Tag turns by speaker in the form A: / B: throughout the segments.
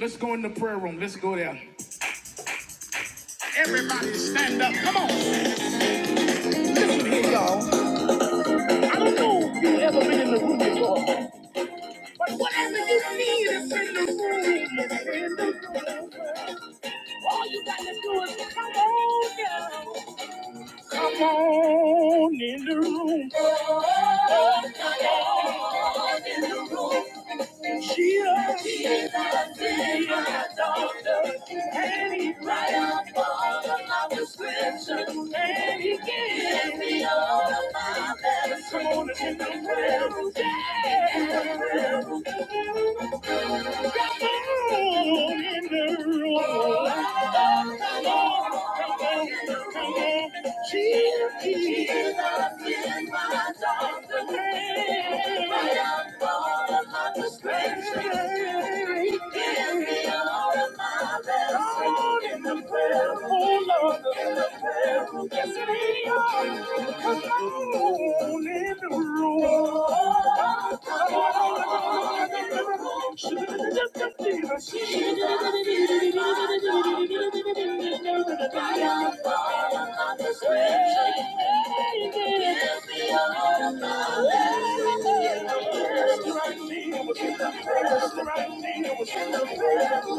A: Let's go in the prayer room. Let's go there. Everybody stand up. Come on. Listen here, y'all. Come on. me. Give me all. Oh, in the prayer room, Lord, in the prayer room, yes, we are alone in the room. Oh, she just a diva. She just a diva. She Thank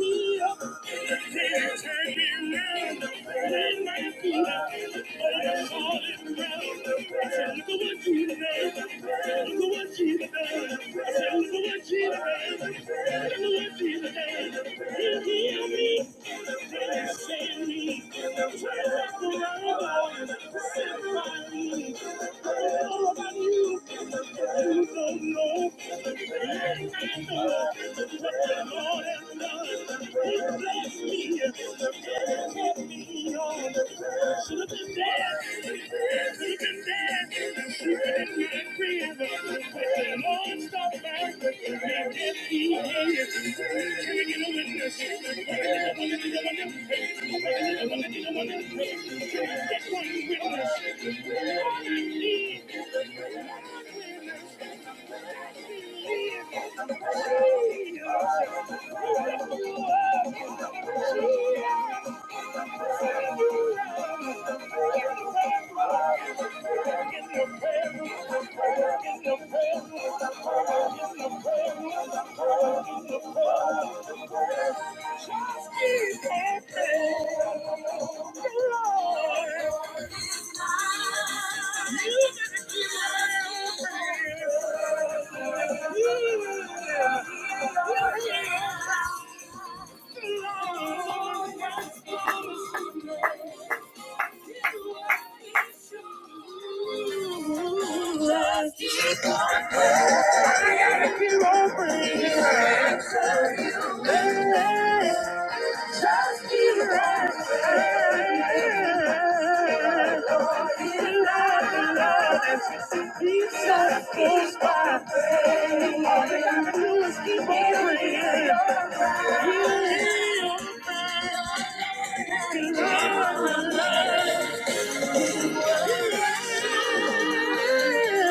A: you. Thank you. Just one witness. Thank you. Yeah. Keep on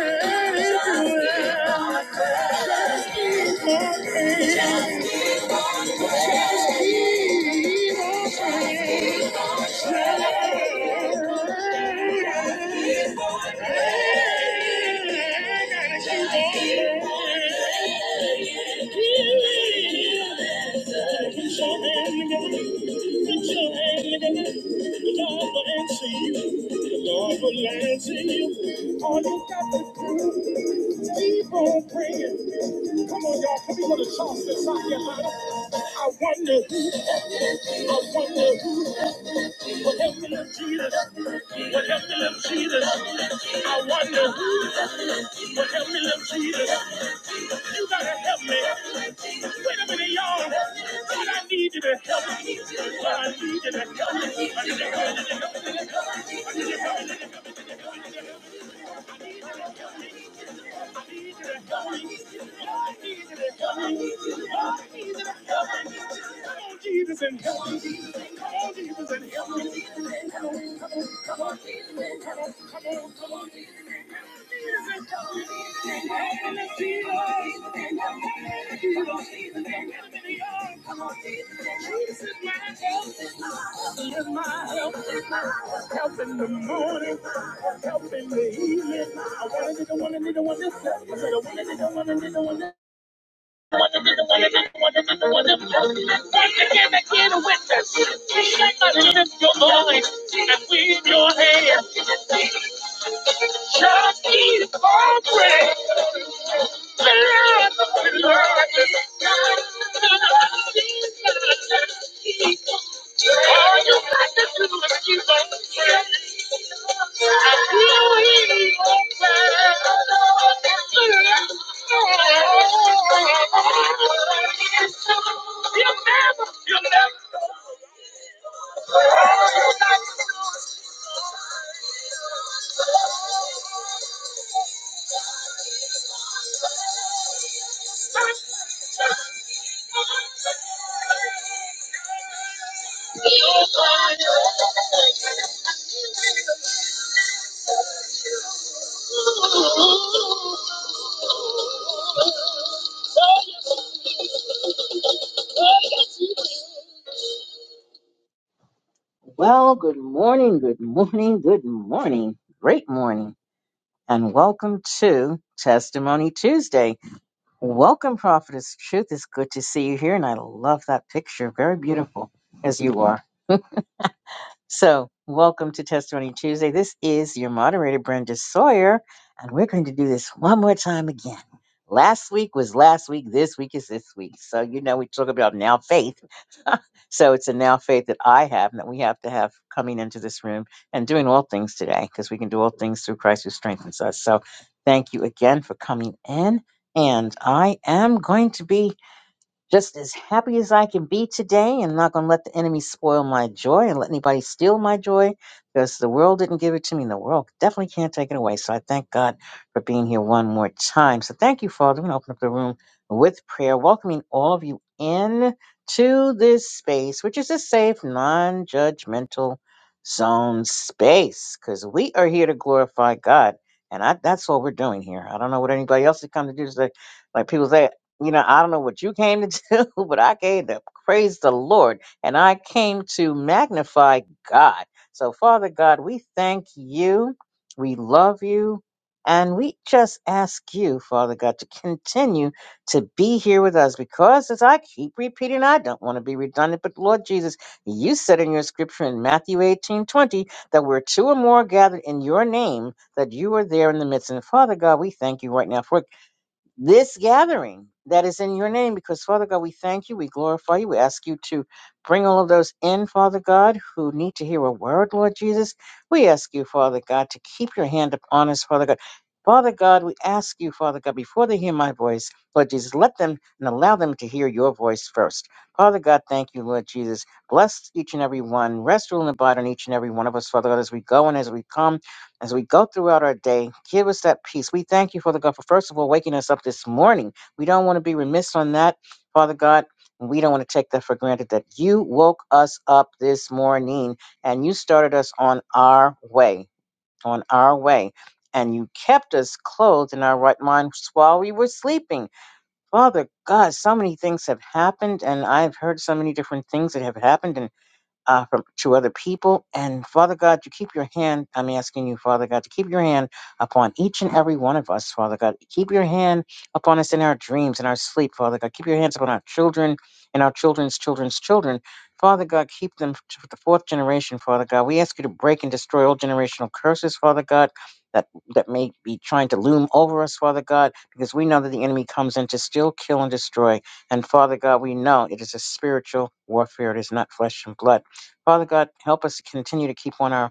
A: praying. Just Keep on praying. I wonder who, I wonder who, what happened to Jesus? Jesus? You gotta help me. Wait a minute, y'all. God, I need you to help me. God, I need you to help me. I need you to help me. I need you to help me. God, I need you to help me. Come on, Jesus, and help me. Come on, Jesus, and help me. Come on, Jesus, come on, come on, come on. Jesus, and help me. Jesus, Jesus. Wait a minute, y'all. Come on, Jesus, Jesus, my help. me. Jesus, Help in the morning, help in the evening. I want to be the one and be the one that's help. I said, I want to be the one and be the one that's help. Again, again, with us. Lift your voice and wave your hand. Just keep on praying. You will never, you will never. Oh, yes, you will. Well, good morning, good morning, good morning. Great morning. And welcome to Testimony Tuesday. Welcome, Prophetess Truth. It's good to see you here. And I love that picture. Very beautiful as you are. So, welcome to Testimony Tuesday. This is your moderator, Brenda Sawyer. And we're going to do this one more time again. Last week was last week. This week is this week. So, you know, we talk about now faith. So it's a now faith that I have and that we have to have coming into this room and doing all things today because we can do all things through Christ who strengthens us. So thank you again for coming in. And I am going to be just as happy as I can be today, I'm not going to let the enemy spoil my joy and let anybody steal my joy because the world didn't give it to me and the world definitely can't take it away. So I thank God for being here one more time. So thank you, Father. We're going to open up the room with prayer, welcoming all of you in to this space, which is a safe, non judgmental zone space because we are here to glorify God. And I, that's what we're doing here. I don't know what anybody else has come to do today. Like people say, you know, I don't know what you came to do, but I came to praise the Lord and I came to magnify God. So, Father God, we thank you, we love you, and we just ask you, Father God, to continue to be here with us because, as I keep repeating, I don't want to be redundant, but Lord Jesus, you said in your scripture in Matthew eighteen twenty that where two or more are gathered in your name, that you are there in the midst. And Father God, we thank you right now for this gathering that is in your name because father god we thank you we glorify you we ask you to bring all of those in father god who need to hear a word lord jesus we ask you father god to keep your hand upon us father god father god we ask you father god before they hear my voice lord jesus let them and allow them to hear your voice first father god thank you lord jesus bless each and every one rest rule and abide on each and every one of us father god as we go and as we come as we go throughout our day, give us that peace. We thank you, Father God, for first of all waking us up this morning. We don't want to be remiss on that, Father God. And we don't want to take that for granted that you woke us up this morning and you started us on our way, on our way. And you kept us clothed in our right minds while we were sleeping. Father God, so many things have happened, and I've heard so many different things that have happened. and uh, from to other people. And Father God, you keep your hand. I'm asking you, Father God, to keep your hand upon each and every one of us, Father God. Keep your hand upon us in our dreams, in our sleep, Father God. Keep your hands upon our children and our children's children's children. Father God, keep them to the fourth generation, Father God. We ask you to break and destroy all generational curses, Father God, that, that may be trying to loom over us, Father God, because we know that the enemy comes in to steal, kill, and destroy. And Father God, we know it is a spiritual warfare. It is not flesh and blood. Father God, help us to continue to keep on our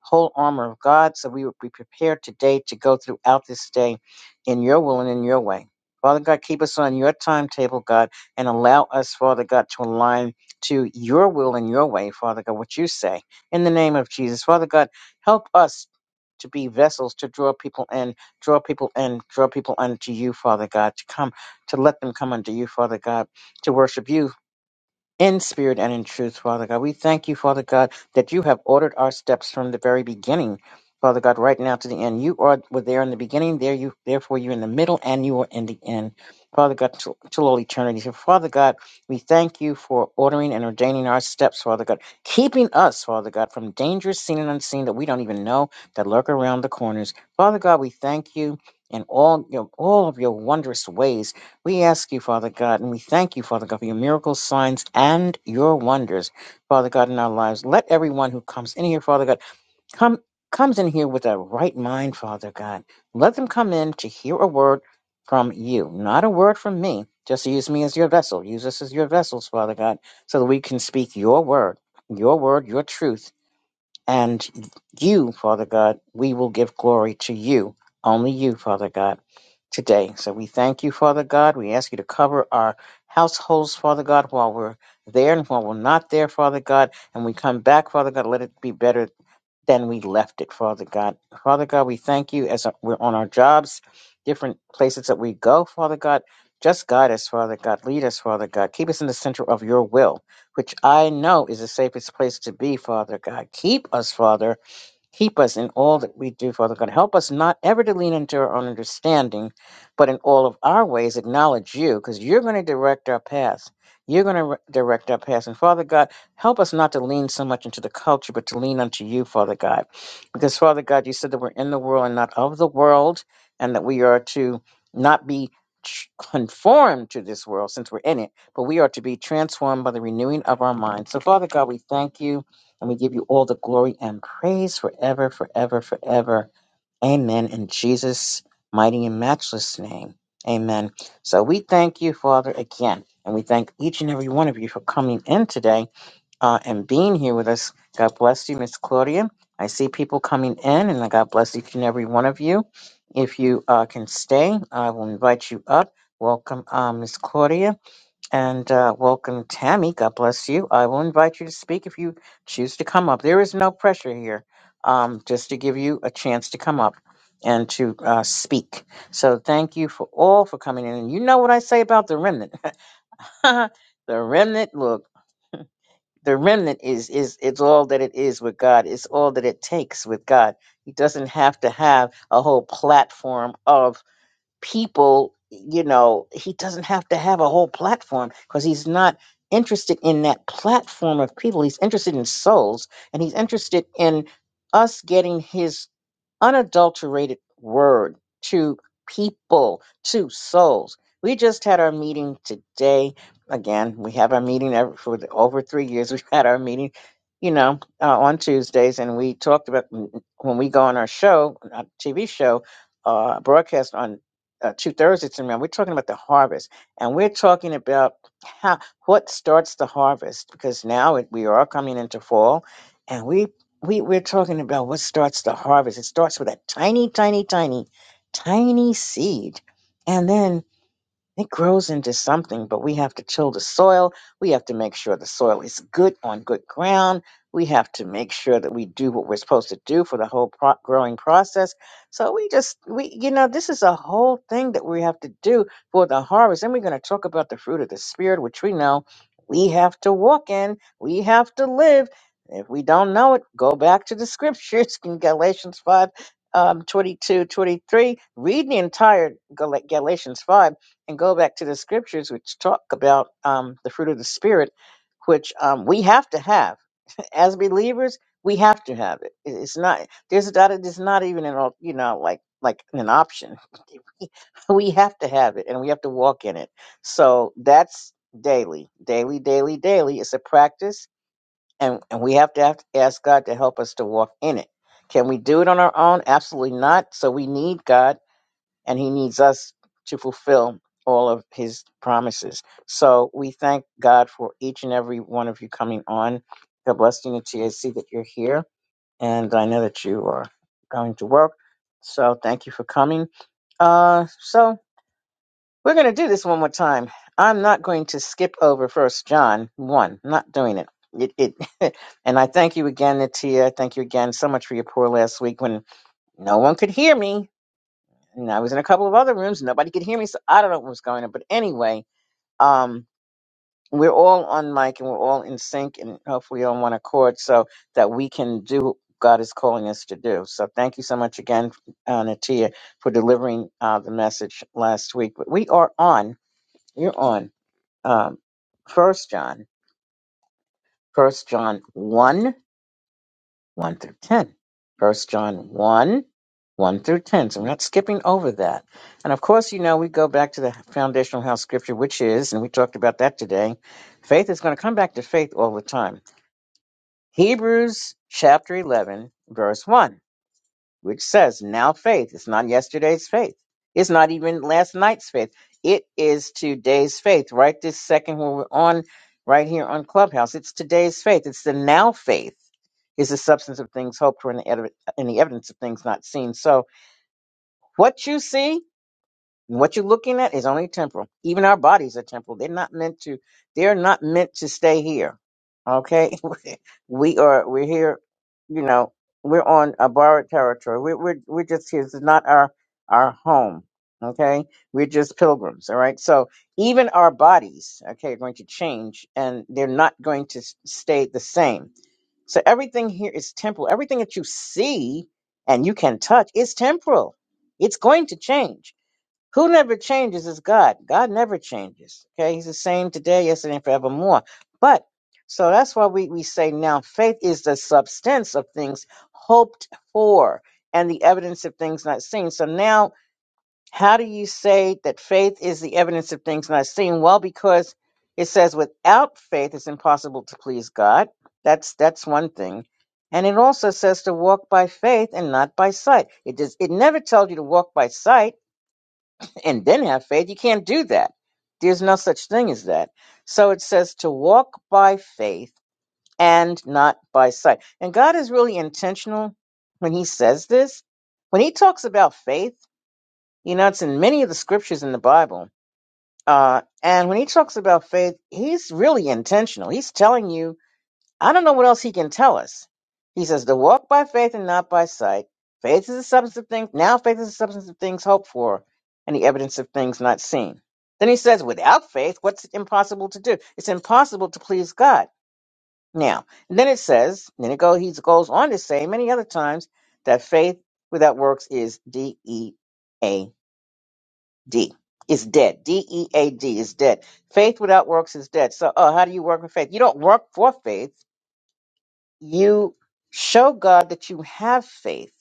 A: whole armor of God so we would be prepared today to go throughout this day in your will and in your way. Father God, keep us on your timetable, God, and allow us, Father God, to align to your will and your way, Father God, what you say. In the name of Jesus, Father God, help us to be vessels to draw people in, draw people in, draw people unto you, Father God, to come, to let them come unto you, Father God, to worship you in spirit and in truth, Father God. We thank you, Father God, that you have ordered our steps from the very beginning, Father God, right now to the end. You are were there in the beginning, there you therefore you're in the middle and you are in the end. Father God, till, till all eternity. So Father God, we thank you for ordering and ordaining our steps, Father God, keeping us, Father God, from dangers seen and unseen that we don't even know that lurk around the corners. Father God, we thank you in all your all of your wondrous ways. We ask you, Father God, and we thank you, Father God, for your miracles, signs, and your wonders, Father God, in our lives. Let everyone who comes in here, Father God, come comes in here with a right mind, Father God. Let them come in to hear a word from you, not a word from me. Just use me as your vessel. Use us as your vessels, Father God, so that we can speak your word, your word, your truth and you, Father God, we will give glory to you, only you, Father God, today. So we thank you, Father God. We ask you to cover our households, Father God, while we're there and while we're not there, Father God. And we come back, Father God, let it be better than we left it, Father God. Father God, we thank you as we're on our jobs, different places that we go, Father God. Just guide us, Father God. Lead us, Father God. Keep us in the center of your will, which I know is the safest place to be, Father God. Keep us, Father. Keep us in all that we do, Father God. Help us not ever to lean into our own understanding, but in all of our ways acknowledge you, because you're going to direct our paths. You're going to re- direct our paths. And Father God, help us not to lean so much into the culture, but to lean unto you, Father God. Because, Father God, you said that we're in the world and not of the world, and that we are to not be ch- conformed to this world since we're in it, but we are to be transformed by the renewing of our minds. So, Father God, we thank you. And we give you all the glory and praise forever, forever, forever. Amen. In Jesus' mighty and matchless name. Amen. So we thank you, Father, again. And we thank each and every one of you for coming in today uh, and being here with us. God bless you, Miss Claudia. I see people coming in, and God bless each and every one of you. If you uh, can stay, I will invite you up. Welcome, uh, Miss Claudia. And uh, welcome, Tammy. God bless you. I will invite you to speak if you choose to come up. There is no pressure here, um, just to give you a chance to come up and to uh, speak. So thank you for all for coming in. And you know what I say about the remnant. the remnant, look, the remnant is is it's all that it is with God. It's all that it takes with God. He doesn't have to have a whole platform of people, you know, he doesn't have to have a whole platform because he's not interested in that platform of people. He's interested in souls and he's interested in us getting his unadulterated word to people, to souls. We just had our meeting today. Again, we have our meeting every, for the, over three years. We've had our meeting, you know, uh, on Tuesdays, and we talked about mm, mm, when we go on our show, uh, TV show, uh, broadcast on uh, two Thursdays in a row, We're talking about the harvest, and we're talking about how what starts the harvest because now it, we are coming into fall, and we we, we're talking about what starts the harvest. It starts with a tiny, tiny, tiny, tiny seed. And then it grows into something, but we have to till the soil. We have to make sure the soil is good on good ground. We have to make sure that we do what we're supposed to do for the whole pro- growing process. So we just, we, you know, this is a whole thing that we have to do for the harvest. And we're going to talk about the fruit of the spirit, which we know we have to walk in. We have to live. If we don't know it, go back to the scriptures in Galatians 5 um, 22, twenty-three. Read the entire Gal- Galatians 5 and go back to the scriptures which talk about um, the fruit of the spirit which um, we have to have as believers we have to have it It- it's not there's not it's not even an al- you know like like an option we have to have it and we have to walk in it so that's daily daily daily daily it's a practice and, and we have to, have to ask god to help us to walk in it can we do it on our own absolutely not so we need god and he needs us to fulfill all of his promises. So we thank God for each and every one of you coming on. God bless you, Natia. I see that you're here, and I know that you are going to work. So thank you for coming. Uh, so we're going to do this one more time. I'm not going to skip over First John one. I'm not doing it. It, it, and I thank you again, Natia. Thank you again so much for your pour last week when no one could hear me and I was in a couple of other rooms and nobody could hear me, so I don't know what was going on. But anyway, um, we're all on mic and we're all in sync and hopefully on one accord so that we can do what God is calling us to do. So thank you so much again, uh, Natia, for delivering uh, the message last week. But we are on, you're on um, First John, First John 1. 1 through 10. First John 1, 1 through 10. So we're not skipping over that. And of course, you know, we go back to the foundational house scripture, which is, and we talked about that today, faith is going to come back to faith all the time. Hebrews chapter 11, verse 1 which says now faith. It's not yesterday's faith. It's not even last night's faith. It is today's faith. Right this second when we're on right here on Clubhouse. It's today's faith. It's the now faith is the substance of things hoped for and the, ed- and the evidence of things not seen. So what you see and what you're looking at is only temporal. Even our bodies are temporal. They're not meant to. They're not meant to stay here. Okay, we are. We're here. You know, we're on a borrowed territory. We're we're we're just here. This is not our our home. Okay, we're just pilgrims. All right. So even our bodies, okay, are going to change, and they're not going to s- stay the same. So everything here is temporal. Everything that you see and you can touch is temporal. It's going to change who never changes is God. God never changes. Okay, He's the same today, yesterday, and forevermore. But so that's why we, we say now faith is the substance of things hoped for and the evidence of things not seen. So now, how do you say that faith is the evidence of things not seen? Well, because it says without faith it's impossible to please God. That's that's one thing. And it also says to walk by faith and not by sight. It does it never tells you to walk by sight and then have faith. You can't do that. There's no such thing as that. So it says to walk by faith and not by sight. And God is really intentional when he says this. When he talks about faith, you know, it's in many of the scriptures in the Bible. Uh, and when he talks about faith, he's really intentional. He's telling you I don't know what else he can tell us. He says to walk by faith and not by sight. Faith is the substance of things. Now faith is the substance of things hoped for and the evidence of things not seen. Then he says, without faith, what's it impossible to do? It's impossible to please God. Now, and then it says, then it go, he goes on to say many other times that faith without works is D E A D. Is dead. D E A D is dead. Faith without works is dead. So, oh, how do you work with faith? You don't work for faith you show God that you have faith.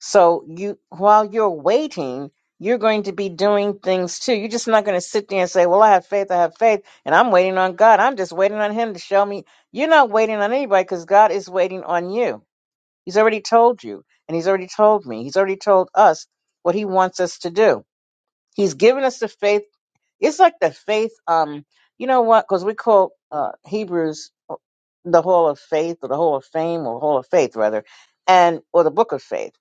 A: So you while you're waiting, you're going to be doing things too. You're just not going to sit there and say, "Well, I have faith, I have faith, and I'm waiting on God. I'm just waiting on him to show me." You're not waiting on anybody cuz God is waiting on you. He's already told you, and he's already told me. He's already told us what he wants us to do. He's given us the faith it's like the faith. Um, you know what? Because we call uh, Hebrews uh, the Hall of Faith or the Hall of Fame or Hall of Faith rather, and or the Book of Faith.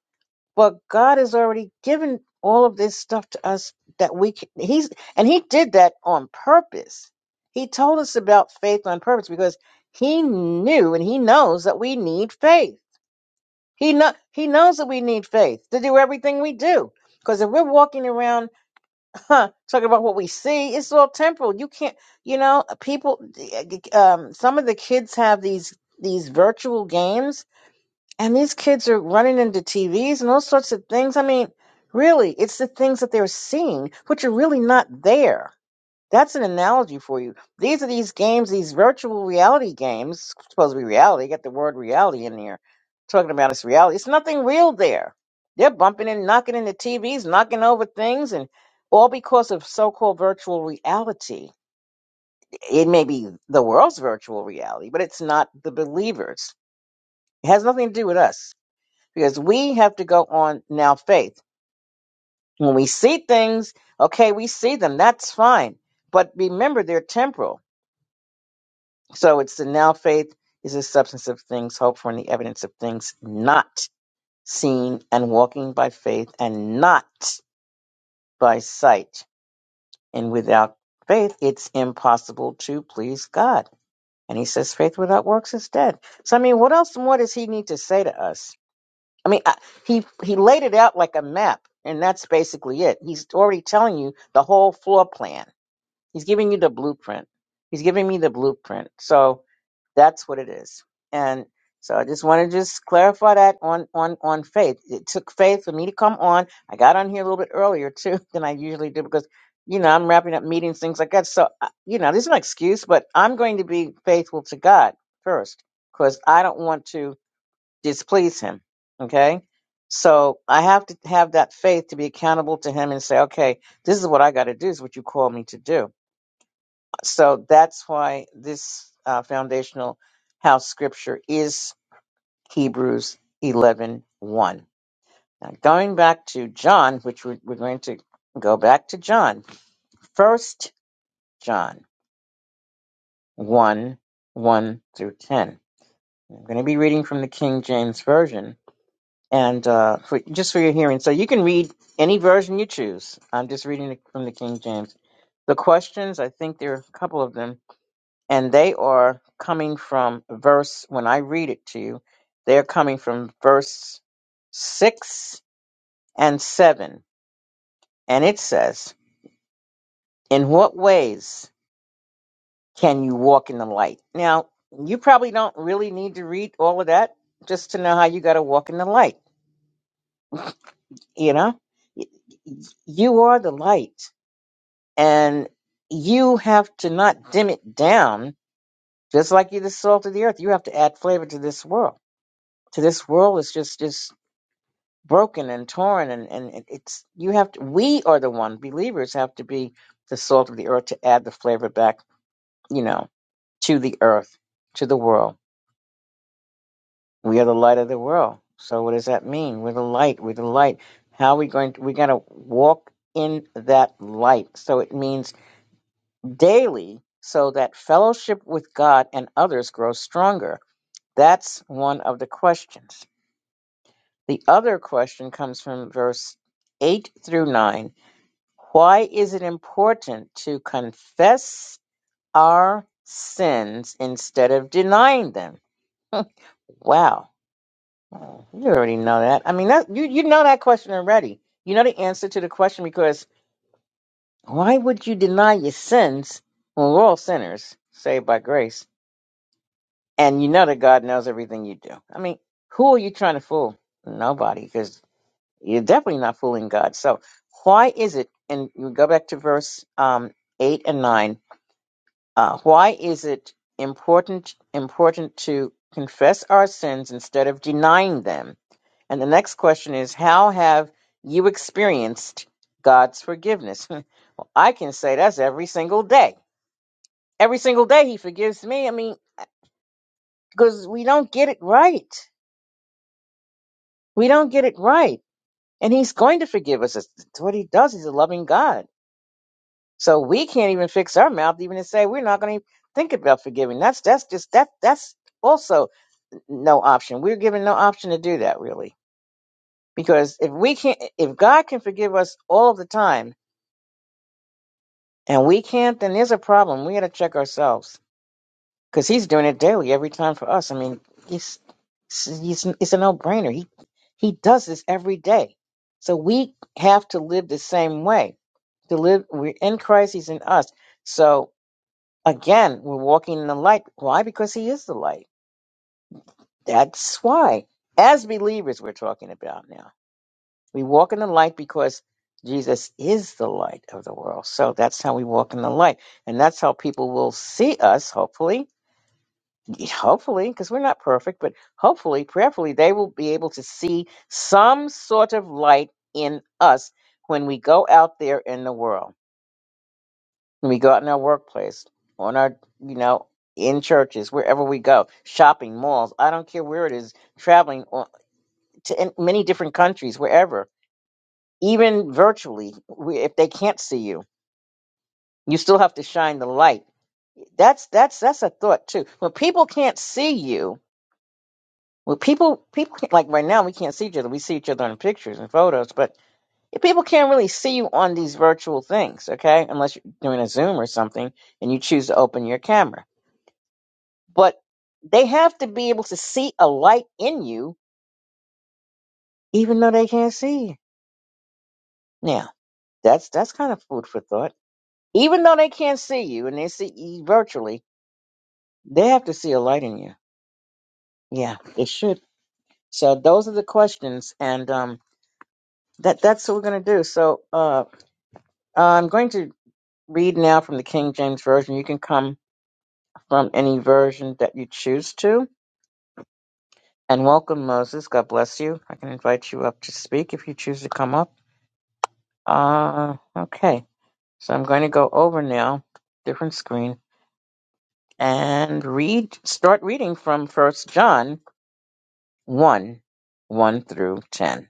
A: But God has already given all of this stuff to us that we can, he's and he did that on purpose. He told us about faith on purpose because he knew and he knows that we need faith. He know he knows that we need faith to do everything we do. Because if we're walking around huh, talking about what we see. It's all temporal. You can't, you know, people. Um, some of the kids have these these virtual games, and these kids are running into TVs and all sorts of things. I mean, really, it's the things that they're seeing, which are really not there. That's an analogy for you. These are these games, these virtual reality games, supposed to be reality, got the word reality in there, talking about it's reality. It's nothing real there. They're bumping and knocking into TVs, knocking over things, and all because of so called virtual reality. It may be the world's virtual reality, but it's not the believers. It has nothing to do with us because we have to go on now faith. When we see things, okay, we see them, that's fine. But remember, they're temporal So it's the now faith is the substance of things hoped for and the evidence of things not seen, and walking by faith and not by sight. And without faith, it's impossible to please God. And he says, faith without works is dead. So I mean, what else more does he need to say to us? I mean, I, he he laid it out like a map, and that's basically it. He's already telling you the whole floor plan. He's giving you the blueprint. He's giving me the blueprint. So That's what it is. And so I just want to just clarify that on on on faith. It took faith for me to come on. I got on here a little bit earlier too than I usually do because you know I'm wrapping up meetings, things like that. So I- you know, this is an excuse, but I'm going to be faithful to God first because I don't want to displease Him. Okay. So I have to have that faith to be accountable to him and say, okay, this is what I got to do. is what you call me to do so that's why this uh, foundational house scripture is Hebrews eleven one. Now, going back to John, which we're, we're going to go back to John, First John 1 1 through 10. I'm going to be reading from the King James Version. And uh, for, just for your hearing, so you can read any version you choose. I'm just reading it from the King James. The questions, I think there are a couple of them and they are coming from verse when I read it to you, they're coming from verse 6 and 7. And it says, In what ways can you walk in the light? Now, you probably don't really need to read all of that just to know how you got to walk in the light, you know? Y- y- You are the light, and you have to not dim it down, just like you're the salt of the earth. You have to add flavor to this world. To this world, it's just just broken and torn and, and it- it's you have to we are the one believers have to be the salt of the earth to add the flavor back you know to the earth to the world we are the light of the world so what does that mean we're the light we're the light how are we going to we got to walk in that light so it means daily so that fellowship with god and others grows stronger that's one of the questions the other question comes from verse 8 through 9 Why is it important to confess our sins instead of denying them? Huh, Wow, Oh, you already know that. I mean, that, you you know that question already. You know the answer to the question because why would you deny your sins when we're all sinners saved by grace, and you know that God knows everything you do? I mean, who are you trying to fool? Nobody, because you're definitely not fooling God. So why is it? And you go back to verse um, eight and nine Uh, why is it important important to confess our sins instead of denying them? And the next question is, how have you experienced God's forgiveness? well, I can say that's every single day. Every single day He forgives me. I mean, because we don't get it right. We don't get it right, and He's going to forgive us. It's it's what He does. He's a loving God. So we can't even fix our mouth even to say we're not going to think about forgiving. That's that's just that that's also no option. We're given no option to do that really. Because if we can't if God can forgive us all of the time and we can't, then there's a problem. We gotta check ourselves. Because he's doing it daily every time for us. I mean, it's it's, it's a no brainer. He he does this every day. So we have to live the same way. To live we're in Christ, he's in us. So again, we're walking in the light. Why? Because he is the light. That's why. As believers we're talking about now We walk in the light because Jesus is the light of the world. So that's how we walk in the light. And that's how people will see us, hopefully, hopefully, because we're not perfect, but hopefully, prayerfully, they will be able to see some sort of light in us when we go out there in the world, when we go out in our workplace, on our, you know, in churches, wherever we go, shopping malls, I don't care where it is, traveling on, to in many different countries, wherever even virtually we- if they can't see you you still have to shine the light that's that's that's a thought too when people can't see you when people people can't, like right now we can't see each other we see each other in pictures and photos but people can't really see you on these virtual things okay unless you're doing a zoom or something and you choose to open your camera but they have to be able to see a light in you even though they can't see you now that's that's kind of food for thought even though they can't see you and they see you virtually They have to see a light in you. Yeah, they should. So those are the questions, and um, that that's what we're gonna do. So uh, I'm going to read now from the King James version. You can come from any version that you choose to. And welcome, Moses. God bless you. I can invite you up to speak if you choose to come up. Uh, okay. So I'm going to go over now, different screen, and read. Start reading from First John one, one through ten.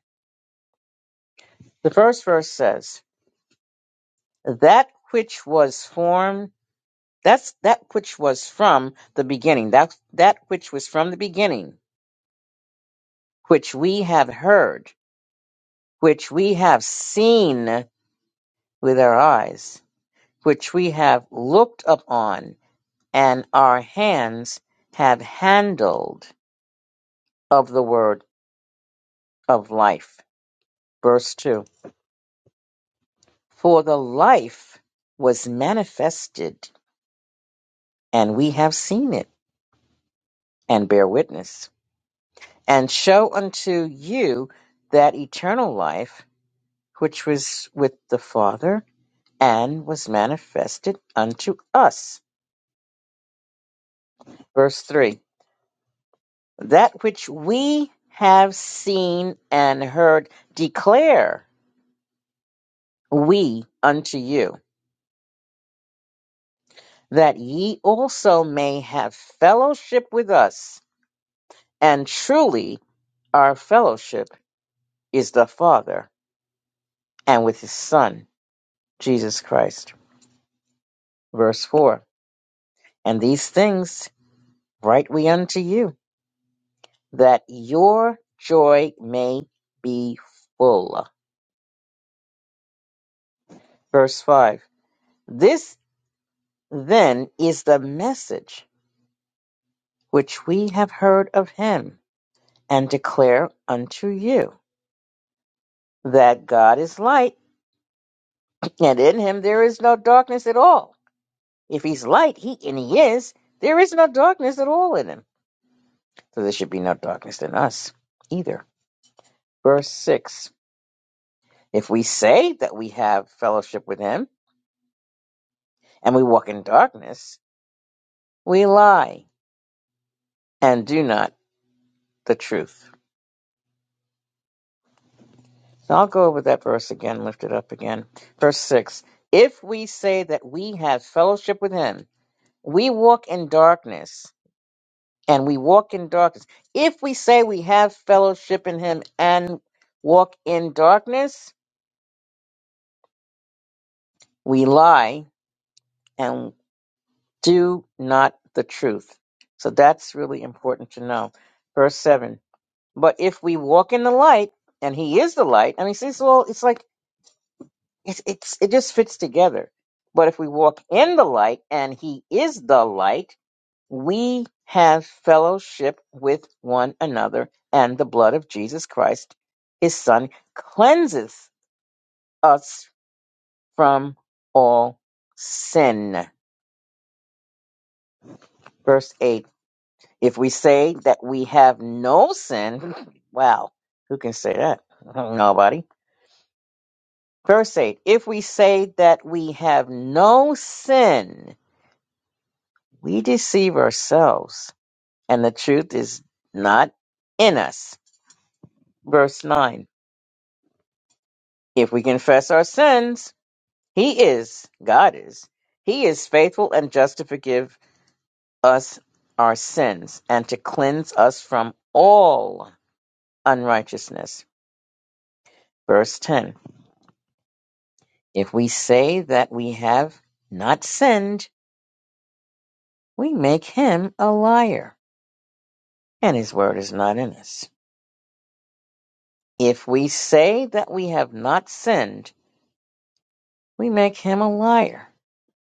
A: The first verse says. that which was formed that's that which was from the beginning that that which was from the beginning which we have heard which we have seen with our eyes which we have looked upon and our hands have handled of the word of life verse 2 for the life was manifested and we have seen it and bear witness and show unto you that eternal life which was with the Father and was manifested unto us. Verse 3 That which we have seen and heard declare we unto you, that ye also may have fellowship with us. And truly, our fellowship is the Father and with his Son, Jesus Christ. Verse 4 And these things Write we unto you, that your joy may be full. Verse 5 This then is the message which we have heard of him and declare unto you that God is light, and in him there is no darkness at all. If he's light, he and he is, there is no darkness at all in him. So there should be no darkness in us either. Verse 6 If we say that we have fellowship with him, and we walk in darkness, We lie and do not the truth. So I'll go over that verse again, lift it up again. Verse 6 If we say that we have fellowship with him, we walk in darkness, and we walk in darkness. If we say we have fellowship in him and walk in darkness, we lie and do not the truth. So that's really important to know. Verse 7 But if we walk in the light, and he is the light, and He says, "Well, it's like It's it's it just fits together. But if we walk in the light and he is the light, we have fellowship with one another, and the blood of Jesus Christ, his son, cleanses us from all sin. Verse 8. If we say that we have no sin, wow, who can say that? Nobody. Verse 8. If we say that we have no sin, we deceive ourselves and the truth is not in us. Verse 9 If we confess our sins, He is, God is, He is faithful and just to forgive us our sins and to cleanse us from all unrighteousness. Verse 10 If we say that we have not sinned, we make Him a liar, and His word is not in us. If we say that we have not sinned, we make Him a liar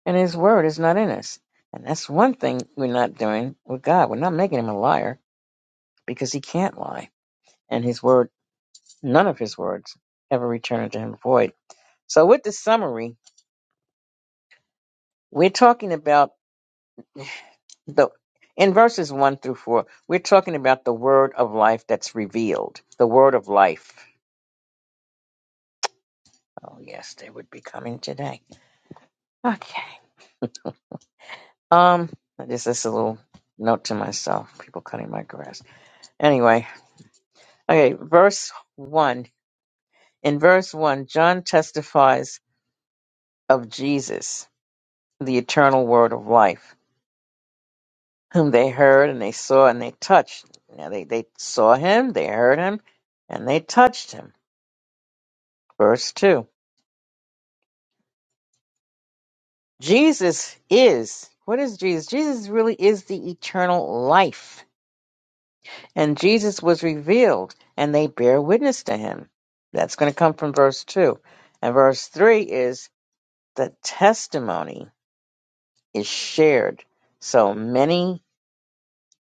A: and his word is not in us. And that's one thing we're not doing with God. We're not making him a liar because he can't lie. And his word, none of his words ever return to him void. So with the summary, we're talking about the in verses one through four, we're talking about the word of life that's revealed. The word of life. Oh yes, they would be coming today. Okay. Um this is a little note to myself. People cutting my grass. Anyway, okay, verse one In verse 1, John testifies of Jesus, the eternal word of life, whom they heard and they saw and they touched. Now they, they saw him, they heard him, and they touched him. Verse 2. Jesus is, what is Jesus? Jesus really is the eternal life. And Jesus was revealed, and they bear witness to him. That's going to come from verse 2. And verse 3 is the testimony is shared. So many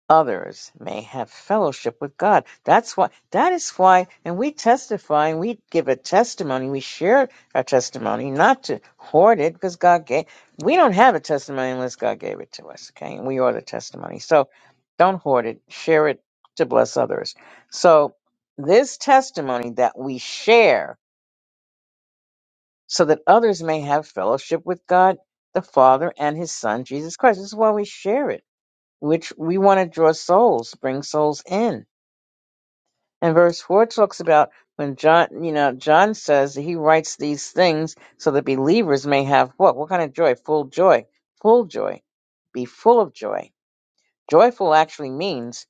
A: others may have fellowship with God. That's why, that is why, and we testify, and we give a testimony, we share our testimony, not to hoard it, because God gave, we don't have a testimony unless God gave it to us, okay? And we are the testimony. So don't hoard it, share it to bless others. So this testimony that we share so that others may have fellowship with God, the Father, and His Son, Jesus Christ. This is why we share it, which we want to draw souls, bring souls in. And verse four talks about when John, you know, John says that he writes these things so that believers may have what? What kind of joy? Full joy. Full joy. Be full of joy. Joyful actually means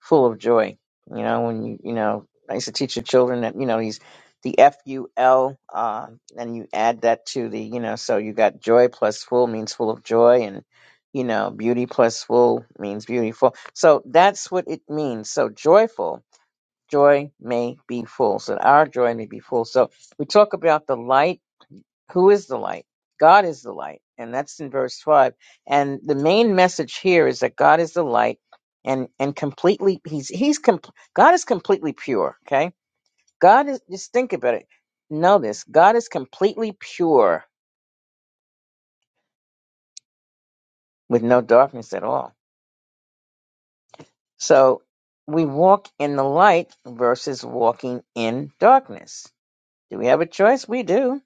A: full of joy. You know, when you, you know, I used to teach the children that, you know, these, the F U L, uh, and you add that to the, you know, so you got joy plus full means full of joy and, you know, beauty plus full means beautiful. So that's what it means. So joyful joy may be full. So that our joy may be full. So we talk about the light. Who is the light? God is the light. And that's in verse 5. And the main message here is that God is the light and, and completely, he's, he's, comp- God is completely pure. Okay. God is, just think about it. Know this. God is completely pure with no darkness at all. So we walk in the light versus walking in darkness. Do we have a choice? We do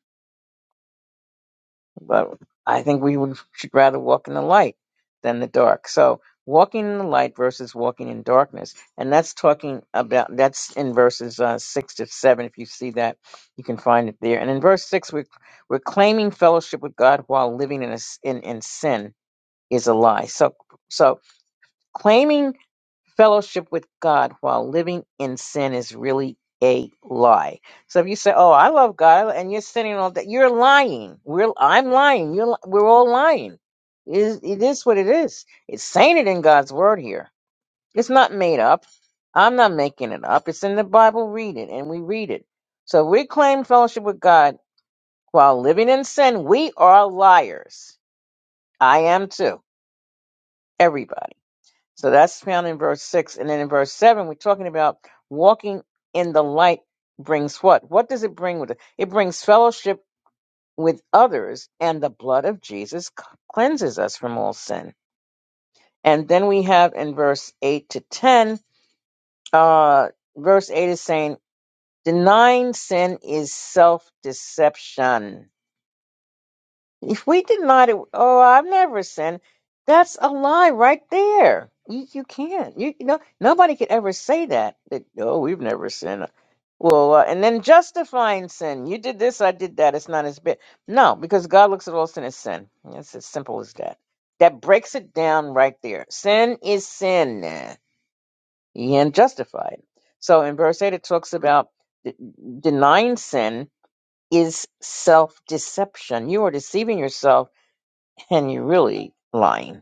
A: but I think we would, should rather walk in the light than the dark. So walking in the light versus walking in darkness, and that's talking about that's in verses uh, six to seven. If you see that, you can find it there. And in verse six, we're we're claiming fellowship with God while living in a s in, in sin is a lie. So so claiming fellowship with God while living in sin is really a lie. So if you say, "Oh, I love God," and you're sinning all that, you're lying. We're I'm lying. You're li- we're all lying. It is, it is what it is. It's saying it in God's word here. It's not made up. I'm not making it up. It's in the Bible. Read it, and we read it. So we claim fellowship with God while living in sin. We are liars. I am too. Everybody. So that's found in verse 6. And then in verse 7, we're talking about walking in the light brings what? What does it bring with it? It brings fellowship with others, and the blood of Jesus c- cleanses us from all sin. And then we have in verse 8 to 10, uh, verse 8 is saying, denying sin is self deception If we denied it, oh, I've never sinned. That's a lie right there. You, you can't. You, you know, nobody could ever say that. that oh, we've never sinned. Well, uh, and then justifying sin. You did this, I did that. It's not as bad. No, because God looks at all sin as sin. It's as simple as that. That breaks it down right there. Sin is sin. You can't justify it. So in verse 8, it talks about de- denying sin is self deception. You are deceiving yourself and you're really lying.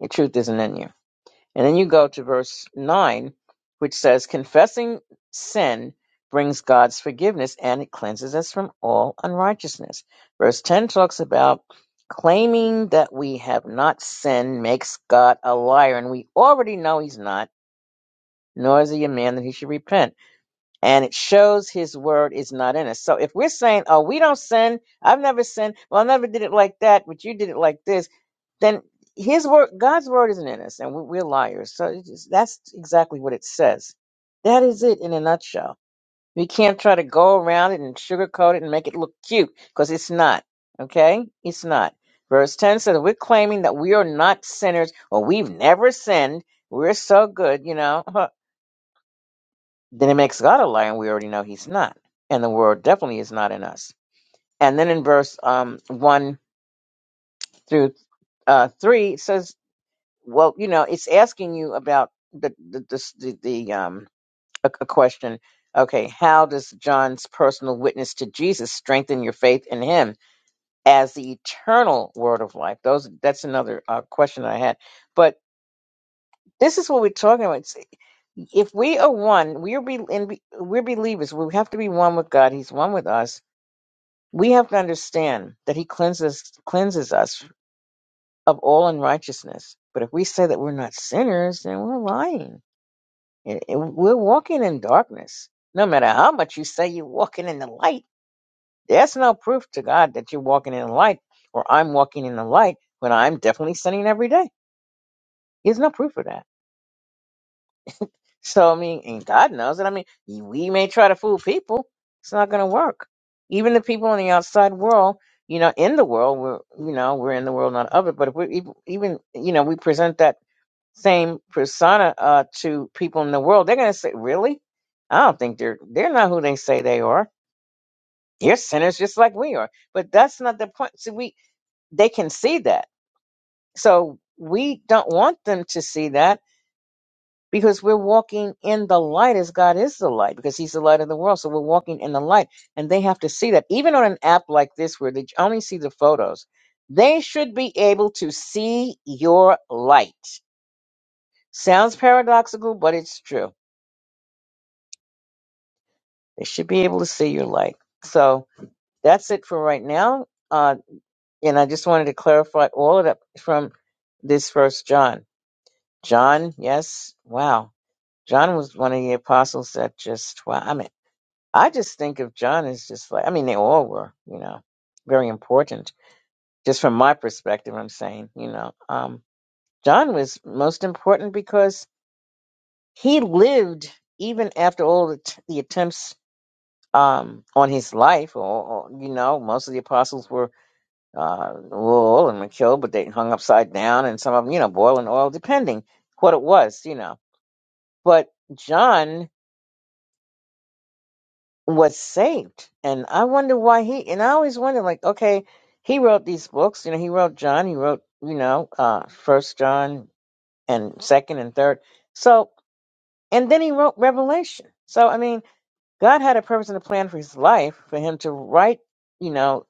A: Your truth isn't in you. And then you go to verse 9, which says, Confessing sin brings God's forgiveness and it cleanses us from all unrighteousness. Verse 10 talks about claiming that we have not sinned makes God a liar, and we already know he's not, nor is he a man that he should repent. And it shows his word is not in us. So if we're saying, Oh, we don't sin, I've never sinned, well, I never did it like that, but you did it like this then his word god's word isn't in us and we- we're liars so it's just- that's exactly what it says that is it in a nutshell we can't try to go around it and sugarcoat it and make it look cute because it's not okay it's not verse 10 says we're claiming that we are not sinners or we've never sinned we're so good you know huh. then it makes god a liar and we already know he's not and the word definitely is not in us and then in verse um 1 through uh 3 it says well, you know, it's asking you about the the the, the, the um a, a question. Okay, how does John's personal witness to Jesus strengthen your faith in Him as the eternal Word of life? Those that's another uh, question I had. But this is what we're talking about. It's- if we are one, we are be, and be, we're believers. We have to be one with God. He's one with us. We have to understand that He cleanses cleanses us of all unrighteousness. But if we say that we're not sinners, then we're lying And- and We're walking in darkness. No matter how much you say you're walking in the light, there's no proof to God that you're walking in the light or I'm walking in the light when I'm definitely sinning every day. There's no proof of that. So, I mean, and God knows it. I mean, we may try to fool people, it's not going to work. Even the people in the outside world, you know, in the world, we're, you know, we're in the world, not of it. But if we even, even, you know, we present that same persona uh, to people in the world, they're going to say, "Really? I don't think they're they're not who they say they are. They're sinners just like we are." But that's not the point. See, we they can see that, so we don't want them to see that because we're walking in the light as God is the light because He's the light of the world. So we're walking in the light, and they have to see that. Even on an app like this, where they only see the photos. They should be able to see your light. Sounds paradoxical, but it's true. They should be able to see your light. So that's it for right now. Uh, and I just wanted to clarify all of that from this first John. John, yes, wow. John was one of the apostles that just, wow. I mean, I just think of John as just like, I mean, they all were, you know, very important. Just from my perspective, I'm saying, you know, um, John was most important because he lived even after all the, t- the attempts um, on his life. Or, or, you know, most of the apostles were uh, well, and were killed, but they hung upside down, and some of them, you know, boiling oil, depending what it was, you know. But John was saved, and I wonder why he. And I always wonder, like, okay, he wrote these books, you know, he wrote John, he wrote, you know, uh, First John and Second and Third. So, and then he wrote Revelation. So, I mean God had a purpose and a plan for his life, for him to write, you know,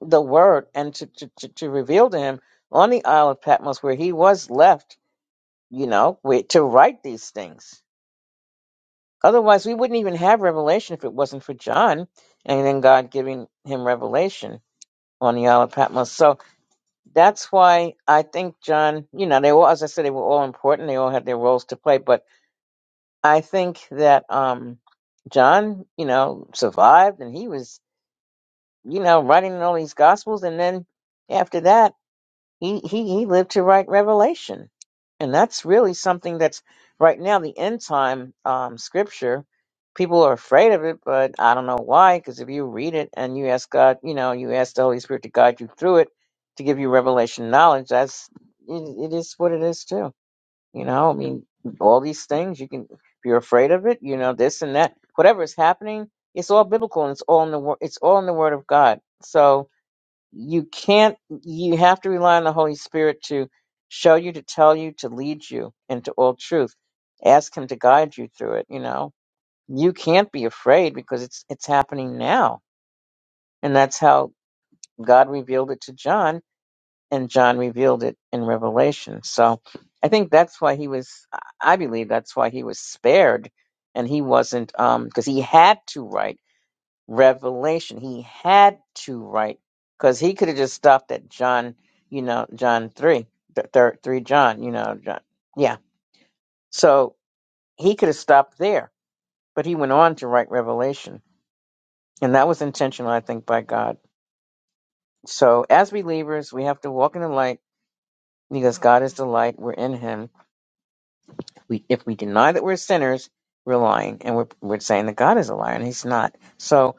A: the word and to, to, to, to reveal to him on the Isle of Patmos where he was left, you know, with, to write these things. Otherwise, we wouldn't even have revelation if it wasn't for John and then God giving him revelation on the Isle of Patmos. So that's why I think John, you know, they all, as I said, they were all important. They all had their roles to play. But I think that um, John, you know, survived and he was you know, writing all these gospels, and then after that, he he he lived to write Revelation, and that's really something that's right now the end time um, scripture. People are afraid of it, but I don't know why. Because if you read it and you ask God, you know, you ask the Holy Spirit to guide you through it to give you revelation knowledge. That's it, it is what it is too. You know, I mean, all these things you can, if you're afraid of it, you know, this and that, whatever is happening, it's all biblical and it's all in the word, it's all in the word of God. So you can't, you have to rely on the Holy Spirit to show you, to tell you, to lead you into all truth. Ask Him to guide you through it. You know, you can't be afraid because it's it's happening now, and that's how God revealed it to John and John revealed it in Revelation. So I think that's why he was, I believe that's why he was spared and he wasn't, um, because he had to write Revelation. He had to write, because he could have just stopped at John, you know, John 3, th- thir- 3 John, you know, John. Yeah. So he could have stopped there, but he went on to write Revelation. And that was intentional, I think, by God. So as believers, we have to walk in the light because God is the light. We're in him we if we deny that we're sinners, we're lying, and we're we're saying that God is a liar, and He's not. So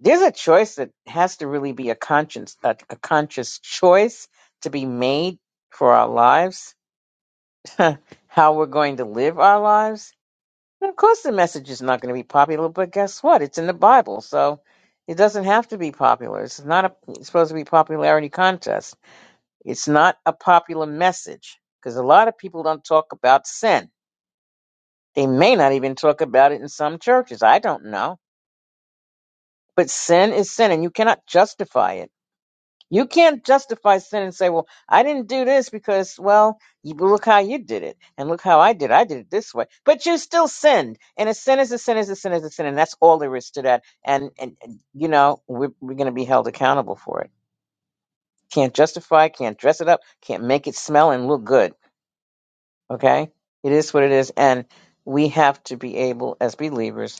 A: there's a choice that has to really be a conscience, a, a conscious choice to be made for our lives, how we're going to live our lives. And of course, the message is not going to be popular, but guess what? It's in the Bible, so it doesn't have to be popular. It's not a, it's supposed to be a popularity contest. It's not a popular message because a lot of people don't talk about sin They may not even talk about it in some churches. I don't know. But sin is sin, and you cannot justify it. You can't justify sin and say, well, I didn't do this because, well, you, look how you did it. And look how I did it. I did it this way. But you still sinned. And a sin is a sin is a sin is a sin. And that's all there is to that. And, and and, you know, we're, we're going to be held accountable for it. Can't justify, can't dress it up, can't make it smell and look good. Okay? It is what it is. And we have to be able, as believers,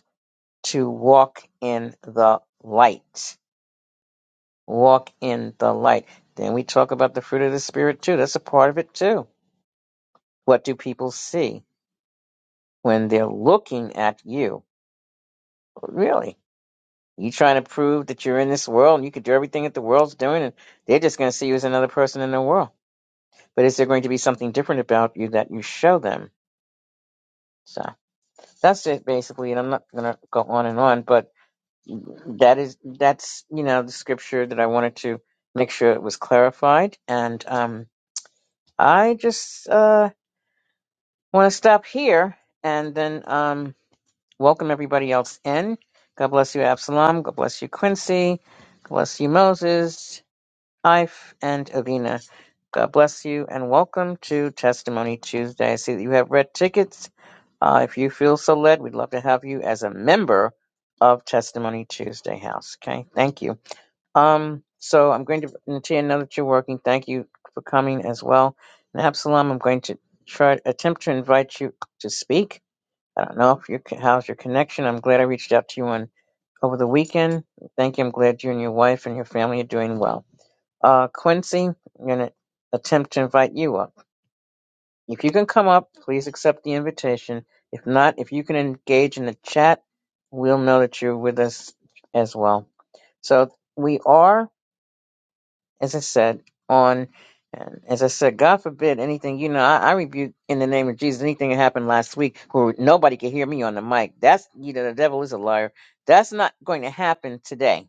A: to walk in the light. Walk in the light. Then we talk about the fruit of the Spirit too. That's a part of it too. What do people see when they're looking at you? Really? You trying to prove that you're in this world and you could do everything that the world's doing and they're just going to see you as another person in the world. But is there going to be something different about you that you show them? So that's it basically. And I'm not going to go on and on, but that is that's you know the scripture that I wanted to make sure it was clarified, and um, I just uh, want to stop here and then um, welcome everybody else in. God bless you, Absalom. God bless you, Quincy. God bless you, Moses, Ife, and Avina. God bless you, and welcome to Testimony Tuesday. I see that you have red tickets. Uh, if you feel so led, we'd love to have you as a member of Testimony Tuesday House. Okay, thank you. Um, so I'm going to, Natia, now that you're working, thank you for coming as well. And Absalom, I'm going to try attempt to invite you to speak. I don't know if you how's your connection. I'm glad I reached out to you on over the weekend. Thank you. I'm glad you and your wife and your family are doing well. Uh, Quincy, I'm going to attempt to invite you up. If you can come up, please accept the invitation. If not, if you can engage in the chat, we'll know that you're with us as well. So we are. as I said, on, and as I said, God forbid anything, you know, I, I rebuke in the name of Jesus anything that happened last week where nobody could hear me on the mic. That's, you know, the devil is a liar. That's not going to happen today.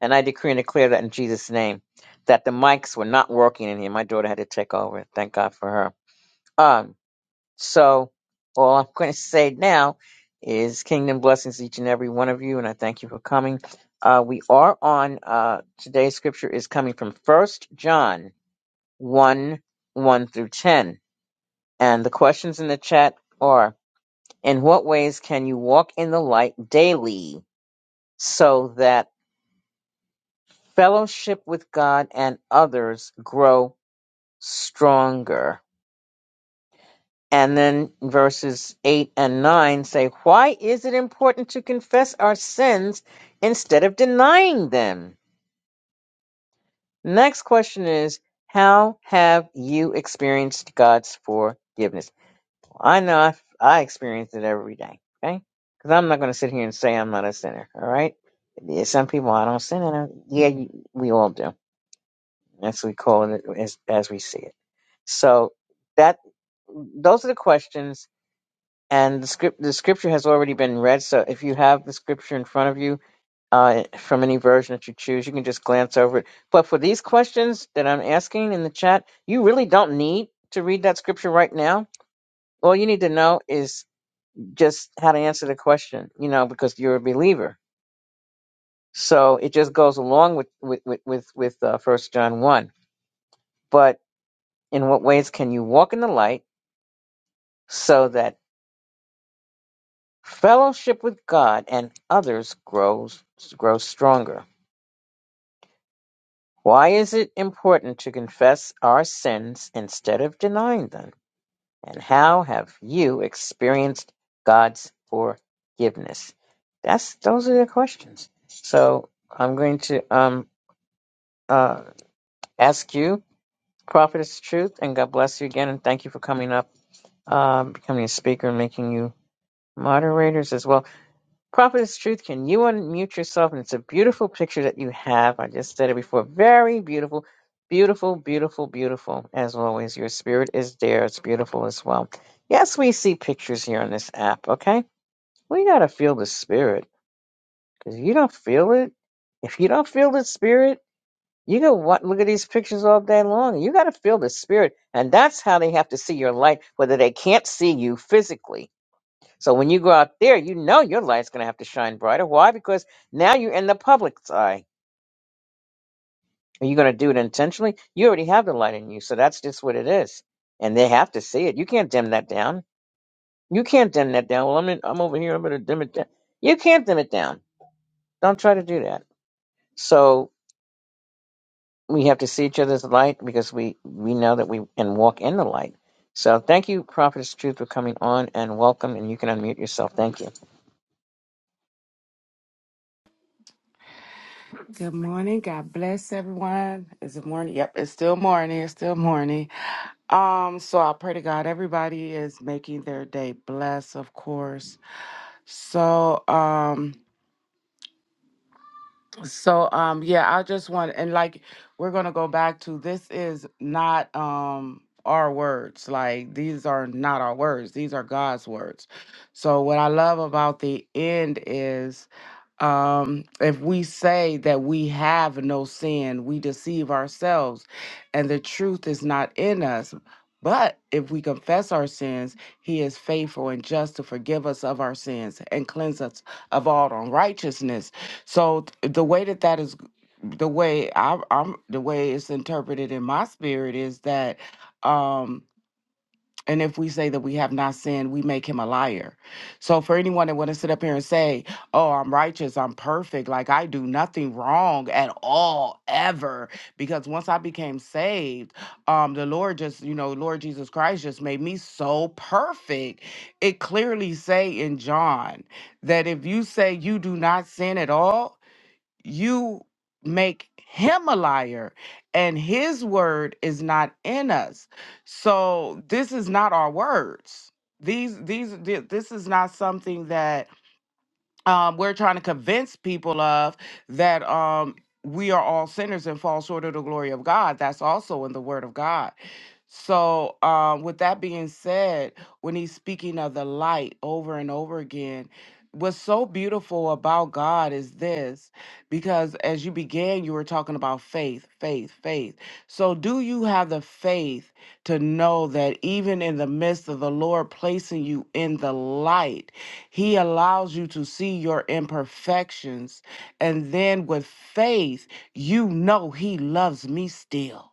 A: And I decree and declare that in Jesus' name, that the mics were not working in here. My daughter had to take over. Thank God for her. Um. So all I'm going to say now is kingdom blessings to each and every one of you, and I thank you for coming. Uh, we are on uh, today's scripture is coming from First John one one through ten, and the questions in the chat are: In what ways can you walk in the light daily so that fellowship with God and others grow stronger? And then verses 8 and 9 say, Why is it important to confess our sins instead of denying them? Next question is, How have you experienced God's forgiveness? Well, I know I, I experience it every day, okay? Because I'm not going to sit here and say I'm not a sinner, all right? Yeah, Some people, I don't sin, and I, yeah, you- we all do. That's what we call it as, as we see it. So that those are the questions and the script the scripture has already been read so if you have the scripture in front of you uh, from any version that you choose you can just glance over it but for these questions that i'm asking in the chat you really don't need to read that scripture right now all you need to know is just how to answer the question you know because you're a believer so it just goes along with with with with, with uh, first john 1 but in what ways can you walk in the light so that fellowship with god and others grows grows stronger Why is it important to confess our sins instead of denying them? And how have you experienced God's forgiveness? That's those are the questions. So I'm going to um uh ask you, Prophetess Truth, and God bless you again, and thank you for coming up, um, becoming a speaker, and making you moderators as well. Prophetess Truth, can you unmute yourself? And it's a beautiful picture that you have. I just said it before. Very beautiful, beautiful, beautiful, beautiful. As always, your spirit is there. It's beautiful as well. Yes, we see pictures here on this app, okay? We got to feel the spirit because if you don't feel it. If you don't feel the spirit, you can wa look at these pictures all day long. You got to feel the spirit. And that's how they have to see your light, whether they can't see you physically so when you go out there, you know your light's going to have to shine brighter. Why? Because now you're in the public's eye. Are you going to do it intentionally? You already have the light in you. So that's just what it is. And they have to see it. You can't dim that down. You can't dim that down. Well, I'm in, I'm over here. I'm going to dim it down. You can't dim it down. Don't try to do that. So we have to see each other's light because we, we know that we can walk in the light. So thank you, Prophetess Truth, for coming on and welcome. And you can unmute yourself. Thank you.
B: Good morning. God bless everyone. Is it morning? Yep, it's still morning. It's still morning. Um, so I pray to God everybody is making their day blessed, of course. So um so um yeah, I just want and like we're gonna go back to this is not um our words. Like these are not our words, these are God's words. So what I love about the end is Um, if we say that we have no sin, we deceive ourselves and the truth is not in us. But if we confess our sins, he is faithful and just to forgive us of our sins and cleanse us of all unrighteousness. So th- the way that that is the way I, I'm the way it's interpreted in my spirit is that um and if we say that we have not sinned, we make him a liar. So for anyone that want to sit up here and say, "Oh, I'm righteous, I'm perfect, like I do nothing wrong at all ever," because once I became saved, um, the Lord just, you know, Lord Jesus Christ just made me so perfect. It clearly say in John that if you say you do not sin at all you make him a liar and his word is not in us so this is not our words these these thi- this is not something that um, we're trying to convince people of that um, we are all sinners and fall short of the glory of God. That's also in the Word of God. So, um, with that being said, when he's speaking of the light over and over again, what's so beautiful about God is this because as you began, you were talking about faith, faith, faith. So, do you have the faith? to know that even in the midst of the Lord placing you in the light, He allows you to see your imperfections. And then with faith, you know He loves me still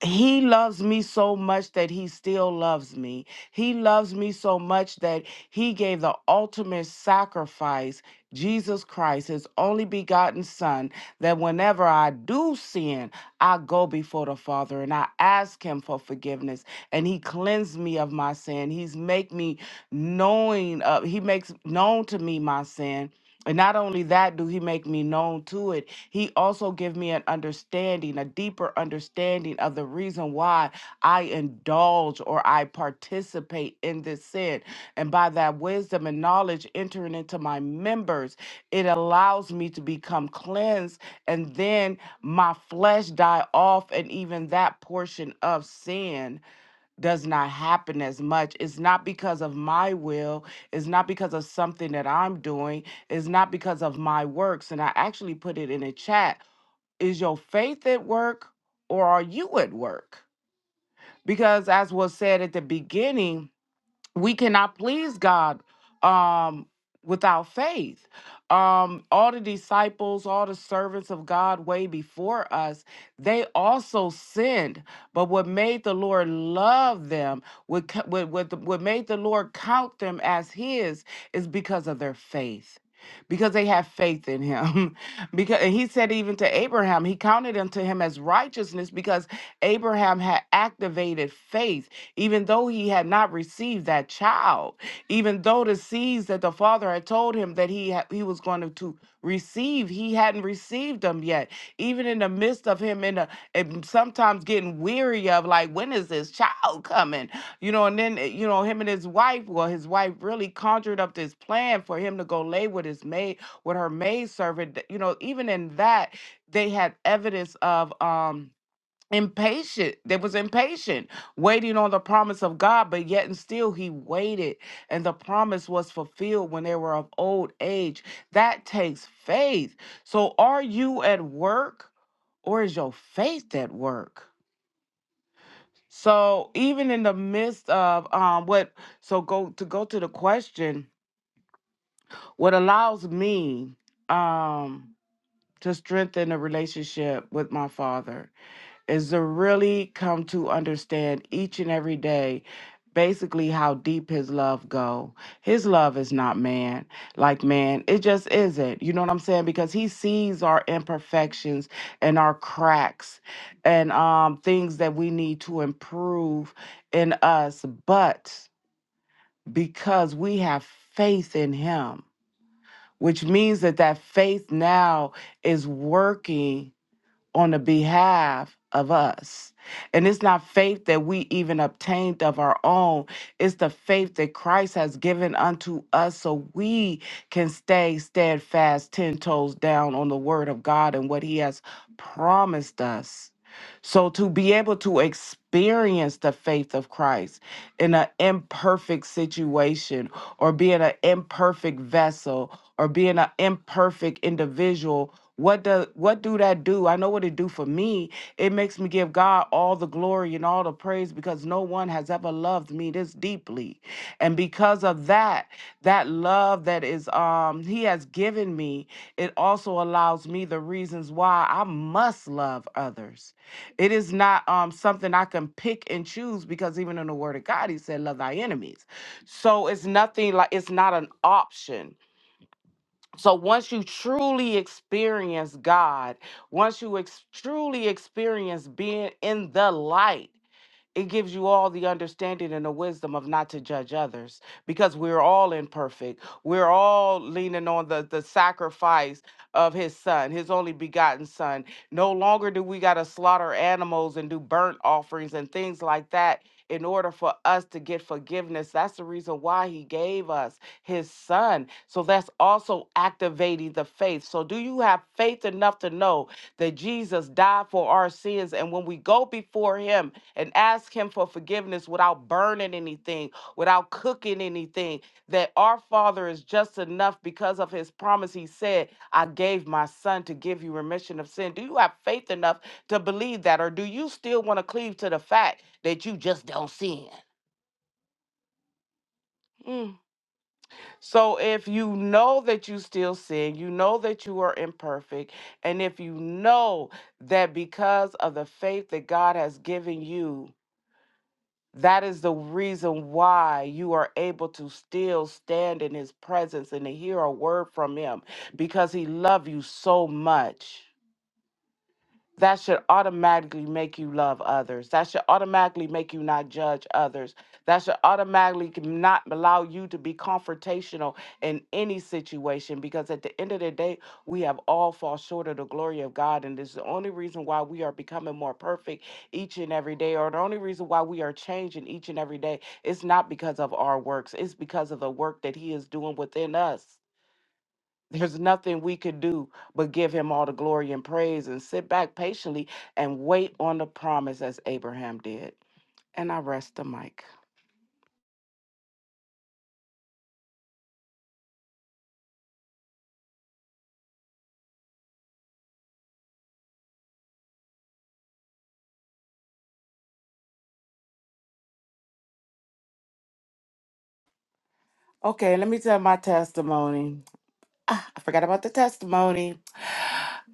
B: he loves me so much that he still loves me. He loves me so much that he gave the ultimate sacrifice, Jesus Christ, his only begotten Son, that whenever I do sin, I go before the Father and I ask him for forgiveness. And he cleansed me of my sin. He's make me knowing of he makes known to me my sin. And not only that, do he make me known to it, he also give me an understanding, a deeper understanding of the reason why I indulge or I participate in this sin. And by that wisdom and knowledge entering into my members, it allows me to become cleansed and then my flesh die off and even that portion of sin does not happen as much. It's not because of my will, it's not because of something that I'm doing, it's not because of my works. And I actually put it in a chat. Is your faith at work or are you at work? because as was said at the beginning we cannot please god um without faith um all the disciples all the servants of god way before us they also sinned but what made the lord love them what, co- what, what, what made the lord count them as his is because of their faith because they have faith in him. because and he said even to Abraham, he counted unto him as righteousness because Abraham had activated faith, even though he had not received that child, even though the seeds that the father had told him that he ha- he was going to to receive, he hadn't received them yet. Even in the midst of him in a and sometimes getting weary of like when is this child coming? You know, and then, eh, you know, him and his wife, well, his wife really conjured up this plan for him to go lay with his maid, with her maid servant. You know, even in that, they had evidence of um impatient. They was impatient, waiting on the promise of God, but yet and still he waited. And the promise was fulfilled when they were of old age. That takes faith. So are you at work or is your faith at work? So even in the midst of um what so go to go to the question, what allows me um to strengthen a relationship with my father is to really come to understand each and every day basically how deep his love go his love is not man like man it just isn't you know what i'm saying because he sees our imperfections and our cracks and um things that we need to improve in us but because we have faith in him which means that that faith now is working on the behalf of us. And it's not faith that we even obtained of our own. It's the faith that Christ has given unto us so we can stay steadfast, 10 toes down on the word of God and what he has promised us. So to be able to experience the faith of Christ in an imperfect situation or being an imperfect vessel or being an imperfect individual what do what do that do? I know what it do for me. It makes me give God all the glory and all the praise because no one has ever loved me this deeply. And because of that, that love that is um he has given me, it also allows me the reasons why I must love others. It is not um something I can pick and choose because even in the word of God, he said, Love thy enemies. So it's nothing like it's not an option. So once you truly experience God, once you ex- truly experience being in the light, it gives you all the understanding and the wisdom of not to judge others because we're all imperfect. We're all leaning on the, the sacrifice of his son, his only begotten son. No longer do we got to slaughter animals and do burnt offerings and things like that in order for us to get forgiveness. That's the reason why he gave us his son. So that's also activating the faith. So, do you have faith enough to know that Jesus died for our sins? And when we go before him, and ask Him for forgiveness without burning anything, without cooking anything. That our Father is just enough because of His promise. He said, I gave my Son to give you remission of sin. Do you have faith enough to believe that, or do you still want to cleave to the fact that you just don't sin? Mm. So if you know that you still sin, you know that you are imperfect, and if you know that because of the faith that God has given you, That is the reason why you are able to still stand in his presence and to hear a word from him because he loves you so much that should automatically make you love others. That should automatically make you not judge others. That should automatically c- not allow you to be confrontational in any situation because at the end of the day, we have all fall short of the glory of God. And this is the only reason why we are becoming more perfect each and every day, or the only reason why we are changing each and every day. It's not because of our works, it's because of the work that He is doing within us. There's nothing we could do but give him all the glory and praise and sit back patiently and wait on the promise as Abraham did. And I rest the mic. Okay, let me tell my testimony. Ah, I forgot about the testimony.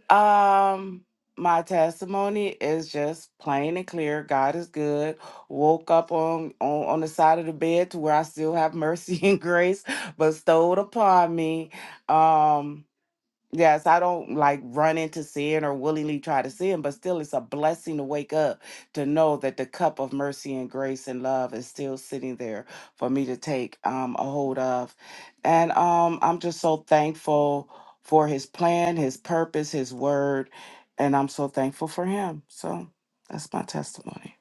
B: Um, my testimony is just plain and clear. God is good. Woke up on on, on the side of the bed to where I still have mercy and grace bestowed upon me. Um Yes, I don't like run into sin or willingly try to sin, but still, it's a blessing to wake up to know that the cup of mercy and grace and love is still sitting there for me to take um, a hold of. And um, I'm just so thankful for his plan, his purpose, his word, and I'm so thankful for him. So that's my testimony.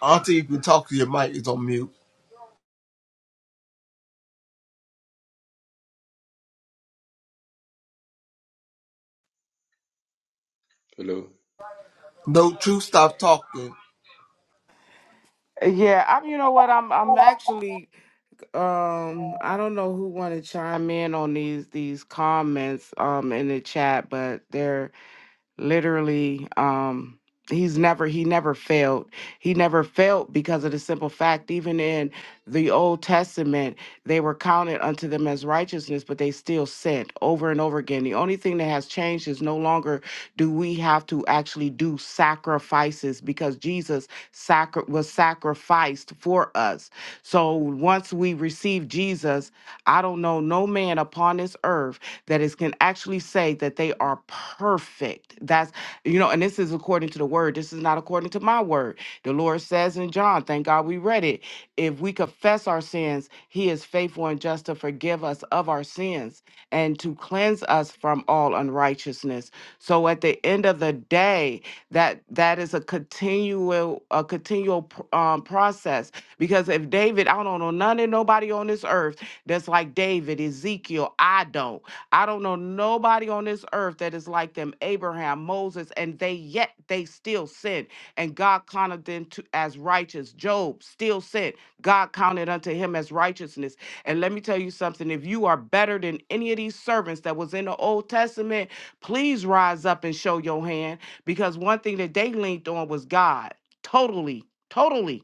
C: Auntie, if you talk to your mic, it's on mute.
D: Hello.
C: Don't you stop talking.
B: Yeah, I'm. You know what? I'm. I'm actually um I don't know who want to chime in on these these comments um in the chat, but they're literally um he's never he never failed he never failed because of the simple fact even in the old testament they were counted unto them as righteousness but they still sinned over and over again the only thing that has changed is no longer do we have to actually do sacrifices because jesus sacri- was sacrificed for us so once we receive jesus i don't know no man upon this earth that is can actually say that they are perfect. That's you know, and this is according to the word. This is not according to my word. The Lord says in John, thank God we read it. If we confess our sins, he is faithful and just to forgive us of our sins and to cleanse us from all unrighteousness. So at the end of the day, that that is a continual a continual pr- um, process because if David, I don't know none of nobody on this earth that's like David, Ezekiel, I don't. I don't know nobody on this earth that is like them, Abraham, Moses, and they yet they still sin. And God counted them to as righteous. Job still sinned. God counted unto him as righteousness. And let me tell you something. If you are better than any of these servants that was in the Old Testament, please rise up and show your hand. Because one thing that they leaned on was God. Totally. Totally.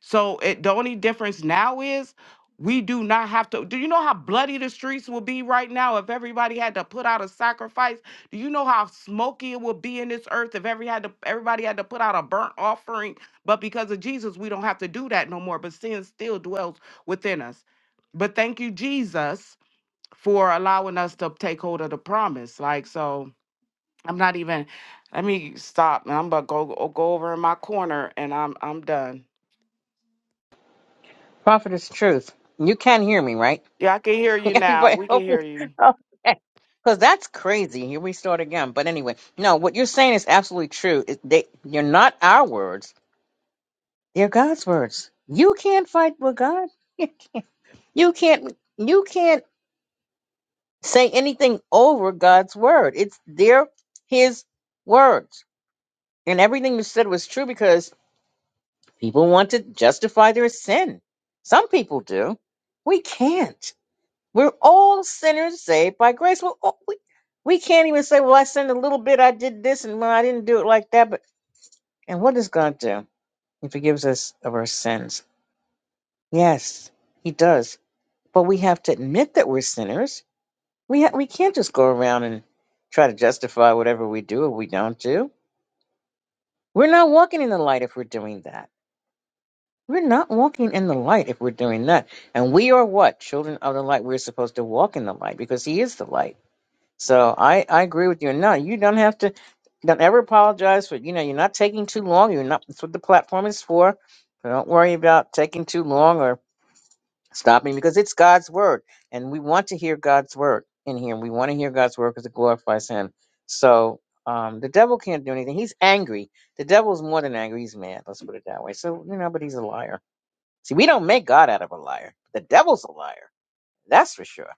B: So it, the only difference now is we do not have to. Do you know how bloody the streets will be right now if everybody had to put out a sacrifice? Do you know how smoky it would be in this earth if every had to, everybody had to put out a burnt offering? But because of Jesus, we don't have to do that no more. But sin still dwells within us. But thank you, Jesus, for allowing us to take hold of the promise. Like so, I'm not even. Let me stop, and I'm gonna go go over in my corner, and I'm I'm done.
A: Prophetess Truth, you can hear me, right?
B: Yeah, I can hear you now.
A: Everybody,
B: We can hear you.
A: because that's crazy. Here we start again. But anyway, no, what you're saying is absolutely true. It- They, you're not our words; they're God's words. You can't fight with God. You can't. You can't say anything over God's word. It's their His words, and everything you said was true because people want to justify their sin. Some people do. We can't. We're all sinners saved by grace. We're all, we we can't even say, "Well, I sinned a little bit. I did this, and well, I didn't do it like that." But and what does God do? He forgives us of our sins. Yes, He does. But we have to admit that we're sinners. We ha- we can't just go around and try to justify whatever we do or we don't do. We're not walking in the light if we're doing that. We're not walking in the light if we're doing that. And we are what? Children of the light. We're supposed to walk in the light because He is the light. So I, I agree with you. And no, you don't have to don't ever apologize for you know, you're not taking too long. You're not that's what the platform is for. So don't worry about taking too long or stopping because it's God's word. And we want to hear God's word in here. We want to hear God's word because it glorifies him. So um the devil can't do anything. He's angry. The devil's more than angry, he's mad, let's put it that way. So, you know, but he's a liar. See, we don't make God out of a liar. The devil's a liar. That's for sure.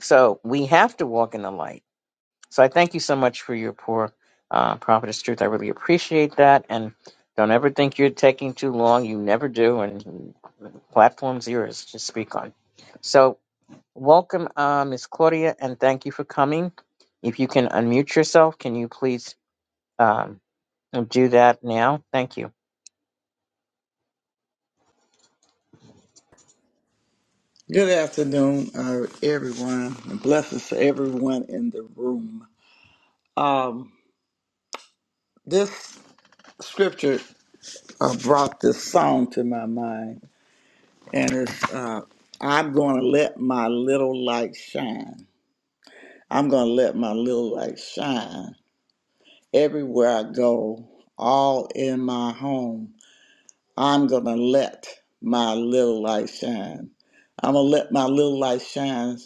A: So we have to walk in the light so I thank you so much for your poor uh, prophetess truth. I really appreciate that. And don't ever think you're taking too long. You never do. And the platform's yours to speak on. So welcome, uh, Miss Claudia, and thank you for coming. If you can unmute yourself, can you please um, do that now? Thank you.
E: Good afternoon, uh, everyone, and blessings to everyone in the room. Um, this scripture uh, brought this song to my mind, and it's uh, I'm going to let my little light shine. I'm going to let my little light shine everywhere I go, all in my home. I'm going to let my little light shine. I'm going to let my little light shine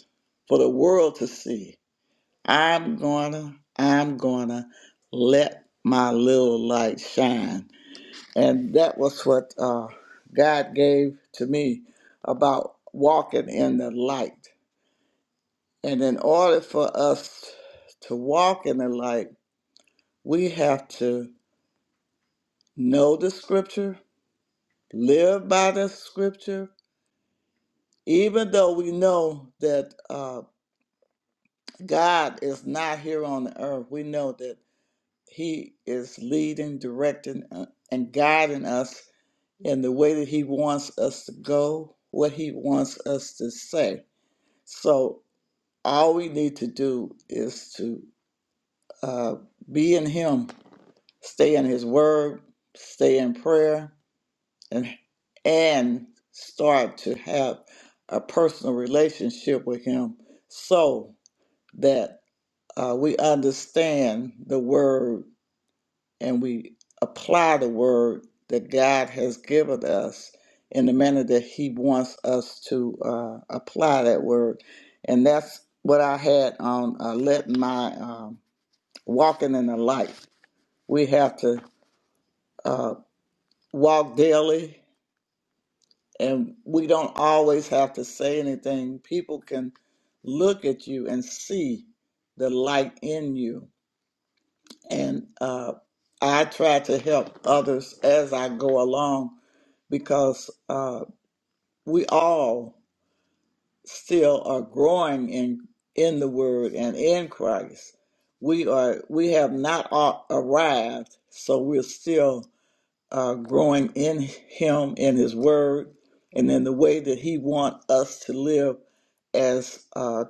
E: for the world to see I'm gonna, I'm gonna let my little light shine. And that was what uh, God gave to me about walking in the light. And in order for us to walk in the light, we have to know the scripture, live by the scripture, even though we know that uh, God is not here on the earth. We know that He is leading, directing, uh, and guiding us in the way that He wants us to go, what He wants us to say. So, all we need to do is to uh, be in Him, stay in His Word, stay in prayer, and and start to have a personal relationship with Him, so that uh, we understand the Word and we apply the word that God has given us in the manner that He wants us to uh, apply that word. And that's what I had on uh, let my um, walking in the light. We have to uh, walk daily, and we don't always have to say anything. People can look at you and see the light in you and uh, I try to help others as I go along because uh, we all still are growing in in the Word and in Christ. We are we have not a- arrived, so we're still uh, growing in Him, in His Word, and in the way that He wants us to live as uh,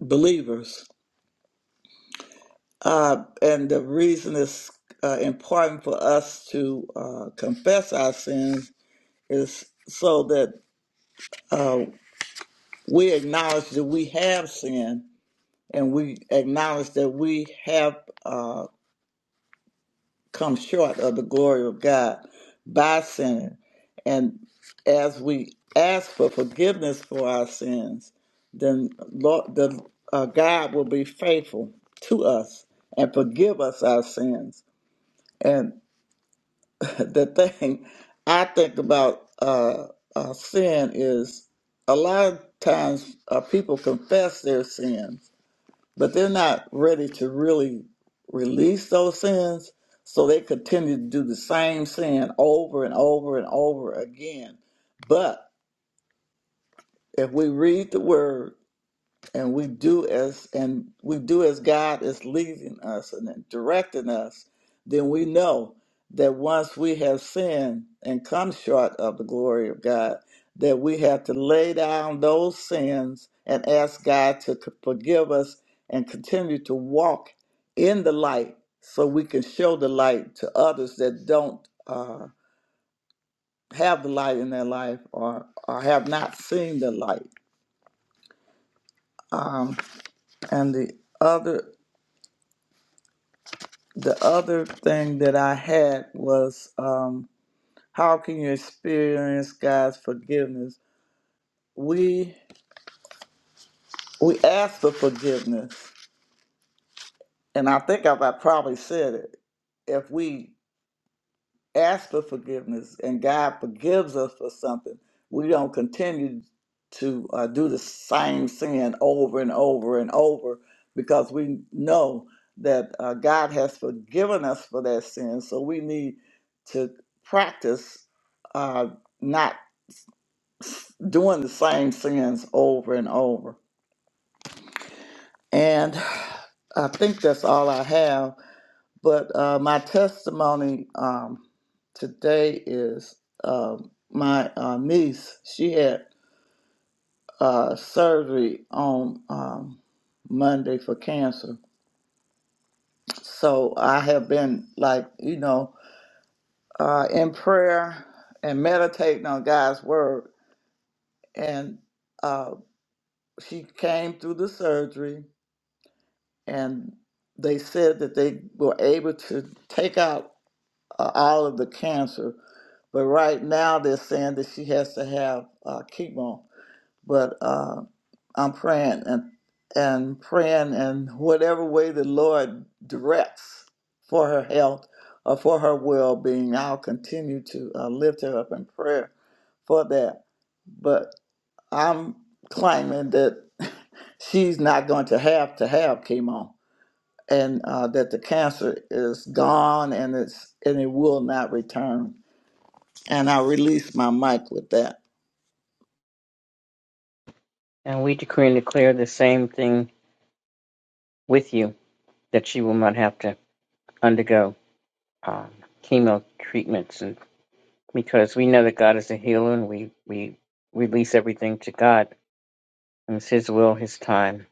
E: believers Uh, and the reason it's uh, important for us to uh, confess our sins is so that uh, we acknowledge that we have sinned and we acknowledge that we have uh, come short of the glory of God by sinning. And as we ask for forgiveness for our sins, then Lord, the, uh, God will be faithful to us and forgive us our sins And the thing I think about uh, uh, sin is a lot of times uh, people confess their sins, but they're not ready to really release those sins. So they continue to do the same sin over and over and over again. But if we read the word and we do as and we do as God is leading us and directing us, then we know that once we have sinned and come short of the glory of God, that we have to lay down those sins and ask God to c- forgive us and continue to walk in the light so we can show the light to others that don't uh, have the light in their life or, or have not seen the light. Um, and the other the other thing that I had was um, how can you experience God's forgiveness? We we ask for forgiveness, and I think I've I probably said it. If we ask for forgiveness and God forgives us for something, we don't continue to uh, do the same sin over and over and over because we know that uh, God has forgiven us for that sin. So we need to practice uh, not doing the same sins over and over. And I think that's all I have. But uh, my testimony um, today is um my uh, niece. She had uh, surgery on um, Monday for cancer. So I have been like you know uh, in prayer and meditating on God's word. And uh, she came through the surgery, and they said that they were able to take out uh, all of the cancer. But right now they're saying that she has to have uh, chemo. But uh, I'm praying and and praying in whatever way the Lord directs for her health or for her well-being. I'll continue to uh, lift her up in prayer for that. But I'm claiming that she's not going to have to have chemo and uh, that the cancer is gone and it's and it will not return. And I release my mic with that.
A: And we decree and declare the same thing with you that she will not have to undergo um, chemo treatments because we know that God is a healer and we, we release everything to God. And it's His will, His time,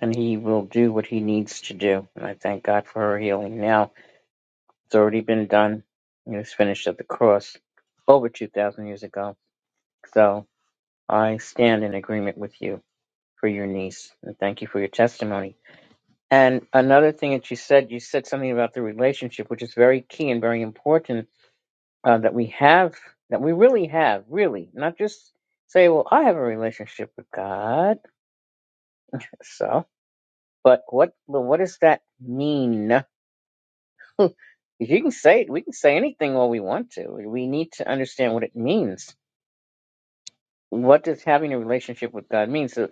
A: and He will do what He needs to do. And I thank God for her healing now. It's already been done. It was finished at the cross over 2,000 years ago. So I stand in agreement with you for your niece. And thank you for your testimony. And another thing that you said, you said something about the relationship, which is very key and very important uh, that we have, that we really have, really, not just say, well, I have a relationship with God. So, but what, but what does that mean? If you can say it, we can say anything all we want to. We need to understand what it means. What does having a relationship with God mean? So,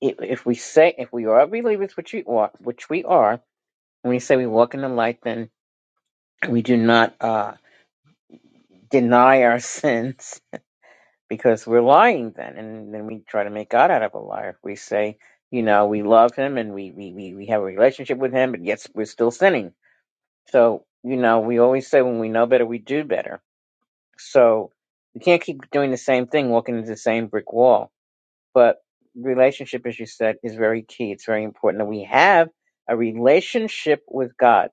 A: if, if we say, if we are believers, which we are, which we are, when we say we walk in the light, then we do not uh, deny our sins because we're lying then and then we try to make god out of a liar if we say you know we love him and we we we, we have a relationship with him but yet we're still sinning so you know we always say when we know better we do better so we can't keep doing the same thing walking into the same brick wall but relationship as you said is very key it's very important that we have a relationship with god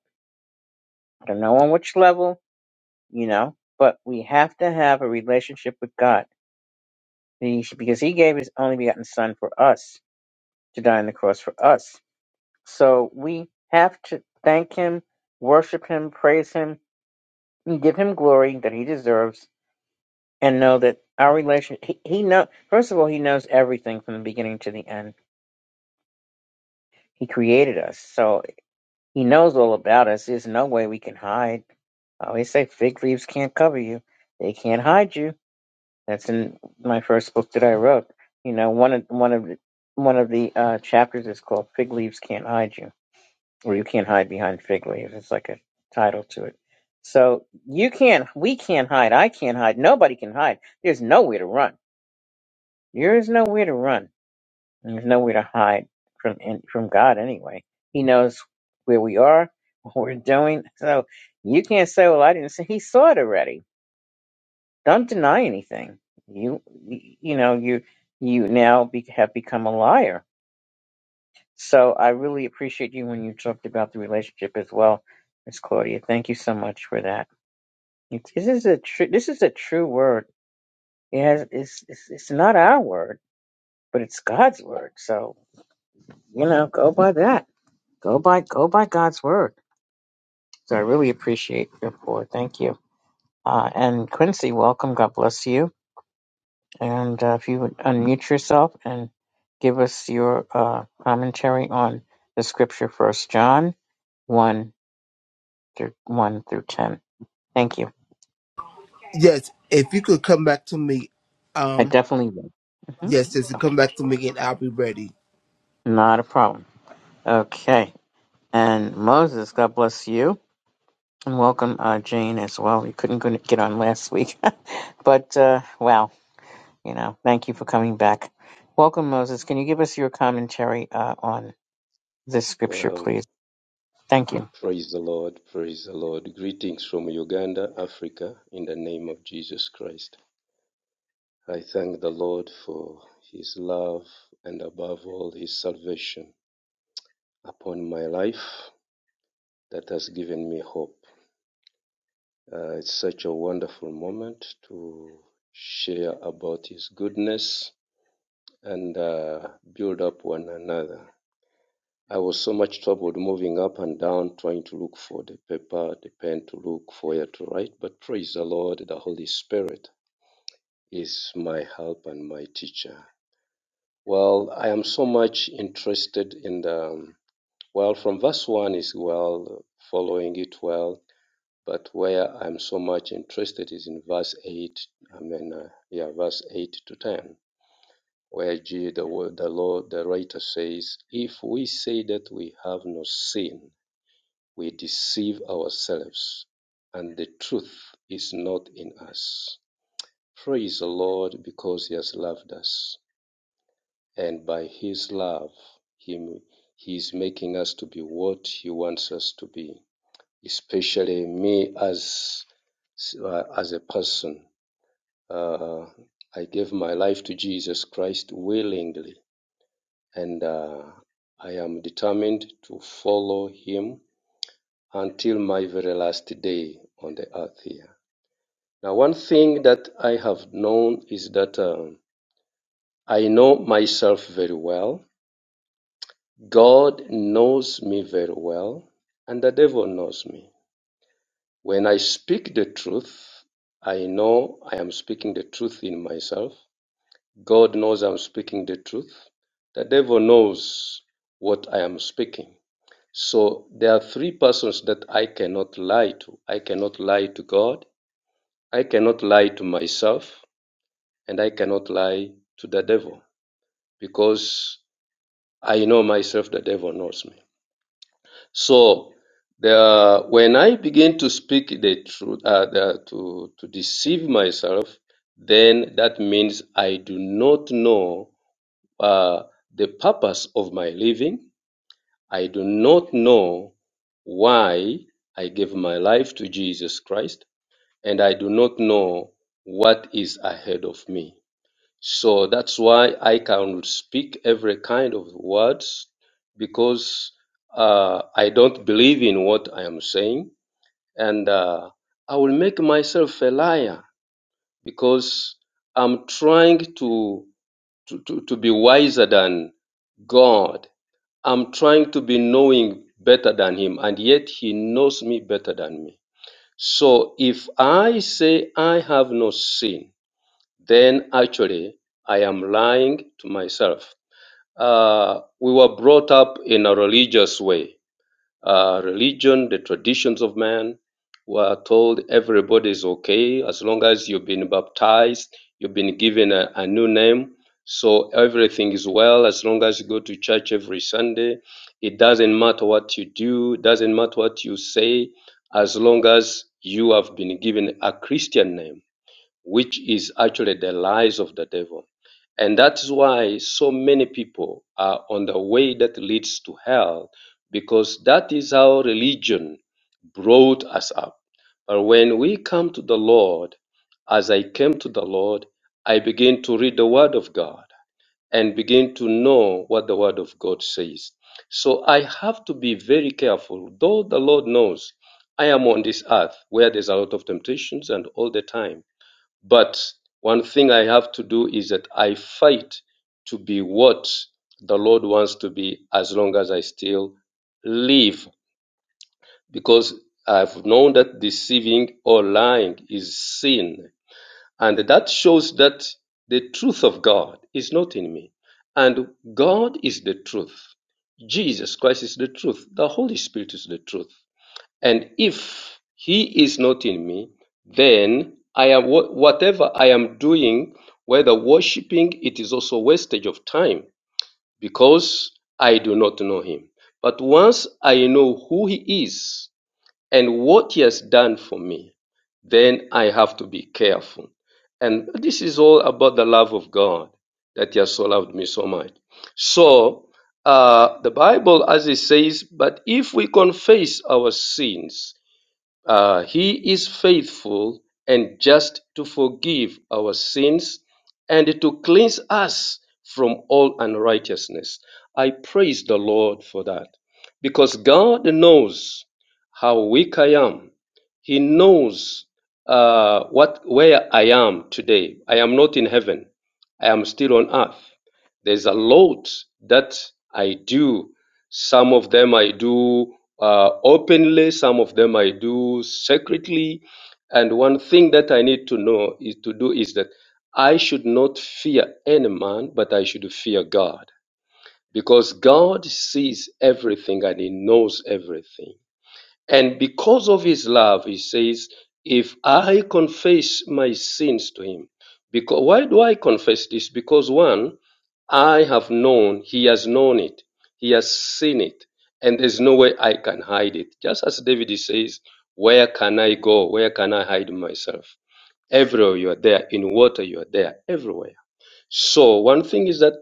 A: i don't know on which level you know but we have to have a relationship with god He- because he gave his only begotten son for us to die on the cross for us. So we have to thank him, worship him, praise him, and give him glory that he deserves, and know that our relation he, he know first of all, he knows everything from the beginning to the end. He created us. So he knows all about us. There's no way we can hide. I always say fig leaves can't cover you. They can't hide you. That's in my first book that I wrote. You know, one of one of the one of the uh, chapters is called "Fig Leaves Can't Hide You." or you can't hide behind fig leaves. It's like a title to it. So you can't, we can't hide. I can't hide. Nobody can hide. There's nowhere to run. There is nowhere to run. and There's nowhere to hide from in, from God anyway. He knows where we are, what we're doing. So you can't say, "Well, I didn't see." He saw it already. Don't deny anything. You you know you you now be, have become a liar So I really appreciate you when you talked about the relationship as well, Miss Claudia. Thank you so much for that. It- This is a true. This is a true word. It has. It's, it's. It's not our word, but it's God's word. So you know, go by that. Go by. Go by God's word. So I really appreciate your pour. Thank you. Uh, and Quincy, welcome. God bless you. And uh, if you would unmute yourself and give us your uh, commentary on the scripture, First John one through one through ten. Thank you.
C: Yes, if you could come back to me,
A: I
C: um,
A: definitely will. hmm
C: yes, just
A: Okay.
C: come back to me and I'll be ready.
A: Not a problem. Okay. And Moses, God bless you. And welcome, uh, Jane, as well. You couldn't go- get on last week. but, uh, wow, you know, thank you for coming back. Welcome, Moses. Can you give us your commentary uh, on this scripture,
D: Well,
A: please? Thank you.
D: praise the Lord. Praise the Lord. Greetings from Uganda, Africa, in the name of Jesus Christ. I thank the Lord for his love and above all his salvation upon my life that has given me hope. Uh, it's such a wonderful moment to share about his goodness and uh, build up one another. I was so much troubled moving up and down, trying to look for the paper, the pen to look for where to write. But praise the Lord, the Holy Spirit is my help and my teacher. Well, I am so much interested in the, um, well, from verse 1 is well, following it well. But where I'm so much interested is in verse 8, I mean, uh, yeah, verse 8 to 10 where G, the, the Lord, the writer says, If we say that we have no sin, we deceive ourselves, and the truth is not in us. Praise the Lord because He has loved us, and by His love, Him He is making us to be what He wants us to be, especially me as uh, as a person. Uh, I gave my life to Jesus Christ willingly, and uh, I am determined to follow Him until my very last day on the earth here. Now, one thing that I have known is that um, I know myself very well. God knows me very well, and the devil knows me. When I speak the truth, I know I am speaking the truth in myself. God knows I'm speaking the truth. The devil knows what I am speaking. So there are three persons that I cannot lie to. I cannot lie to God. I cannot lie to myself and I cannot lie to the devil because I know myself, the devil knows me. So the, when I begin to speak the truth, uh, the, to, to deceive myself, then that means I do not know uh, the purpose of my living. I do not know why I gave my life to Jesus Christ, and I do not know what is ahead of me. So that's why I can speak every kind of words because uh, I don't believe in what I am saying, and uh, I will make myself a liar because I'm trying to to, to, to be wiser than God. I'm trying to be knowing better than Him, and yet He knows me better than me. So if I say I have no sin, then actually I am lying to myself. Uh, we were brought up in a religious way. Uh, religion, the traditions of man, were told everybody is okay as long as you've been baptized, you've been given a, a new name. So everything is well as long as you go to church every Sunday. It doesn't matter what you do, doesn't matter what you say, as long as you have been given a Christian name which is actually the lies of the devil. And that's why so many people are on the way that leads to hell, because that is how religion brought us up. But when we come to the Lord, as I came to the Lord, I begin to read the Word of God and begin to know what the Word of God says. So I have to be very careful, though the Lord knows I am on this earth where there's a lot of temptations and all the time but one thing I have to do is that I fight to be what the Lord wants to be as long as I still live. Because I've known that deceiving or lying is sin. And that shows that the truth of God is not in me. And God is the truth. Jesus Christ is the truth. The Holy Spirit is the truth. And if he is not in me, then I am wha- whatever I am doing, whether worshiping, it is also wastage of time because I do not know him. But once I know who he is and what he has done for me, then I have to be careful. And this is all about the love of God that he has so loved me so much. So uh, the Bible, as it says, but if we confess our sins, uh, he is faithful and just to forgive our sins and to cleanse us from all unrighteousness. I praise the Lord for that because God knows how weak I am. He knows uh, what where I am today. I am not in heaven. I am still on earth. There's a lot that I do some of them I do uh, openly, some of them I do secretly. And one thing that I need to know is to do is that I should not fear any man, but I should fear God because God sees everything and He knows everything. And because of his love, he says, if I confess my sins to him, because why do I confess this? Because one, I have known, he has known it, he has seen it, and there's no way I can hide it. Just as David says, Where can I go? Where can I hide myself? Everywhere you are there, in water you are there, everywhere. So one thing is that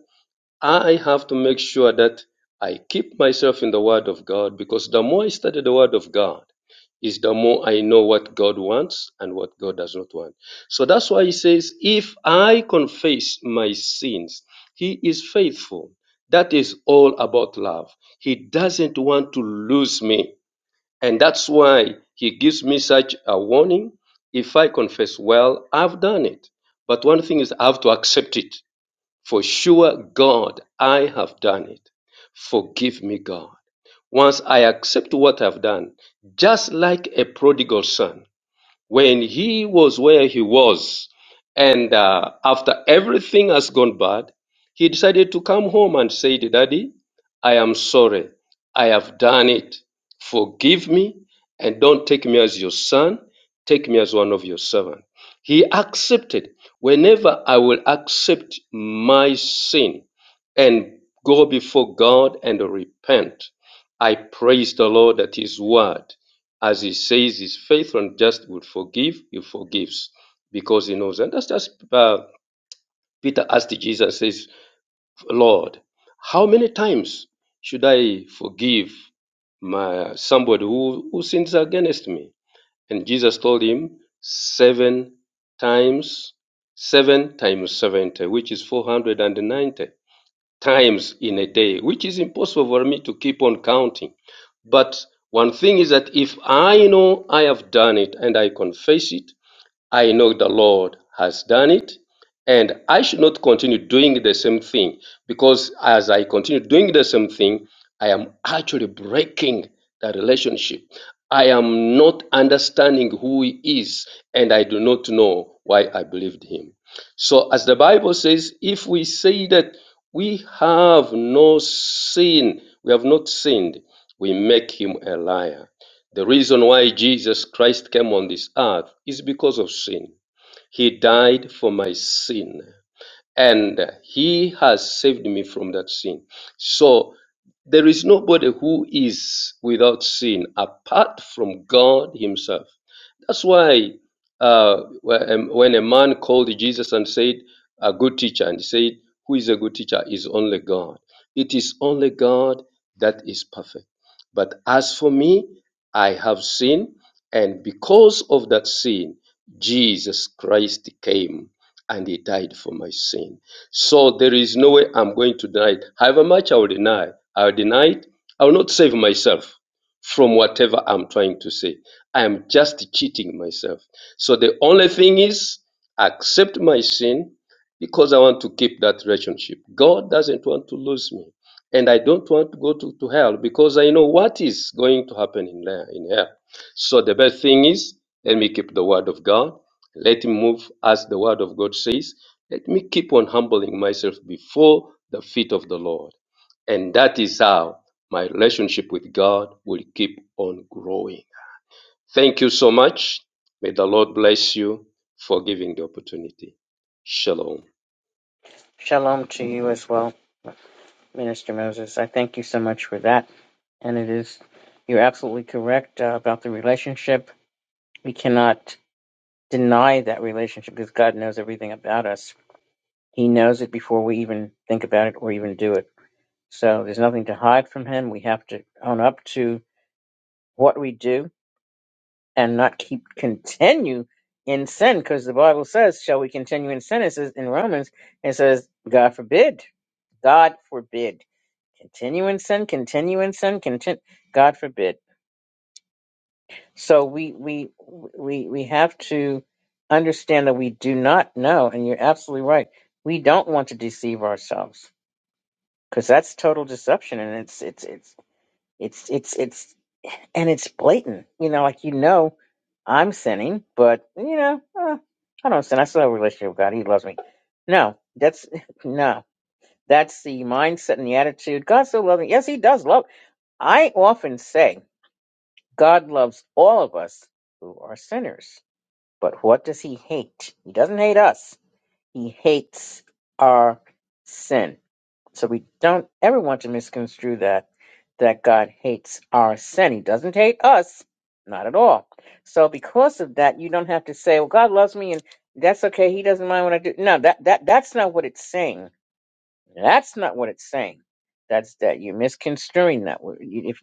D: I have to make sure that I keep myself in the Word of God because the more I study the Word of God, is the more I know what God wants and what God does not want. So that's why he says, If I confess my sins, he is faithful. That is all about love. He doesn't want to lose me. And that's why he gives me such a warning. If I confess, well, I've done it. But one thing is, I have to accept it. For sure, God, I have done it. Forgive me, God. Once I accept what I've done, just like a prodigal son, when he was where he was, and uh, after everything has gone bad, he decided to come home and say, Daddy, I am sorry. I have done it. Forgive me and don't take me as your son. Take me as one of your servants. He accepted. Whenever I will accept my sin and go before God and repent, I praise the Lord at His word as he says he's faithful and just would forgive, he forgives because he knows. And that's just uh, Peter asked Jesus, says, Lord, how many times should I forgive my somebody who, who sins against me? And Jesus told him, seven times, seven times 70, which is 490 times in a day, which is impossible for me to keep on counting. But one thing is that if I know I have done it and I confess it, I know the Lord has done it, and I should not continue doing the same thing because as I continue doing the same thing, I am actually breaking the relationship. I am not understanding who He is, and I do not know why I believed Him. So, as the Bible says, if we say that we have no sin, we have not sinned, we make Him a liar the reason why Jesus Christ came on this earth is because of sin. He died for my sin and he has saved me from that sin. So there is nobody who is without sin apart from God himself. That's why uh, when when a man called Jesus and said, a good teacher, and he said, who is a good teacher is only God. It is only God that is perfect. But as for me, I have sinned, and because of that sin, Jesus Christ came and he died for my sin. So there is no way I'm going to deny it. However much I will deny, I will deny it. I will not save myself from whatever I'm trying to say. I'm just cheating myself. So the only thing is accept my sin because I want to keep that relationship. God doesn't want to lose me. And I don't want to go to, to hell because I know what is going to happen in there in hell. So the best thing is let me keep the word of God. Let me move as the word of God says. Let me keep on humbling myself before the feet of the Lord. And that is how my relationship with God will keep on growing. Thank you so much. May the Lord bless you for giving the opportunity. Shalom.
A: Shalom to you as well, Minister Moses. I thank you so much for that. And it is, you're absolutely correct uh, about the relationship. We cannot deny that relationship because God knows everything about us. He knows it before we even think about it or even do it. So there's nothing to hide from Him. We have to own up to what we do and not keep continue in sin because the Bible says, Shall we continue in sin? It says in Romans, it says, God forbid. God forbid. Continue in sin, continue in sin, continue. God forbid. So we we we we have to understand that we do not know, and you're absolutely right. We don't want to deceive ourselves because that's total deception, and it's it's it's it's it's it's and it's blatant. You know, like you know, I'm sinning, but you know, uh, I don't sin. I still have a relationship with God. He loves me. No, that's no. That's the mindset and the attitude. God still loves me. Yes, He does love. I often say God loves all of us who are sinners But what does he hate? He doesn't hate us. He hates our sin. So we don't ever want to misconstrue that that God hates our sin. He doesn't hate us. Not at all. So because of that, you don't have to say, Well, God loves me and that's okay. He doesn't mind what I do. No, that, that that's not what it's saying. That's not what it's saying. That's that you're misconstruing that word. You- If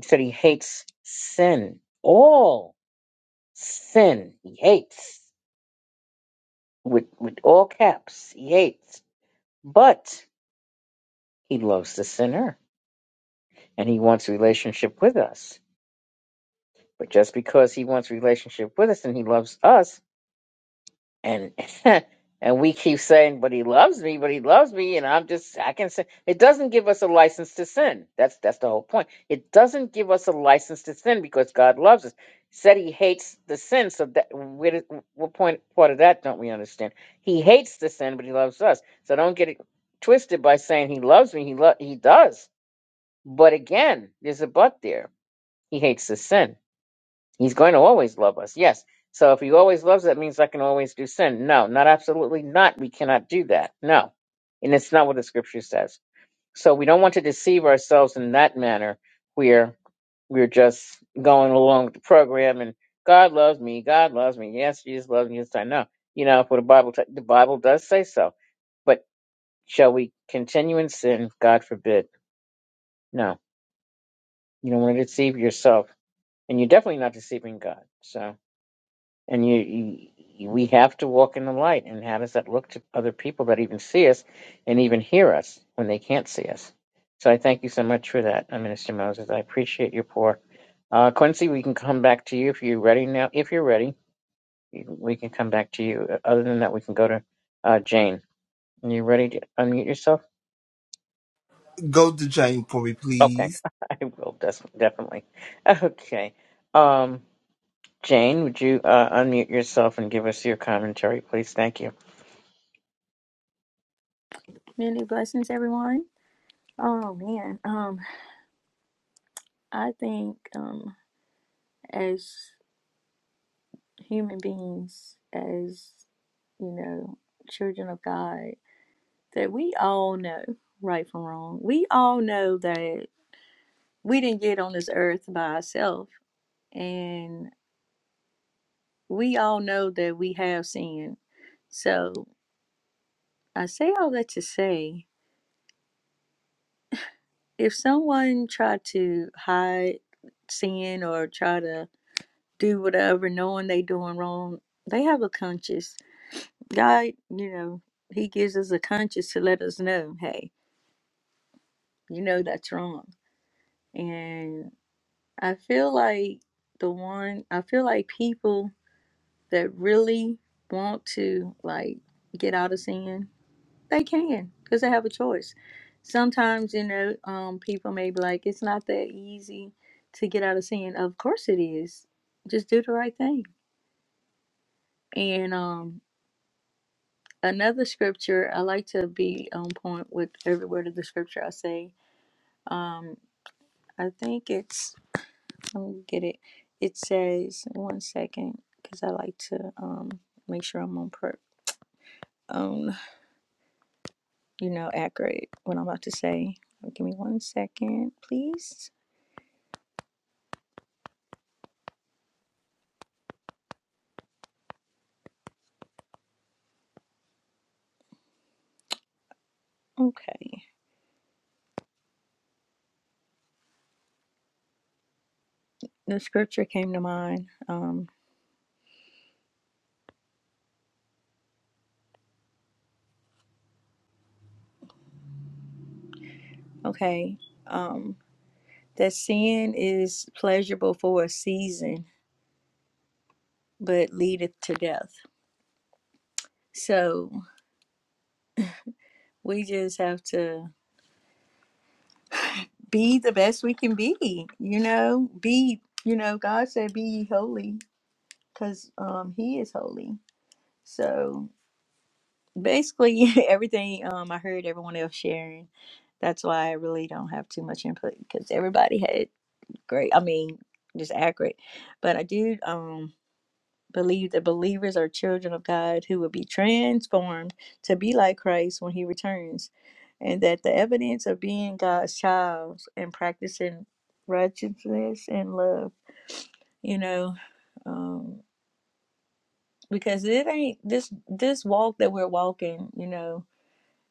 A: it said he hates sin. All sin he hates. with with all caps. He hates, but he loves the sinner and he wants relationship with us. But just because he wants relationship with us and he loves us and and we keep saying but he loves me but he loves me and i'm just i can say it doesn't give us a license to sin that's that's the whole point it doesn't give us a license to sin because god loves us said he hates the sin so that where did- what point part of that don't we understand he hates the sin but he loves us so don't get it twisted by saying he loves me he lo- he does but again there's a but there he hates the sin He's going to always love us, yes. So if he always loves, that means I can always do sin. No, not absolutely not. We cannot do that. No. And it's not what the scripture says. So we don't want to deceive ourselves in that manner where we're just going along with the program and God loves me, God loves me, yes, Jesus loves me, yes, I know. You know, for the Bible, t- the Bible does say so. But shall we continue in sin? God forbid. No, you don't want to deceive yourself, and you're definitely not deceiving God. So. And you, you, we have to walk in the light. And how does that look to other people that even see us and even hear us when they can't see us? So I thank you so much for that, uh, Minister Moses. I appreciate your pour. Uh, Quincy, we can come back to you if you're ready now. If you're ready, you- we can come back to you. Uh, Other than that, we can go to uh, Jane. Are you ready to unmute yourself?
C: Go to Jane for me,
A: Okay,
C: please.
A: I will des- definitely. Okay, um, Jane, would you uh, unmute yourself and give us your commentary, please? Thank you.
F: Many blessings, everyone. Oh man, um, I think um, as human beings, as you know, children of God, that we all know right from wrong. We all know that we didn't get on this earth by ourselves, and we all know that we have sinned. So I say all that to say, if someone tried to hide sin or try to do whatever, knowing they doing wrong. They have a conscience. God, you know, He gives us a conscience to let us know, hey, you know that's wrong. And I feel like the one, I feel like people that really want to like get out of sin, they can because they have a choice. Sometimes, you know, um, people may be like, it's not that easy to get out of sin. Of course it is. Just do the right thing. And um another scripture i like to be on point with every word of the scripture i say um i think it's let me get it it says one second because i like to um make sure i'm on per um you know accurate what i'm about to say give me one second please okay the scripture came to mind um okay um that sin is pleasurable for a season but leadeth to death so we just have to be the best we can be you know be you know god said be ye holy because um he is holy so basically everything um i heard everyone else sharing that's why i really don't have too much input because everybody had great i mean just accurate but i do Um. believe that believers are children of God who will be transformed to be like Christ when he returns, and that the evidence of being God's child and practicing righteousness and love, you know, um, because it ain't this this walk that we're walking, you know,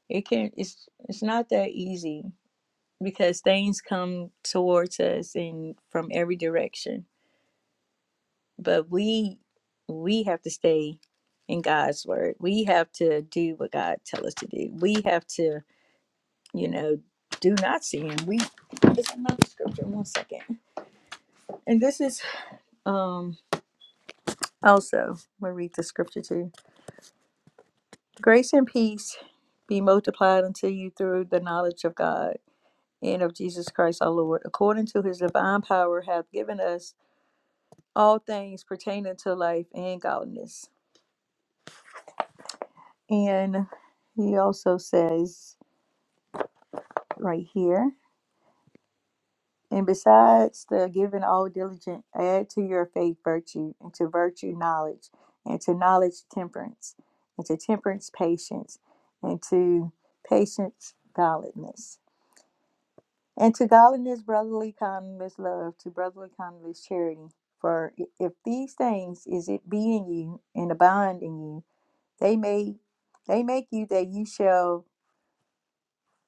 F: it can it's it's not that easy because things come towards us and from every direction but we we have to stay in God's word. We have to do what God tells us to do. We have to, you know, do not sin. We there's another scripture. One second, and this is um also I'm gonna read the scripture too. Grace and peace be multiplied unto you through the knowledge of God and of Jesus Christ our Lord, according to His divine power, hath given us all things pertaining to life and godliness. And he also says. right here. And besides the giving all diligent, add to your faith virtue, and to virtue knowledge, and to knowledge temperance, and to temperance patience, and to patience godliness, and to godliness brotherly kindness love, to brotherly kindness charity. For if these things is it be in you and abound in you, they may they make you that you shall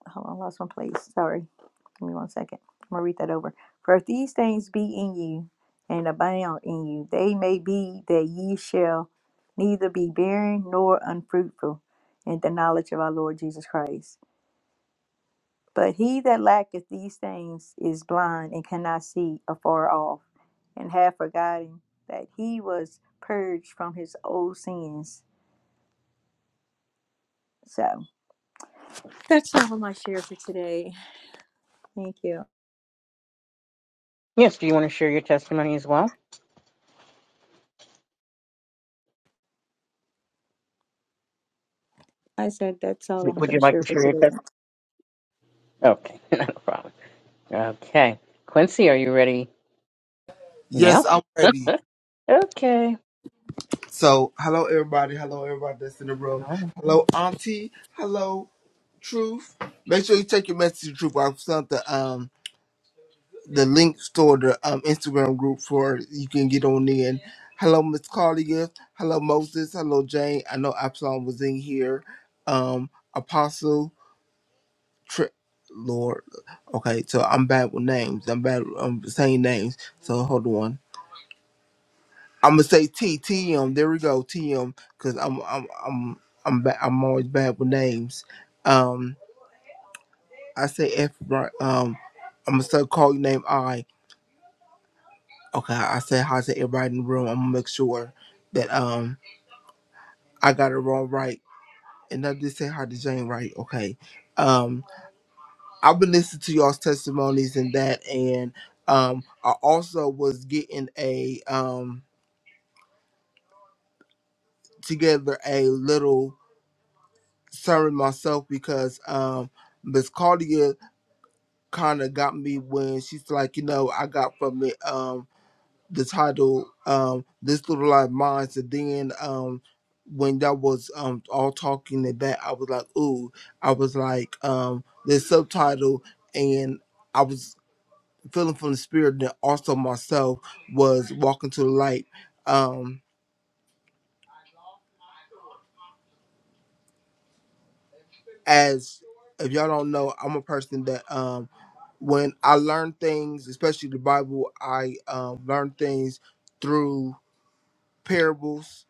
F: hold on, I lost my place. Sorry. Give me one second. I'm gonna read that over. For if these things be in you and abound in you, they may be that ye shall neither be barren nor unfruitful in the knowledge of our Lord Jesus Christ. But he that lacketh these things is blind and cannot see afar off, and hath forgotten that he was purged from his old sins. So that's all my share for today. Thank you.
A: Yes, do you want to share your testimony as well?
F: I said that's all
A: W-
F: I'm
A: Would
F: gonna
A: you like
F: share
A: to
F: for
A: share your testimony?
F: today.
A: Okay, not a problem. Okay. Quincy, are you ready
C: Yes,
A: now?
C: I'm ready.
A: Okay.
C: So, hello, everybody. Hello, everybody that's in the room.
A: All right.
C: Hello, Auntie. Hello, Truth. Make sure you take your message to Truth. I sent the um. the links to the um, Instagram group for you can get on in. Hello, Miss Claudia. Hello, Moses. Hello, Jane. I know Absalom was in here. Um, Apostle, Tri- Lord. Okay, so I'm bad with names. I'm bad. I'm saying names. So hold on. I'm gonna say T T M. There we go, T M. Cause I'm I'm I'm I'm ba- I'm always bad with names. Um, I say F. right, Um, I'm gonna start calling your name I. Okay, I said hi to everybody in the room. I'm gonna make sure that um I got it wrong right. And I did say hi to Jane right, okay. Um I've been listening to y'all's testimonies and that and um I also was getting a um together a little sermon myself because um Miss Claudia kinda got me when she's like, you know, I got from it Um the title um this little live Mine," and then um when that was um all talking and that i was like ooh i was like um the subtitle and i was feeling from the spirit that also myself was walking to the light um as if y'all don't know i'm a person that um when i learn things especially the bible i um learn things through parables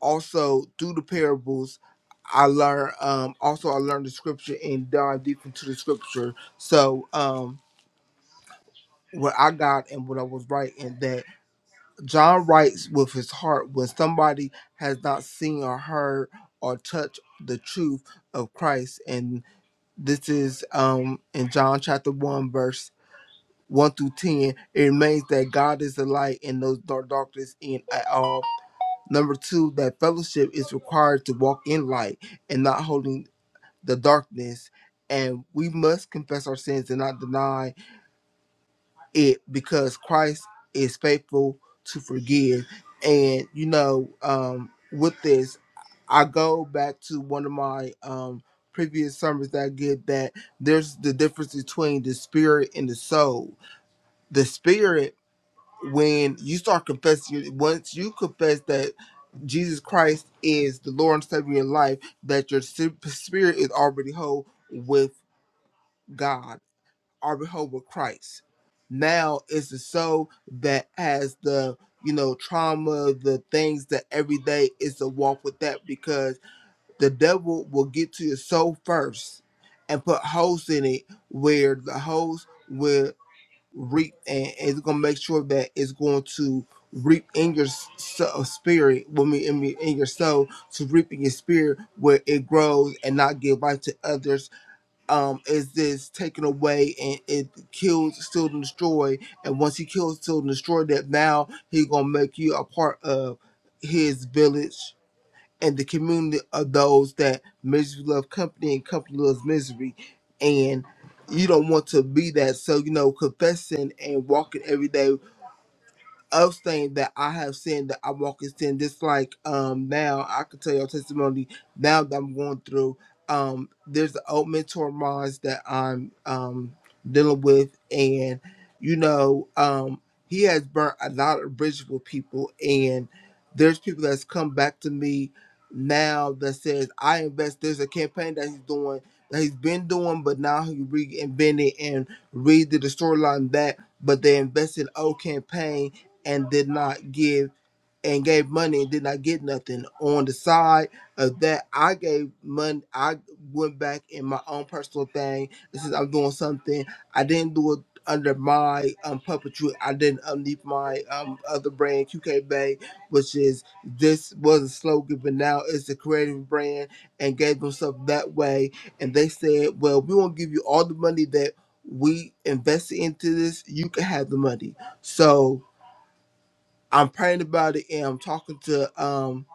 C: also through the parables i learn um also i learned the scripture and dive deep into the scripture so um what i got and what i was writing that john writes with his heart when somebody has not seen or heard or touched the truth of christ and this is um in john chapter 1 verse 1 through 10 it remains that god is the light and no dark darkness in at all Number two, that fellowship is required to walk in light and not holding the darkness. And we must confess our sins and not deny it because Christ is faithful to forgive. And, you know, um, with this, I go back to one of my um, previous sermons that I get that there's the difference between the spirit and the soul. The spirit when you start confessing, you- once you confess that Jesus Christ is the Lord and Savior of your life, that your si- spirit is already whole with God, already whole with Christ. Now it's the soul that has the you know trauma, the things that every day is to walk with that because the devil will get to your soul first and put holes in it where the holes will reap and it's gonna make sure that it's going to reap in your s- so- uh, spirit when we in, me- in your soul to reap in your spirit where it grows and not give life to others um is this taken away and it kills still and destroy and once he kills still and destroy that now he gonna make you a part of his village and the community of those that misery love company and company loves misery. And you don't want to be that. So, you know, confessing and walking every day of saying that I have sinned, that I walk in sin. Just like um now, I can tell your testimony now that I'm going through. Um, there's an old mentor of mine that I'm um dealing with, and you know, um, he has burnt a lot of bridges with people, and there's people that's come back to me now that says I invest. There's a campaign that he's doing that he's been doing, but now he reinvented and redid the storyline that, but they invested in old campaign and did not give and gave money and did not get nothing. On the side of that, I gave money. I went back in my own personal thing. This is I'm doing something. I didn't do it under my um puppetry. I didn't underneath my um other brand QK Bay, which is this was a slogan, but now it's a creative brand and gave themselves that way. And they said, well, we won't give you all the money that we invested into this. You can have the money. So I'm praying about it and I'm talking to um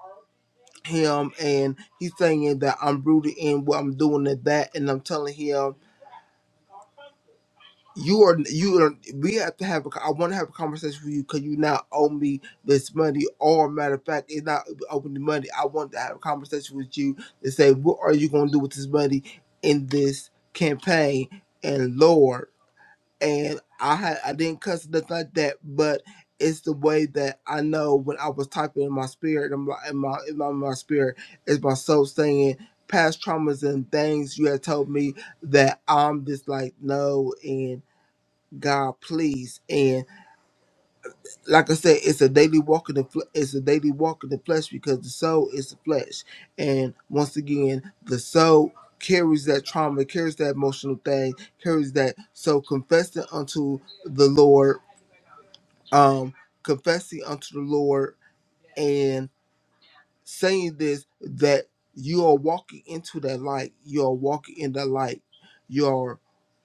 C: him and he's saying that I'm rooted in what I'm doing and that and I'm telling him you are you are we have to have a I want to have a conversation with you because you not owe me this money or matter of fact it's not open the money I want to have a conversation with you to say what are you gonna do with this money in this campaign and Lord and I had I didn't cuss nothing like that, but it's the way that I know when I was typing in my spirit, I'm like in my in my, my spirit is my soul saying past traumas and things you had told me that I'm just like no and God please and like I said, it's a daily walk in the fl- it's a daily walk in the flesh because the soul is the flesh, and once again, the soul carries that trauma, carries that emotional thing, carries that. So confessing unto the Lord, um, confessing unto the Lord, and saying this that you are walking into that light, you are walking in that light, you are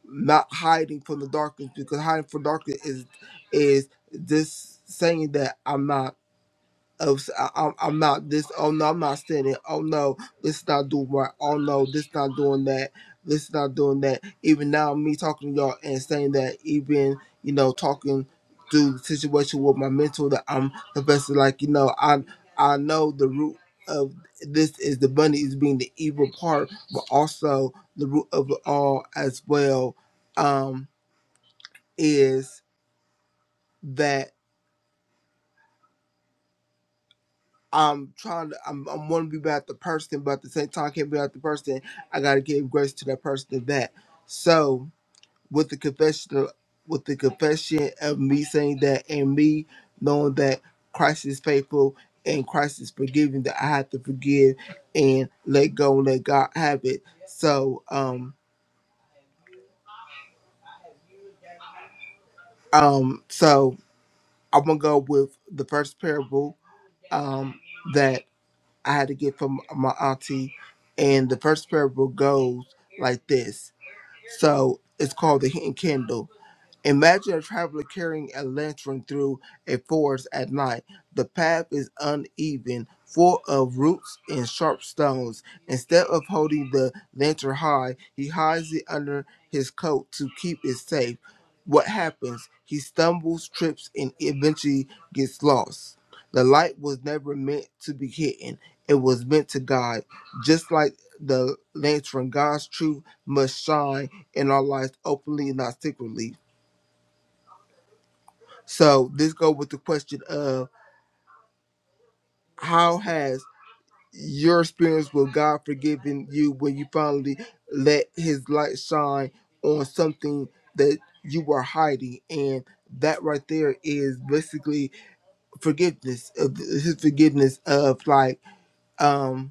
C: not hiding from the darkness because hiding from darkness is is this saying that I'm not of si I, am I'm I'm not this. Oh no, I'm not standing. Oh no, this is not doing right. Oh no, this not doing that. This is not doing that. Even now, me talking to y'all and saying that, even you know, talking through the situation with my mentor, that I'm the best. Like you know, I I know the root of this is the bunny is being the evil part, but also the root of it all as well um, is that. I'm trying to. I'm. I'm want to be about the person, but at the same time, I can't be about the person. I gotta give grace to that person of that. So with the confession, of, with the confession of me saying that, and me knowing that Christ is faithful and Christ is forgiving, that I have to forgive and let go and let God have it. So um um so I'm gonna go with the first parable um that. I had to get from my auntie, and the first parable goes like this. So it's called the hidden candle. Imagine a traveler carrying a lantern through a forest at night. The path is uneven, full of roots and sharp stones. Instead of holding the lantern high, he hides it under his coat to keep it safe. What happens? He stumbles, trips, and eventually gets lost. The light was never meant to be hidden, it was meant to guide. Just like the lantern, God's truth must shine in our lives openly, not secretly. So this go with the question of how has your experience with God forgiving you when you finally let His light shine on something that you were hiding, and that right there is basically forgiveness of His forgiveness of like um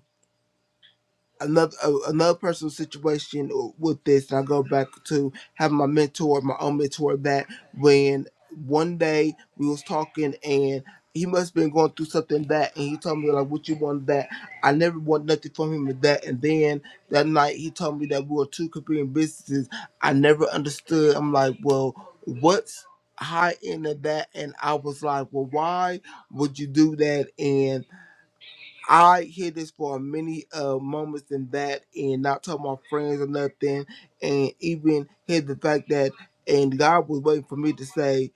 C: another uh, another personal situation uh, with this, and I go back to having my mentor, my own mentor, that when one day we was talking and he must have been going through something that, and he told me like, "What you want that?" I never want nothing from him with that. And then that night he told me that we were two competing businesses. I never understood. I'm like, well, what's high end of that? And I was like, well, why would you do that? And I hear this for many uh moments than that, and not tell my friends or nothing, and even hear the fact that and God was waiting for me to say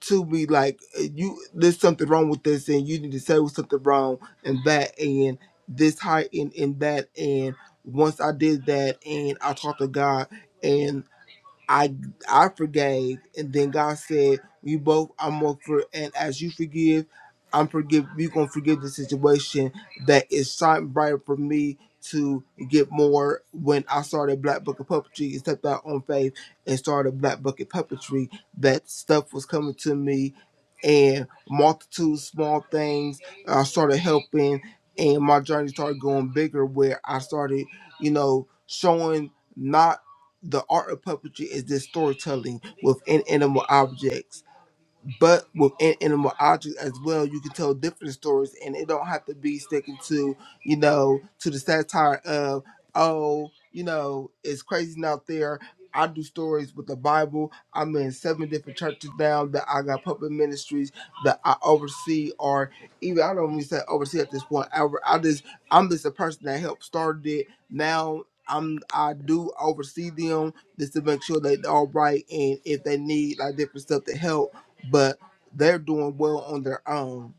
C: to me like uh, you there's something wrong with this and you need to say what's something wrong and that and this high and, and that and once I did that and I talked to God and. I I forgave, and then God said, "You both, I'm going for, and as you forgive, I'm forgive. You gonna forgive the situation that is shining brighter for me to get more." When I started Black Bucket Puppetry and stepped out on faith and started Black Bucket Puppetry, that stuff was coming to me, and multitude small things. I started helping, and my journey started going bigger. Where I started, you know, showing. not. The art of puppetry is this storytelling within animal objects but within animal objects as well, you can tell different stories, and it don't have to be sticking to you know to the satire of oh you know it's crazy out there. I do stories with the Bible. I'm in seven different churches now that I got puppet ministries that I oversee, or even I don't even say oversee at this point. I, I just I'm just a person that helped started it. Now I'm I do oversee them just to make sure they're all right, and if they need like different stuff to help but they're doing well on their own.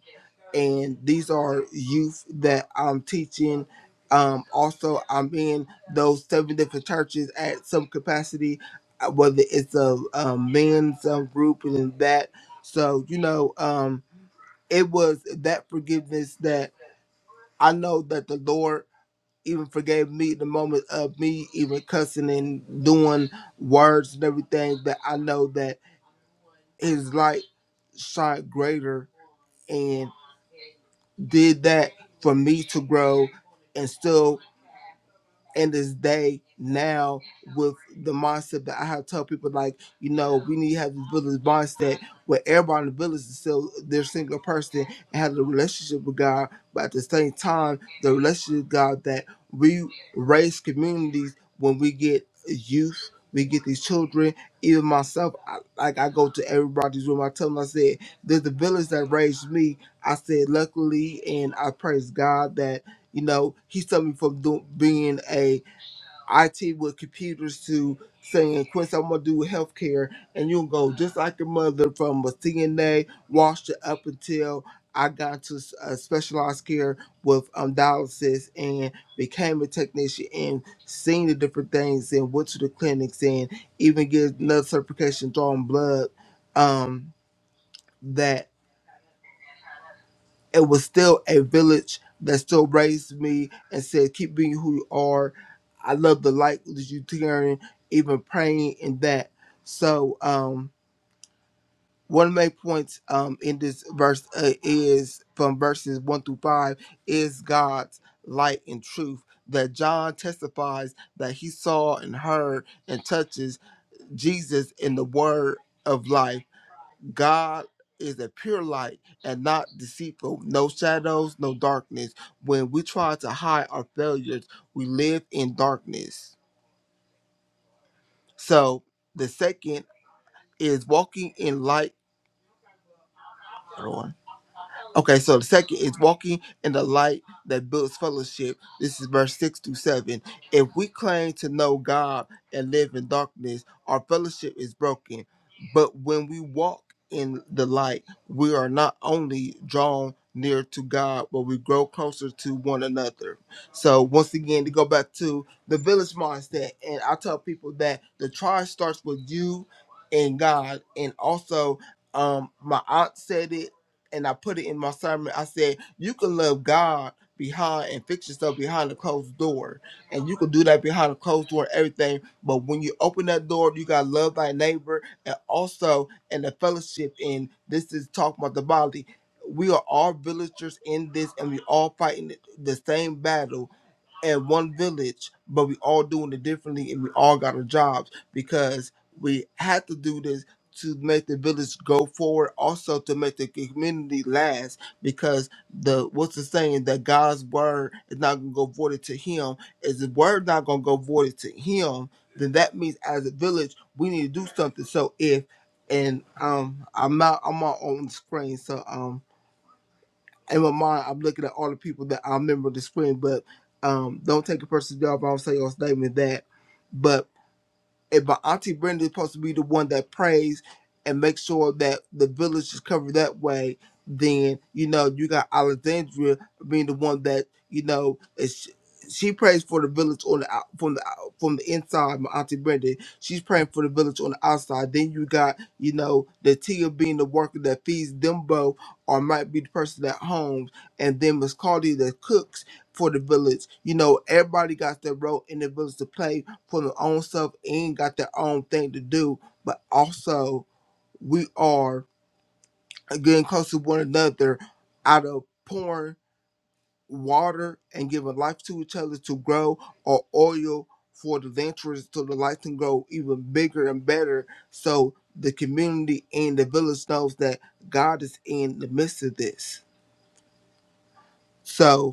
C: And these are youth that I'm teaching. Um, also, I'm in those seven different churches at some capacity, uh, whether it's a, um men's um, group and then that. So, you know, um, it was that forgiveness that I know that the Lord even forgave me the moment of me even cussing and doing words and everything. That I know that His light shine greater and did that for me to grow and still in this day now with the mindset that I have told people like, you know, we need to have this village mindset where everybody in the village is still their single person and have a relationship with God, but at the same time, the relationship with God that we raise communities when we get youth, we get these children, even myself, I, like I go to everybody's room, I tell them, I said, there's the village that raised me. I said, luckily, and I praise God that." You know, he took me from do, being a IT with computers to saying, "Quincy, I'm gonna do healthcare, and you go just like your mother from a CNA, washed it up until I got to s- uh, specialized care with um, dialysis and became a technician and seen the different things and went to the clinics and even get another certification drawing blood. Um, that it was still a village that still raised me and said, keep being who you are. I love the light that you carrying, even praying in that. So, um, one of my points um, in this verse uh, is from verses one through five is God's light and truth that John testifies that he saw and heard and touches Jesus in the word of life. God is a pure light and not deceitful, no shadows, no darkness. When we try to hide our failures, we live in darkness. So the second is walking in light. Okay, so the second is walking in the light that builds fellowship. This is verse 6 through 7. If we claim to know God and live in darkness, our fellowship is broken. But when we walk in the light, we are not only drawn near to God, but we grow closer to one another. So, once again, to go back to the village mindset, and I tell people that the trial starts with you and God, and also um my aunt said it and I put it in my sermon. I said, you can love God behind and fix yourself behind a closed door. And you can do that behind a closed door and everything. But when you open that door, you gotta love thy neighbor and also in the fellowship and this is talking about the body. We are all villagers in this and we all fighting the same battle in one village, but we all doing it differently and we all got our jobs because we had to do this to make the village go forward, also to make the community last because the what's the saying that God's word is not gonna go voided to him. Is the word not gonna go voided to him, then that means as a village we need to do something. So if and um I'm not I'm not on the screen, so um in my mind, I'm looking at all the people that I remember this spring, but um, don't take a person's job. I'll say your statement that. but. Eh, but Auntie Brenda is supposed to be the one that prays and makes sure that the village is covered that way. Then you know you got Alexandria being the one that you know is she prays for the village on the out, from the out- from the inside. My Auntie Brenda, she's praying for the village on the outside. Then you got you know the Tia being the worker that feeds them both, or might be the person that homes, and then Miss Cardi that cooks for the village. You know everybody got their role in the village to play for their own stuff and got their own thing to do, but also we are getting close to one another out of pouring water and giving life to each other to grow or oil for the ventures so the life can grow even bigger and better so the community and the village knows that God is in the midst of this. So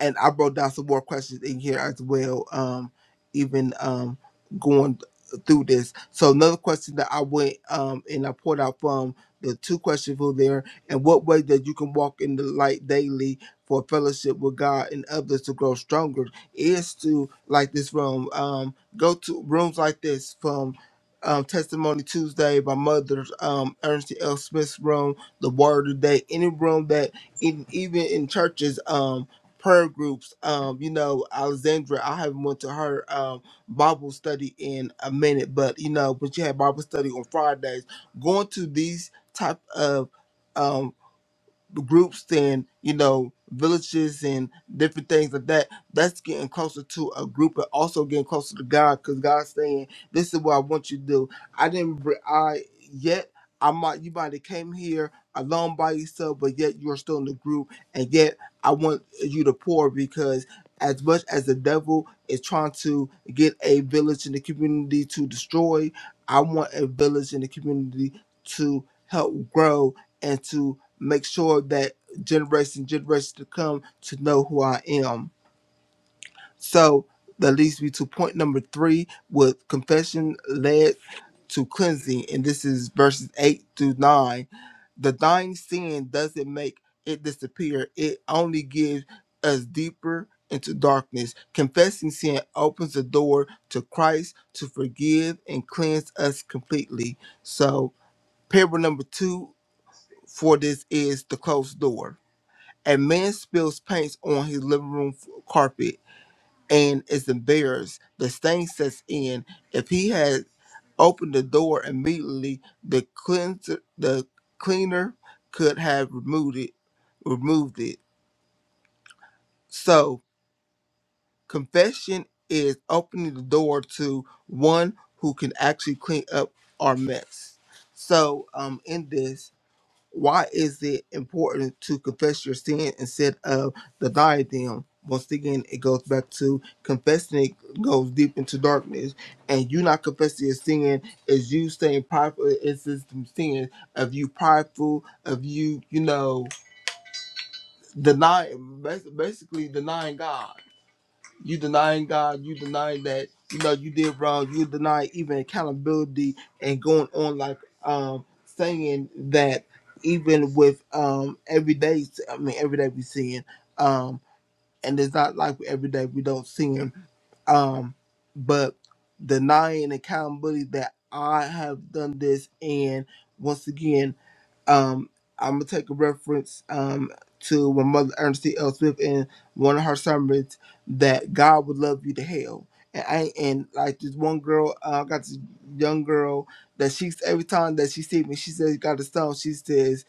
C: and I wrote down some more questions in here as well. Um, even um, going through this. So another question that I went um and I pulled out from the two questions from there, and what way that you can walk in the light daily for fellowship with God and others to grow stronger is to like this room. Um, go to rooms like this from. Um, Testimony Tuesday, my mother's um, Ernestine L. Smith's room, the Word of the Day, any room that in, even in churches. Um, prayer groups. Um, you know, Alexandra, I haven't went to her um Bible study in a minute, but you know, but she had Bible study on Fridays. Going to these type of um groups and you know villages and different things like that that's getting closer to a group and also getting closer to god because god's saying this is what i want you to do i didn't br- i yet i might you might have came here alone by yourself but yet you're still in the group and yet i want you to pour because as much as the devil is trying to get a village in the community to destroy i want a village in the community to help grow and to make sure that generation and generations to come to know who I am. So that leads me to point number three with confession led to cleansing, and this is verses eight through nine. The dying sin doesn't make it disappear; it only gives us deeper into darkness. Confessing sin opens the door to Christ to forgive and cleanse us completely. So, parable number two for this is the closed door a man spills paint on his living room f- carpet and is embarrassed. The stain sets in. If he had opened the door immediately, the cleanser, the cleaner could have removed it. Removed it. So confession is opening the door to one who can actually clean up our mess. So um, in this. why is it important to confess your sin instead of denying them? Once again, it goes back to confessing it goes deep into darkness, and you not confessing your sin is you staying prideful. It's just some sin of you prideful, of you, you know, denying, bas- basically denying God. You denying God, you denying that, you know, you did wrong, you deny even accountability and going on like um saying that even with um every day I mean every day we sin, um and it's not like every day we don't sin. Um but denying accountability that I have done this and once again um, I'm gonna take a reference um, to my mother Ernestine L. Smith in one of her sermons that God would love you to hell. And I and like this one girl, uh, I got this young girl that she's every time that she sees me, she says got a stone. She says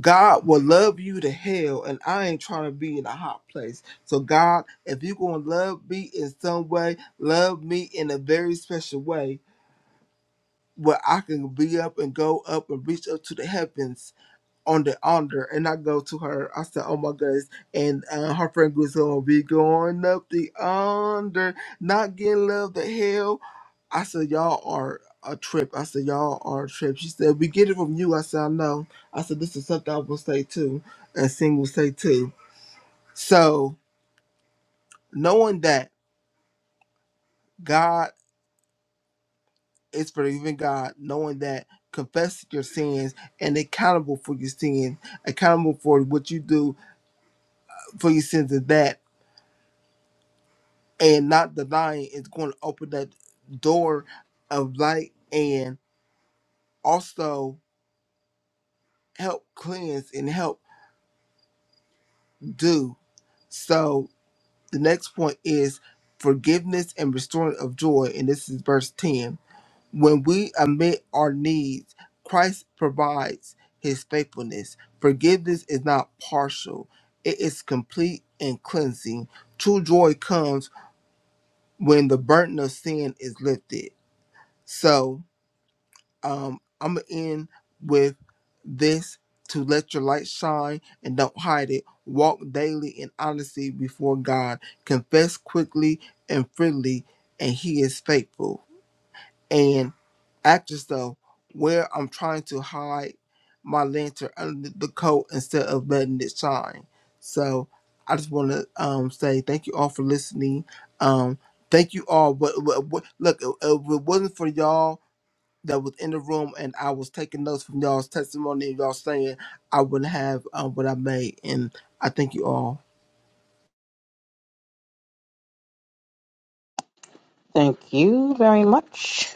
C: God will love you to hell, and I ain't trying to be in a hot place. So God, if you gonna love me in some way, love me in a very special way where I can be up and go up and reach up to the heavens on the altar and I go to her. I said, Oh my goodness. And uh, her friend goes, Oh, we going up the under, not getting love the hell. I said, Y'all are a trip. I said, Y'all are a trip. She said, We get it from you. I said, I know. I said, This is something I will say too. And Sing will say too. So knowing that God is forgiving God, knowing that confess your sins and accountable for your sin, accountable for what you do for your sins and that. and not denying is going to open that door of light and also help cleanse and help do. So the next point is forgiveness and restoring of joy, and this is verse 10. When we admit our needs, Christ provides his faithfulness. Forgiveness is not partial, it is complete and cleansing. True joy comes when the burden of sin is lifted. So, um, I'm gonna end with this to let your light shine and don't hide it. Walk daily in honesty before God. Confess quickly and freely, and He is faithful. And ask yourself where I'm trying to hide my lantern under the coat instead of letting it shine. So I just want to um, say thank you all for listening. Um, thank you all. But, but, but look, if if it wasn't for y'all that was in the room, and I was taking notes from y'all's testimony and y'all saying I wouldn't have um, what I made, and I thank you all.
A: Thank you very much,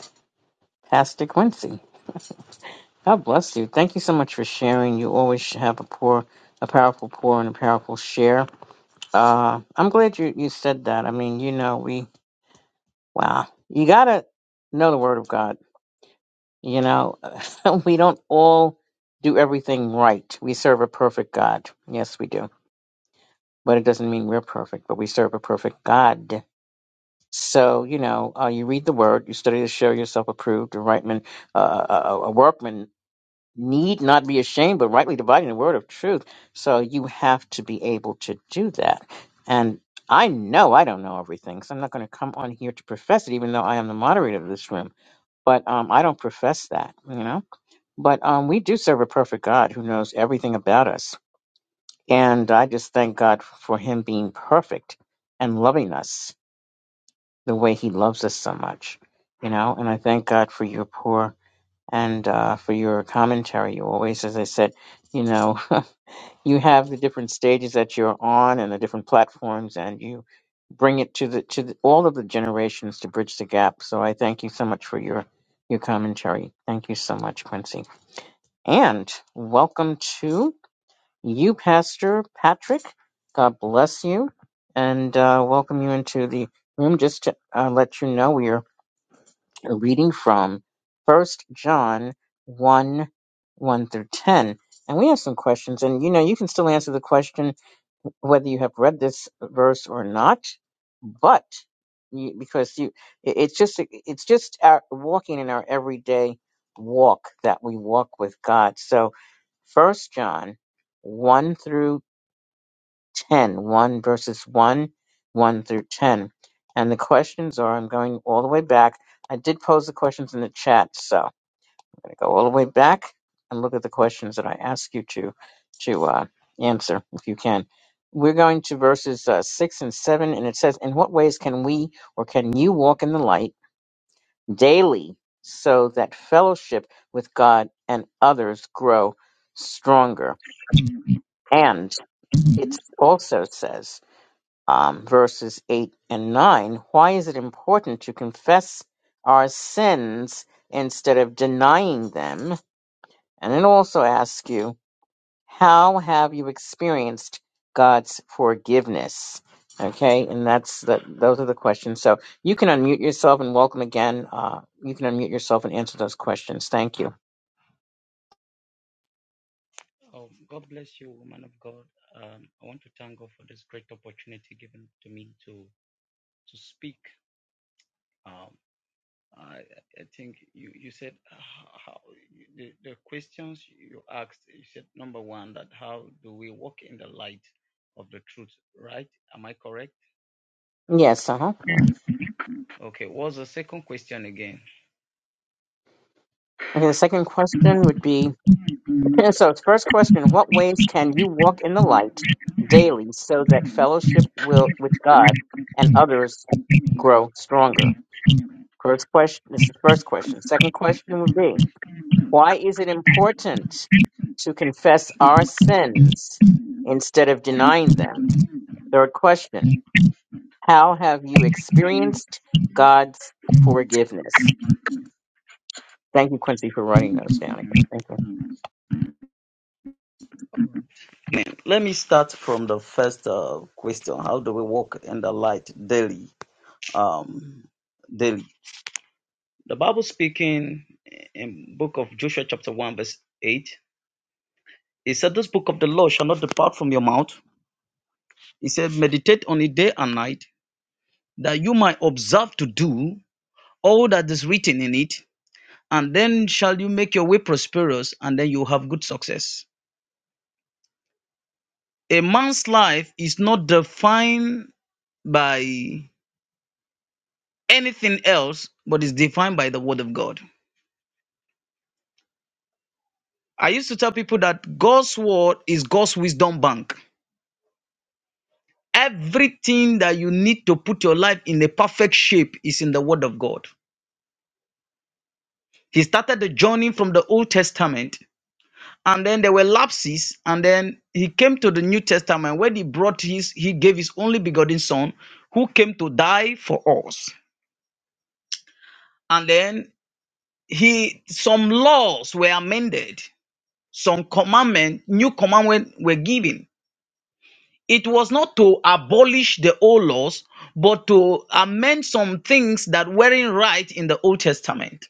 A: Pastor Quincy. God bless you. Thank you so much for sharing. You always have a poor, a powerful pour and a powerful share. Uh, I'm glad you, you said that. I mean, you know, we, wow, you got to know the word of God. You know, we don't all do everything right. We serve a perfect God. Yes, we do. but it doesn't mean we're perfect, but we serve a perfect God. So, you know, uh, you read the word, you study to show yourself approved, a rightman, uh, a, a workman need not be ashamed, but rightly dividing the word of truth. So you have to be able to do that. And I know I don't know everything, so I'm not going to come on here to profess it, even though I am the moderator of this room. But um, I don't profess that, you know. But um, we do serve a perfect God who knows everything about us and I just thank God for Him being perfect and loving us the way He loves us so much, you know. And I thank God for your pour and uh, for your commentary. You always, as I said, you know, you have the different stages that you're on and the different platforms, and you bring it to the to the, all of the generations to bridge the gap. So I thank you so much for your your commentary. Thank you so much, Quincy, and welcome to you, Pastor Patrick. God bless you and uh, welcome you into the room. Just to uh, let you know, we are reading from First John 1 1 through 10. And we have some questions. And you know, you can still answer the question whether you have read this verse or not, but you, because you, it- it's just it's just our walking in our everyday walk that we walk with God. So First John 1 through Ten, one verses 1, 1 through 10. And the questions are I'm going all the way back. I did pose the questions in the chat, so I'm going to go all the way back and look at the questions that I ask you to to uh, answer if you can. We're going to verses uh, 6 and 7, and it says, In what ways can we or can you walk in the light daily so that fellowship with God and others grow stronger? And it also says, um, verses 8 and 9. Why is it important to confess our sins instead of denying them? And then also ask you, how have you experienced God's forgiveness? Okay, and that's the, those are the questions. So you can unmute yourself and welcome again. Uh, you can unmute yourself and answer those questions. Thank you.
G: Oh, God bless you, woman of God. Um, I want to thank God for this great opportunity given to me to to speak. Um, I, I think you, you said uh, how the, the questions you asked. You said number one that how do we walk in the light of the truth, right? Am I correct?
A: Yes. Uh huh.
G: Okay. What's the second question again?
A: Okay. The second question would be And so, it's first question: What ways can you walk in the light daily so that fellowship will with God and others grow stronger? First question. This is the first question. Second question would be: Why is it important to confess our sins instead of denying them? Third question: How have you experienced God's forgiveness? Thank you, Quincy, for writing those down again. Thank you.
G: Let me start from the first uh, question. How do we walk in the light daily? Um, daily. The Bible speaking in book of Joshua chapter 1 verse 8, it said, this book of the law shall not depart from your mouth. He said, meditate on it day and night, that you might observe to do all that is written in it, and then shall you make your way prosperous, and then you have good success. A man's life is not defined by anything else, but is defined by the word of God. I used to tell people that God's word is God's wisdom bank. Everything that you need to put your life in a perfect shape is in the Word of God. He started the journey from the Old Testament, and then there were lapses, and then he came to the New Testament where he brought his, he gave his only begotten Son, who came to die for us. And then he, some laws were amended, some commandment, new commandment were given It was not to abolish the old laws, but to amend some things that weren't right in the Old Testament.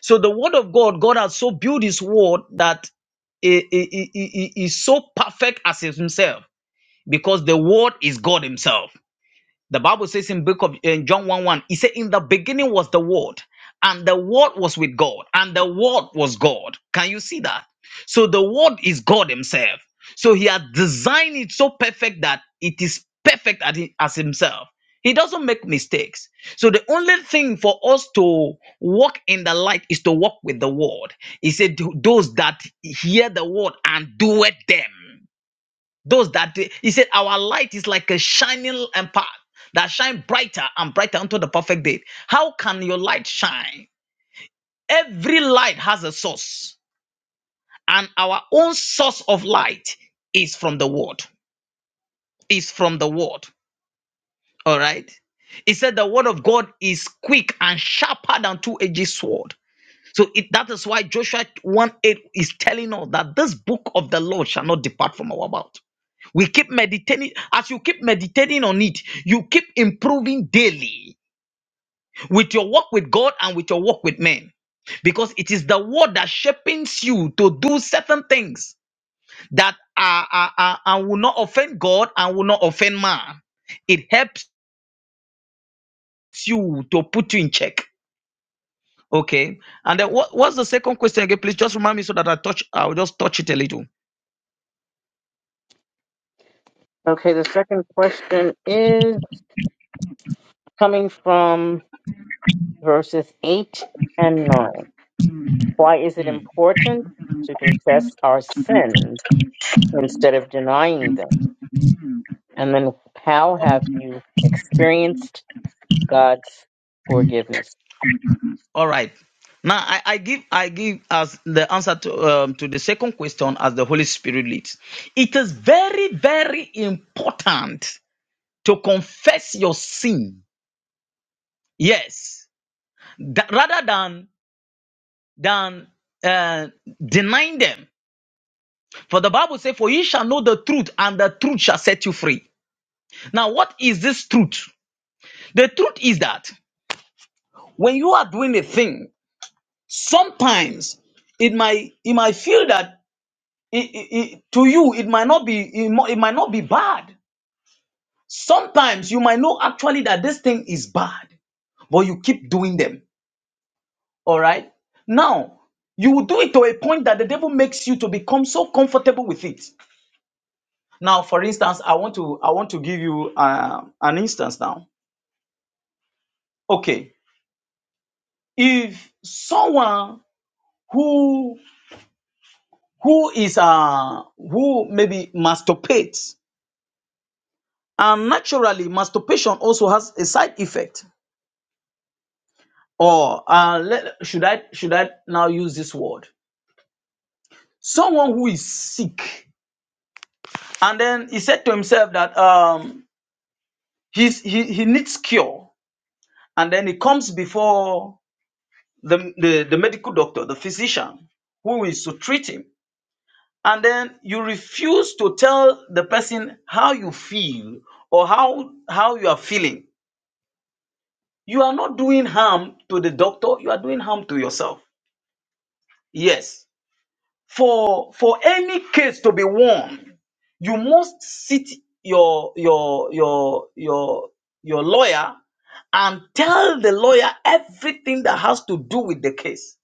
G: So the word of God, God has so built his word that it is so perfect as himself because the word is God himself. The Bible says in book of in John 1 1, it said, In the beginning was the word, and the word was with God, and the word was God. Can you see that? So the word is God Himself. So He had designed it so perfect that it is perfect at it- as Himself. He doesn't make mistakes. So the only thing for us to walk in the light is to walk with the word. He said, Those that hear the word and do it them. Those that they- he said, Our light is like a shining and path that shine brighter and brighter unto the perfect day. How can your light shine? Every light has a source, and our own source of light is from the word. Is from the word. All right. He said the word of God is quick and sharper than two-edged sword. So it, that is why Joshua 1 8 is telling us that this book of the Lord shall not depart from our mouth. We keep meditating. As you keep meditating on it, you keep improving daily with your walk with God and with your walk with men. Because it is the word that shapes you to do certain things that are, are, are, are- will not offend God and will not offend man. It helps you to put you in check. Okay. And then what, what's the second question again? Please just remind me so that I touch, I'll just touch it a little.
A: Okay, the second question is coming from verses 8 and 9. Why is it important to confess our sins instead of denying them? And then, how have you experienced God's forgiveness?
G: All right. Now I, I give I give as the answer to um, to the second question as the Holy Spirit leads. It is very very important to confess your sin. Yes, Tha- rather than than uh, denying them. For the Bible says, "For you shall know the truth, and the truth shall set you free." Now, what is this truth? The truth is that when you are doing a thing, sometimes it might it might feel that it, it, it- to you it might not be it, mo- it might not be bad sometimes you might know actually that this thing is bad but you keep doing them all right now you will do it to a point that the devil makes you to become so comfortable with it now for instance i want to i want to give you uh, an instance now okay if someone who who is uh who maybe masturbates and naturally masturbation also has a side effect Or uh, let, should I should I now use this word? Someone who is sick, and then he said to himself that um, he's, he he needs cure, and then he comes before the, the the medical doctor, the physician, who is to treat him, and then you refuse to tell the person how you feel or how how you are feeling. You are not doing harm to the doctor. You are doing harm to yourself. Yes. for for any case to be won you must sit your your your your your lawyer and tell the lawyer everything that has to do with the case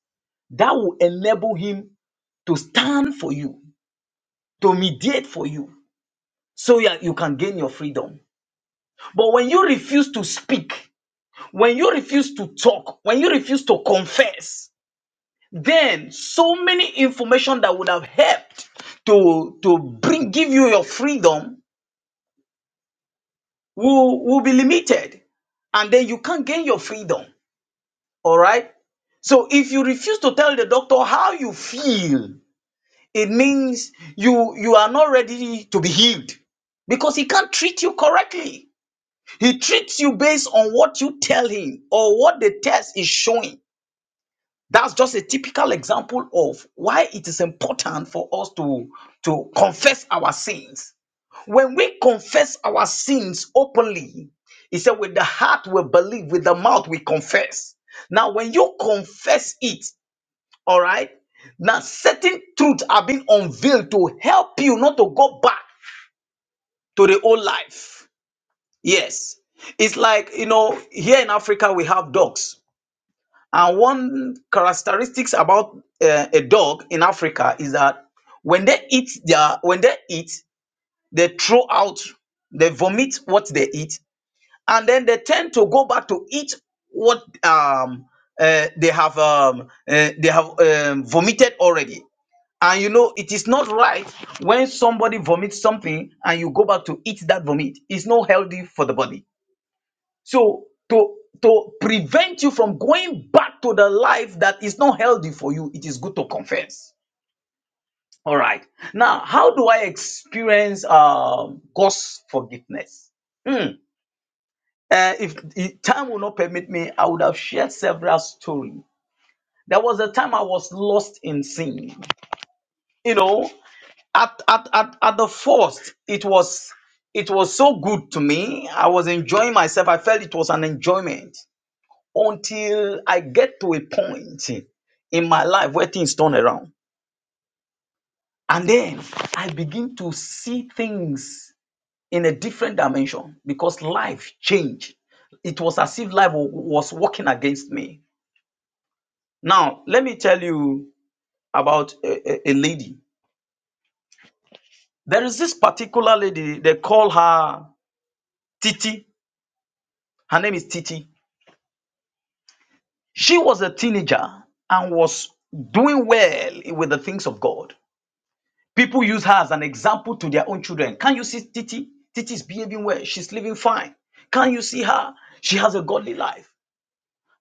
G: that will enable him to stand for you to mediate for you so that you can gain your freedom but when you refuse to speak when you refuse to talk when you refuse to confess then so many information that would have helped to to bring give you your freedom will will be limited and then you can't gain your freedom all right so if you refuse to tell the doctor how you feel it means you you are not ready to be healed because he can't treat you correctly he treats you based on what you tell him or what the test is showing That's just a typical example of why it is important for us to, to confess our sins. When we confess our sins openly, he said, with the heart we believe, with the mouth we confess. Now, when you confess it, all right, now certain truths are being unveiled to help you not to go back to the old life. Yes. It's like, you know, here in Africa, we have dogs. And one characteristics about uh, a dog in Africa is that when they eat their when they eat, they throw out, they vomit what they eat, and then they tend to go back to eat what um uh, they have um uh, they have um, vomited already. And you know it is not right when somebody vomits something and you go back to eat that vomit. It's not healthy for the body. So to to prevent you from going back to the life that is not healthy for you, it is good to confess. All right. Now, how do I experience um, God's forgiveness? Hmm. Uh, if, if time will not permit me, I would have shared several stories. There was a time I was lost in sin. You know, at, at, at, at the first, it was it was so good to me. I was enjoying myself. I felt it was an enjoyment. until I get to a point in my life where things turn around. And then I begin to see things in a different dimension because life changed. It was as if life wa- was working against me. Now, let me tell you about a, a a lady. There is this particular lady, they call her Titi. Her name is Titi. She was a teenager and was doing well with the things of God. People use her as an example to their own children. Can you see Titi? Titi is behaving well. She's living fine. Can you see her? She has a godly life.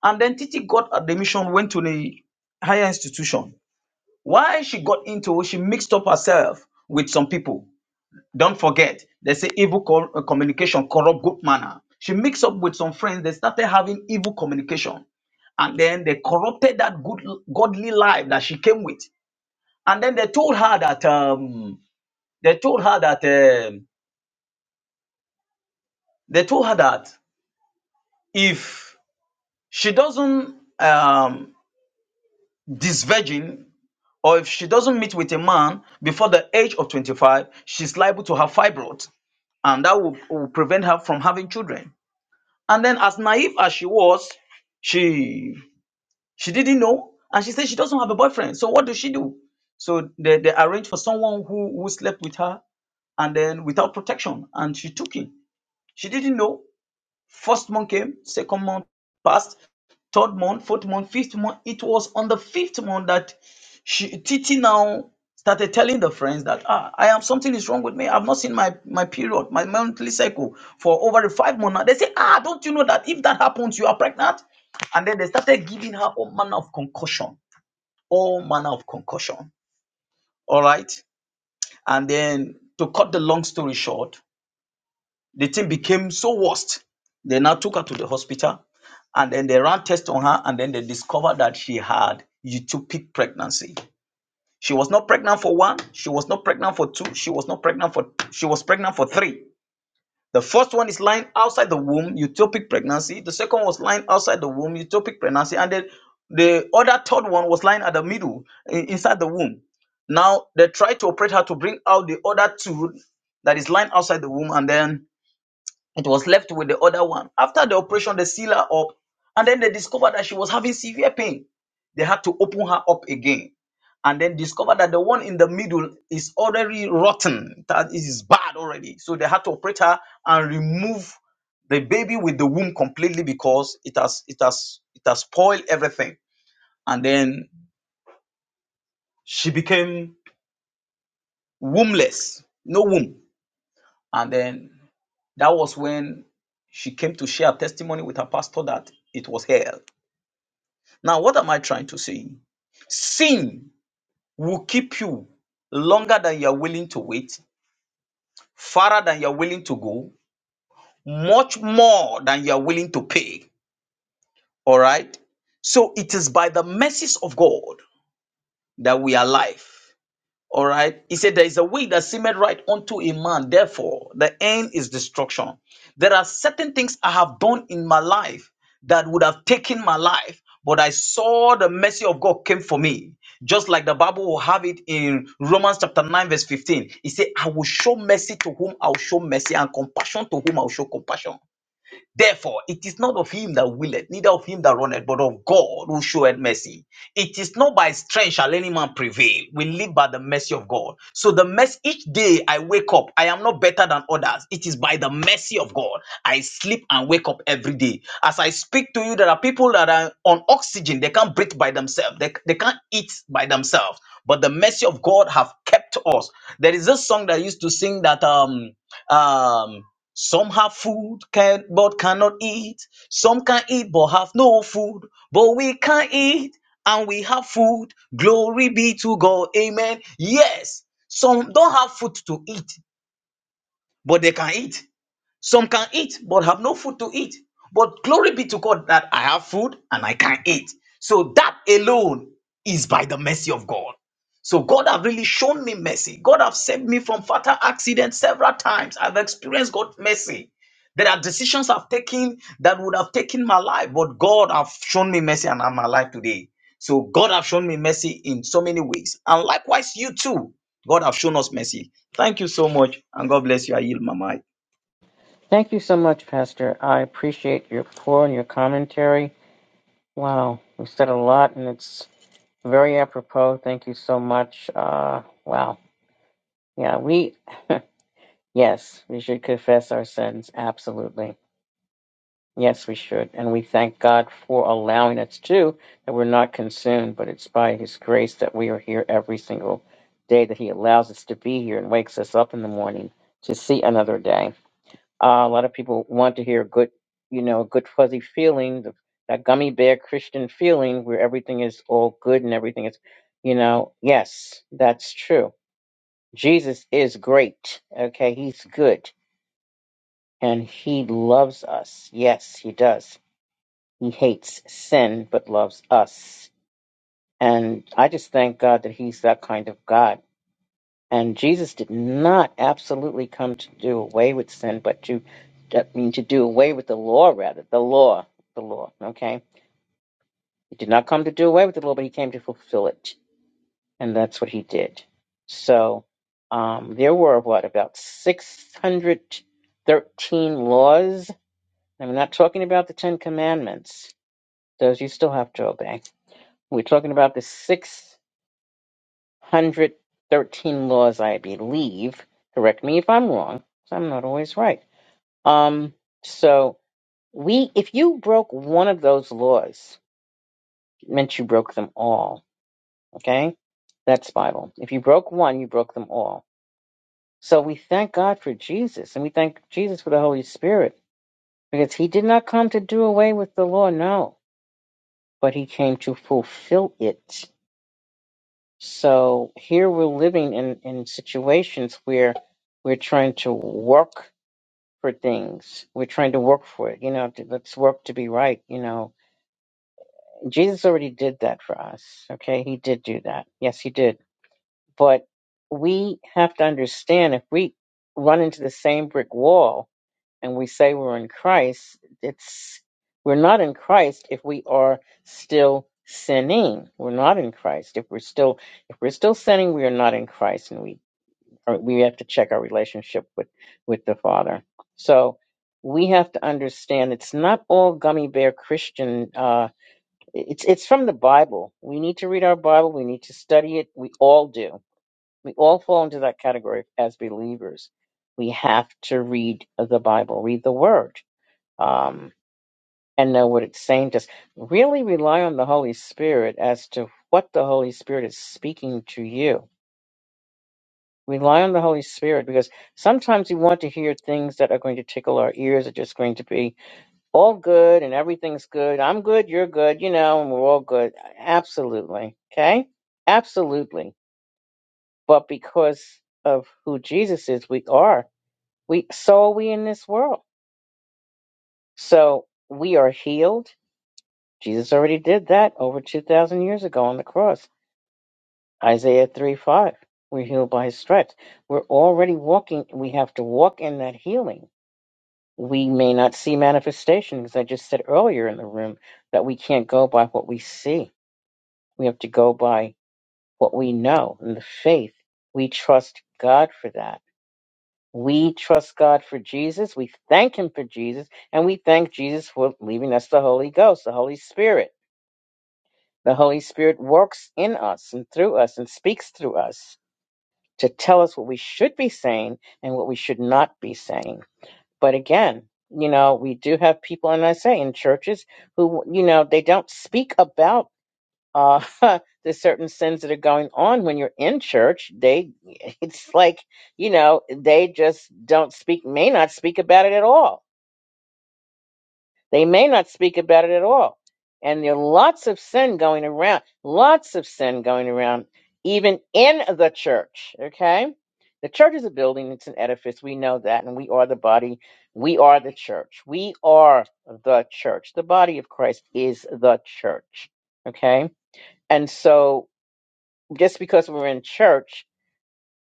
G: And then Titi got admission, went to the higher institution. Why she got into, she mixed up herself with some people. Don't forget, they say evil co- uh, communication corrupt good manner. She mixed up with some friends. They started having evil communication and then they corrupted that good godly life that she came with and then they told her that um, they told her that um they told her that if she doesn't um, disvirgin or if she doesn't meet with a man before the age of 25, she's liable to have fibroid, and that will, will prevent her from having children. And then, as naive as she was, she she didn't know, and she said she doesn't have a boyfriend. So what does she do? So they, they arranged for someone who, who slept with her and then without protection, and she took him. She didn't know. First month came, second month passed, third month, fourth month, fifth month. It was on the fifth month that she Titi now started telling the friends that ah, I am something is wrong with me. I've not seen my my period, my monthly cycle for over five months now. They say, ah, don't you know that if that happens, you are pregnant? And then they started giving her all manner of concussion, all manner of concussion. All right. And then to cut the long story short, the thing became so worst. They now took her to the hospital and then they ran tests on her and then they discovered that she had utopic pregnancy. She was not pregnant for one, she was not pregnant for two, she was not pregnant for she was pregnant for three. The first one is lying outside the womb, utopic pregnancy. The second was lying outside the womb, utopic pregnancy, and then the other third one was lying at the middle i- inside the womb. Now they tried to operate her to bring out the other two that is lying outside the womb, and then it was left with the other one. After the operation, they seal her up, and then they discovered that she was having severe pain. They had to open her up again, and then discovered that the one in the middle is already rotten. That it is bad already. So they had to operate her and remove the baby with the womb completely because it has it has it has spoiled everything. And then she became wombless, no womb. And then that was when she came to share testimony with her pastor that it was hell Now, what am I trying to say? Sin will keep you longer than you are willing to wait, farther than you are willing to go, much more than you are willing to pay. All right? So it is by the mercies of God that we are alive. All right. He said, There is a way that seemeth right unto a man. Therefore, the end is destruction. There are certain things I have done in my life that would have taken my life, but I saw the mercy of God came for me. Just like the Bible will have it in Romans chapter 9, verse 15. He said, I will show mercy to whom I will show mercy, and compassion to whom I will show compassion. Therefore, it is not of him that willeth, neither of him that runneth, but of God who showeth mercy. It is not by strength shall any man prevail. We live by the mercy of God. So the mercy each day I wake up, I am not better than others. It is by the mercy of God. I sleep and wake up every day. As I speak to you, there are people that are on oxygen, they can't breathe by themselves, they, they can't eat by themselves. But the mercy of God have kept us. There is a song that I used to sing that um um, some have food can but cannot eat. Some can eat but have no food. But we can eat and we have food. Glory be to God. Amen. Yes, some don't have food to eat, but they can eat. Some can eat but have no food to eat. But glory be to God that I have food and I can eat. So that alone is by the mercy of God. So God have really shown me mercy. God have saved me from fatal accidents several times. I've experienced God's mercy. There are decisions I've taken that would have taken my life, but God have shown me mercy and I'm alive today. So God have shown me mercy in so many ways. And likewise, you too. God have shown us mercy. Thank you so much and God bless you. I yield my mic.
A: Thank you so much, Pastor. I appreciate your pour and your commentary. Wow, we said a lot, and it's very apropos. Thank you so much. Uh, wow. Yeah, we, yes, we should confess our sins. Absolutely. Yes, we should. And we thank God for allowing us to, that we're not consumed, but it's by His grace that we are here every single day, that He allows us to be here and wakes us up in the morning to see another day. Uh, a lot of people want to hear good, you know, good fuzzy feeling, the, that gummy bear Christian feeling where everything is all good and everything is, you know, yes, that's true. Jesus is great. Okay. He's good and He loves us. Yes, He does he hates sin but loves us. And I just thank God that He's that kind of God. And Jesus did not absolutely come to do away with sin, but to I mean to do away with the law rather. The law. The law. Okay? He did not come to do away with the law, but he came to fulfill it. And that's what he did. So um, there were what, about six hundred thirteen laws. I'm not talking about the Ten Commandments. Those you still have to obey We're talking about the 613 laws, I believe. Correct me if I'm wrong. 'cause I'm not always right. Um, so we, if you broke one of those laws, it meant you broke them all. Okay, that's Bible. If you broke one, you broke them all. So we thank God for Jesus, and we thank Jesus for the Holy Spirit because He did not come to do away with the law, no, but He came to fulfill it. So here we're living in, in situations where we're trying to work for things. We're trying to work for it. You know, to- let's work to be right. You know, Jesus already did that for us. Okay. He did do that. Yes, he did. But we have to understand if we run into the same brick wall and we say we're in Christ, it's, we're not in Christ if we are still sinning. We're not in Christ if we're still if we're still sinning, we are not in Christ, and we or we have to check our relationship with with the father so we have to understand it's not all gummy bear christian uh it's it's from the bible we need to read our bible we need to study it we all do we all fall into that category as believers we have to read the bible read the word um and know what it's saying to us really rely on the holy spirit as to what the holy spirit is speaking to you Rely on the Holy Spirit because sometimes we want to hear things that are going to tickle our ears, are just going to be all good and everything's good. I'm good, you're good, you know, and we're all good. Absolutely. Okay? Absolutely. But because of who Jesus is, we are. We so are we in this world. So we are healed. Jesus already did that over two thousand years ago on the cross. Isaiah three five. We're healed by his stripes. We're already walking. We have to walk in that healing we may not see manifestation because I just said earlier in the room that we can't go by what we see. We have to go by what we know and the faith. We trust God for that. We trust God for Jesus. We thank Him for Jesus. And we thank Jesus for leaving us the Holy Ghost, the Holy Spirit. The Holy Spirit works in us and through us and speaks through us to tell us what we should be saying and what we should not be saying. But again, you know, we do have people, and I say in churches who, you know, they don't speak about uh, the certain sins that are going on when you're in church. They, it's like, you know, they just don't speak, may not speak about it at all they may not speak about it at all. And there are lots of sin going around, lots of sin going around, even in the church. Okay? The church is a building, it's an edifice. We know that. And we are the body. We are the church. We are the church. The body of Christ is the church. Okay? And so just because we're in church,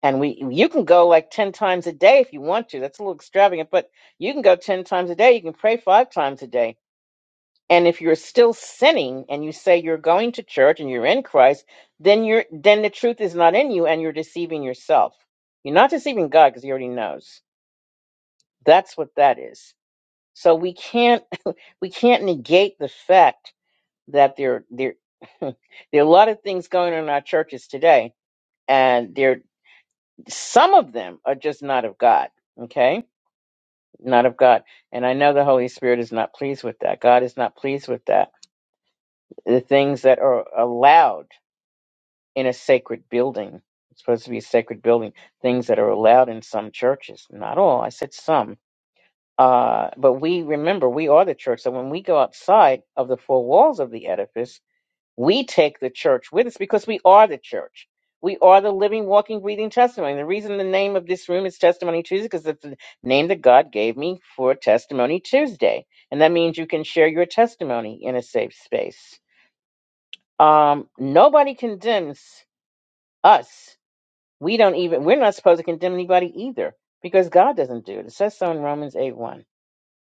A: and we you can go like 10 times a day if you want to. That's a little extravagant, but you can go 10 times a day. You can pray five times a day and if you're still sinning and you say you're going to church and you're in Christ, then you're then the truth is not in you and you're deceiving yourself. You're not deceiving God because he already knows. That's what that is. So we can't we can't negate the fact that there there there are a lot of things going on in our churches today and there some of them are just not of God, okay? Not of God. And I know the Holy Spirit is not pleased with that. God is not pleased with that. The things that are allowed in a sacred building. It's supposed to be a sacred building. Things that are allowed in some churches, not all. I said some. Uh, but we remember we are the church. So when we go outside of the four walls of the edifice, we take the church with us because we are the church. We are the living, walking, breathing testimony. The reason the name of this room is Testimony Tuesday because it's the name that God gave me for Testimony Tuesday, and that means you can share your testimony in a safe space. Um, nobody condemns us we don't even, we're not supposed to condemn anybody either because God doesn't do it. It says so in Romans 8 1.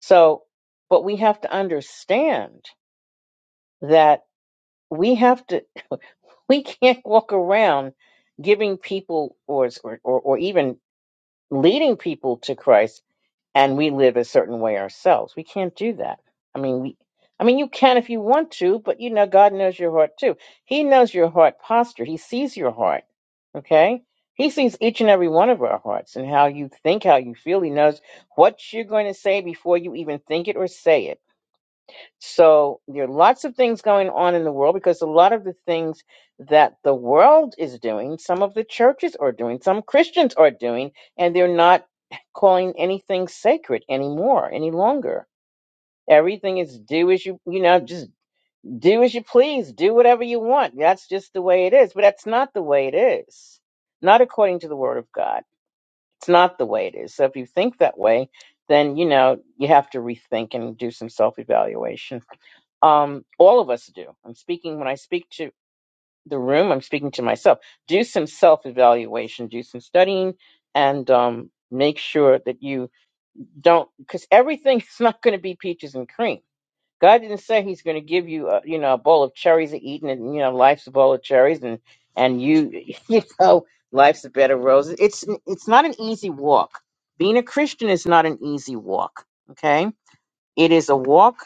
A: So, but we have to understand that we have to, we can't walk around giving people or, or, or even leading people to Christ and we live a certain way ourselves. We can't do that. I mean, we, I mean, you can if you want to, but you know, God knows your heart too. He knows your heart posture. He sees your heart. Okay. He sees each and every one of our hearts and how you think, how you feel. He knows what you're going to say before you even think it or say it. So there are lots of things going on in the world because a lot of the things that the world is doing, some of the churches are doing, some Christians are doing, and they're not calling anything sacred anymore, any longer. Everything is do as you, you know, just do as you please, do whatever you want. That's just the way it is. But that's not the way it is. Not according to the word of God. It's not the way it is. So if you think that way, then, you know, you have to rethink and do some self evaluation um, all of us do. I'm speaking when I speak to the room. I'm speaking to myself. Do some self evaluation. Do some studying, and um, make sure that you don't, because everything is not going to be peaches and cream. God didn't say He's going to give you, a, you know, a bowl of cherries to eat, and you know, life's a bowl of cherries, and and you, you know, life's a bed of roses. It's it's not an easy walk. Being a Christian is not an easy walk. Okay, it is a walk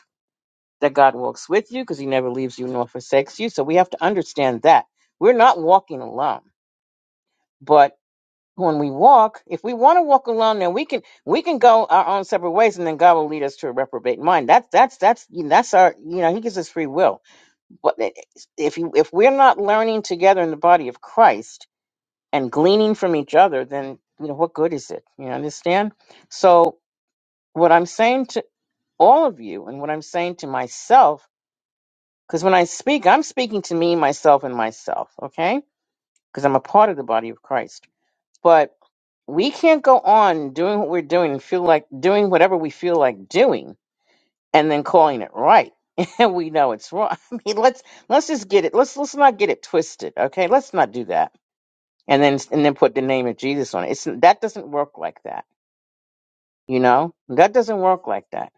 A: that God walks with you because he never leaves you nor forsakes you. So we have to understand that. We're not walking alone. But when we walk, if we want to walk alone, then we can we can go our own separate ways and then God will lead us to a reprobate mind. That's that's that's you know, that's our you know, he gives us free will. But if you if we're not learning together in the body of Christ and gleaning from each other, then you know what good is it? You understand? So what I'm saying to all of you and what I'm saying to myself Because when I speak, I'm speaking to me, myself, and myself, okay? Because I'm a part of the body of Christ. But we can't go on doing what we're doing and feel like doing whatever we feel like doing and then calling it right. And we know it's wrong. I mean, let's let's just get it. Let's let's not get it twisted, okay? Let's not do that. And then and then put the name of Jesus on it. It's that doesn't work like that. You know? That doesn't work like that.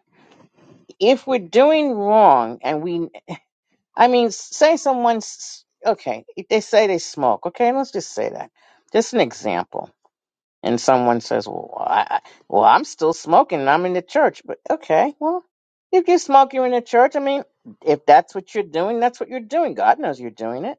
A: If we're doing wrong and we I mean, s- say someone's okay. If they say they smoke, okay, let's just say that. Just an example. And someone says, "Well, I, I- well, I'm still smoking. and I'm in the church." But okay, well, if you smoke, you're in the church. I mean, if that's what you're doing, that's what you're doing. God knows you're doing it.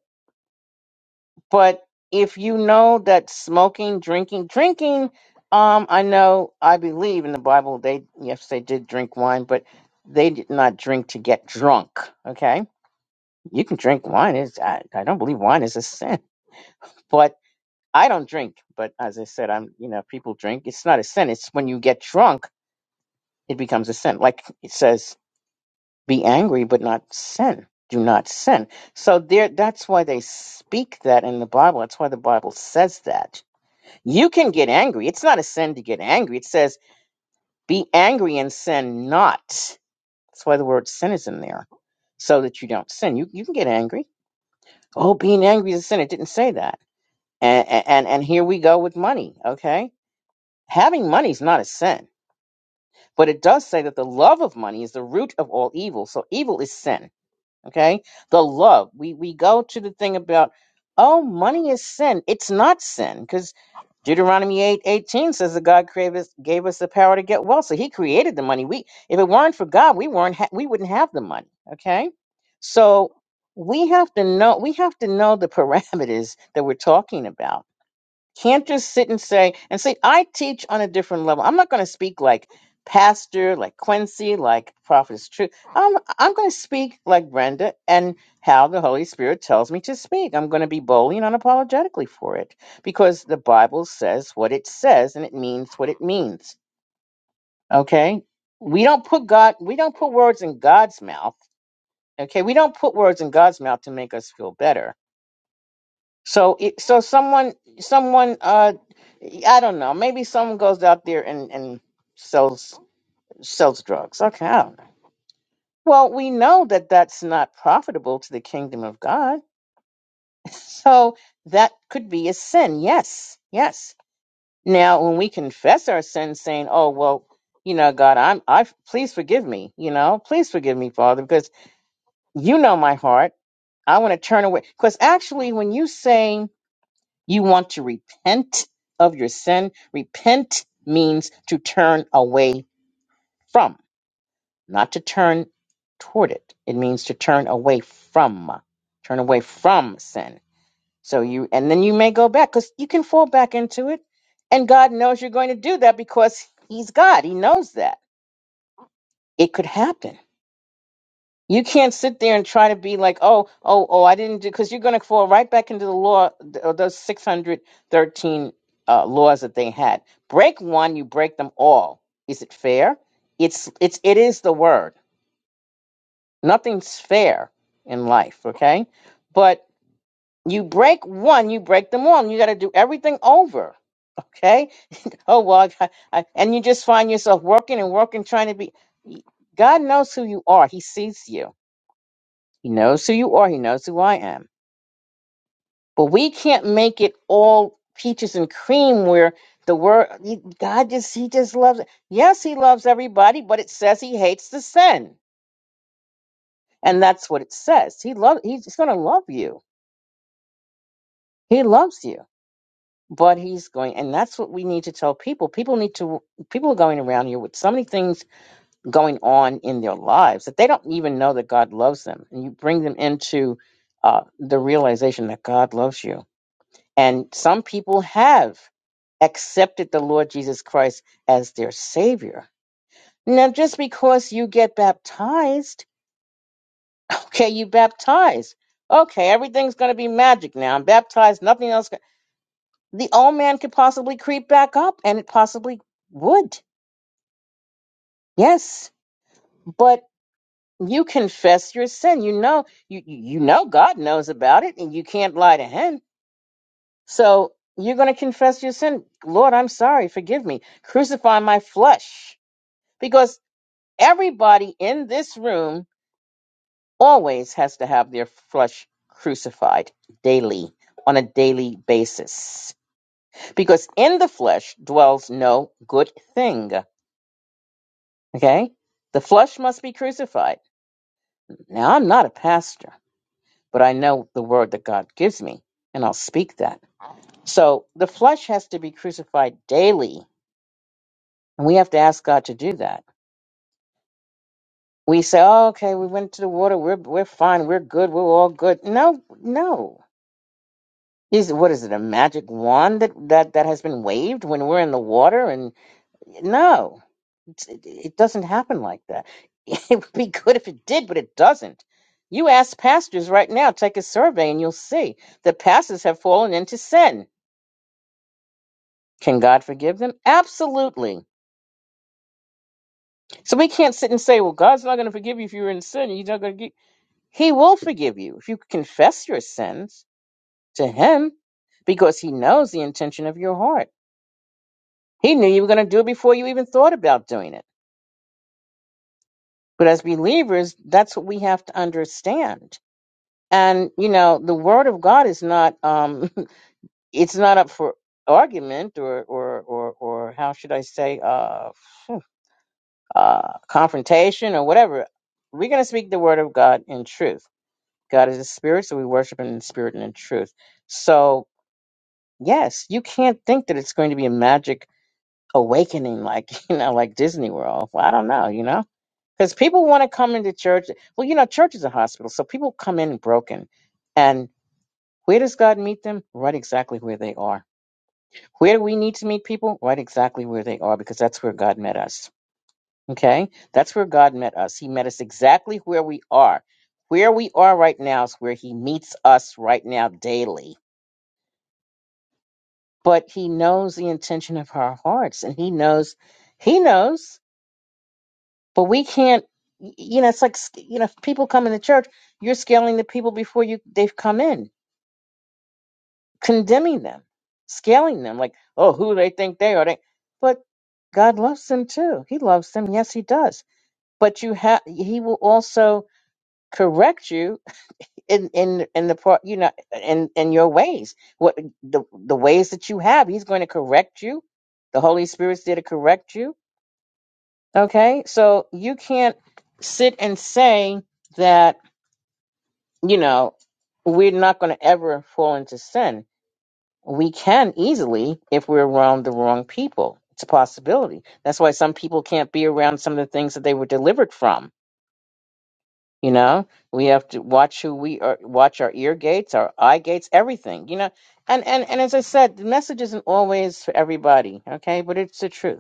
A: But if you know that smoking, drinking, drinking, um, I know, I believe in the Bible. They yes, they did drink wine, but they did not drink to get drunk. Okay you can drink wine. It's, I, I don't believe wine is a sin, but I don't drink. But as I said, I'm, you know, if people drink. It's not a sin. It's when you get drunk, it becomes a sin. Like it says, be angry, but not sin. Do not sin. So there, that's why they speak that in the Bible. That's why the Bible says that. You can get angry. It's not a sin to get angry. It says, be angry and sin not. That's why the word sin is in there, so that you don't sin. You, you can get angry. Oh, being angry is a sin. It didn't say that and and and here we go with money okay having money is not a sin but it does say that the love of money is the root of all evil so evil is sin okay the love we we go to the thing about oh money is sin it's not sin because Deuteronomy eight eighteen says that God gave us, gave us the power to get wealth. So he created the money. We if it weren't for God, we weren't ha- we wouldn't have the money. Okay? So we have to know we have to know the parameters that we're talking about can't just sit and say, and see, I teach on a different level. I'm not going to speak like Pastor, like Quincy, like Prophet's Truth. I'm, I'm going to speak like Brenda and how the Holy Spirit tells me to speak. I'm going to be boldly and unapologetically for it because the Bible says what it says and it means what it means. Okay? We don't put God, we don't put words in God's mouth. Okay? We don't put words in God's mouth to make us feel better so, it, so someone, someone, uh, I don't know. Maybe someone goes out there and and sells sells drugs. Okay, I don't know. Well, we know that that's not profitable to the kingdom of God. So that could be a sin. Yes, yes. Now, when we confess our sins, saying, "Oh, well, you know, God, I'm, I please forgive me. You know, please forgive me, Father, because you know my heart. I want to turn away." Because actually, when you say You want to repent of your sin. Repent means to turn away from, not to turn toward it. It means to turn away from, turn away from sin. So you, and then you may go back because you can fall back into it. And God knows you're going to do that because He's God. He knows that it could happen. You can't sit there and try to be like, oh, oh, oh, I didn't do, because you're going to fall right back into the law, th- or those 613 uh, laws that they had. Break one, you break them all. Is it fair? It's, it's, it is the word. Nothing's fair in life, okay? But you break one, you break them all, and you got to do everything over, okay? Oh, well, I, I, and you just find yourself working and working, trying to be. God knows who you are, He sees you He knows who you are. He knows who I am. But we can't make it all peaches and cream where the word God just he just loves it. Yes, he loves everybody, but it says he hates the sin. And that's what it says. He love he's gonna love you. He loves you. But he's going and that's what we need to tell people. People need to people are going around here with so many things going on in their lives that they don't even know that God loves them. And you bring them into uh, the realization that God loves you And some people have accepted the Lord Jesus Christ as their Savior. Now, just because you get baptized, okay, you baptized. Okay, everything's going to be magic now. I'm baptized, nothing else. The old man could possibly creep back up, and it possibly would. Yes, but you confess your sin. You know, you you know God knows about it, and you can't lie to Him. So you're going to confess your sin. Lord, I'm sorry. Forgive me. Crucify my flesh because everybody in this room always has to have their flesh crucified daily on a daily basis because in the flesh dwells no good thing okay the flesh must be crucified now i'm not a pastor but i know the word that god gives me and i'll speak that so the flesh has to be crucified daily and we have to ask god to do that we say oh, okay we went to the water we're, we're fine we're good we're all good no no Is what is it? A magic wand that that that has been waved when we're in the water? And no, it's- it, it doesn't happen like that. It would be good if it did, but it doesn't. You ask pastors right now, take a survey, and you'll see that pastors have fallen into sin. Can God forgive them? Absolutely. So we can't sit and say, "Well, God's not going to forgive you if you're in sin. He's not going to." He will forgive you if you confess your sins to Him, because He knows the intention of your heart. He knew you were going to do it before you even thought about doing it. But as believers, that's what we have to understand. And you know, the word of God is not um it's not up for argument or or or or how should I say uh uh confrontation or whatever. We're going to speak the word of God in truth. God is a spirit, so we worship him in spirit and in truth. So, yes, you can't think that it's going to be a magic awakening like, you know, like Disney World. Well, I don't know, you know Because people want to come into church. Well, you know, church is a hospital, so people come in broken. And where does God meet them? Right exactly where they are. Where do we need to meet people? Right exactly where they are, because that's where God met us. Okay? That's where God met us. He met us exactly where we are. Where we are right now is where He meets us right now daily. But He knows the intention of our hearts, and He knows, He knows. But we can't, you know, it's like, you know, if people come into church, you're scaling the people before you they've come in, condemning them, scaling them, like, oh, who they think they are. They, but God loves them too. He loves them. Yes, He does. But you have, He will also correct you in in in the part, you know, in in your ways. What the the ways that you have, He's going to correct you. The Holy Spirit's there to correct you. Okay, so you can't sit and say that you know, we're not going to ever fall into sin. We can easily if we're around the wrong people. It's a possibility. That's why some people can't be around some of the things that they were delivered from. You know, we have to watch who we are, watch our ear gates, our eye gates, everything. You know, and and and as I said, the message isn't always for everybody. Okay, but it's the truth.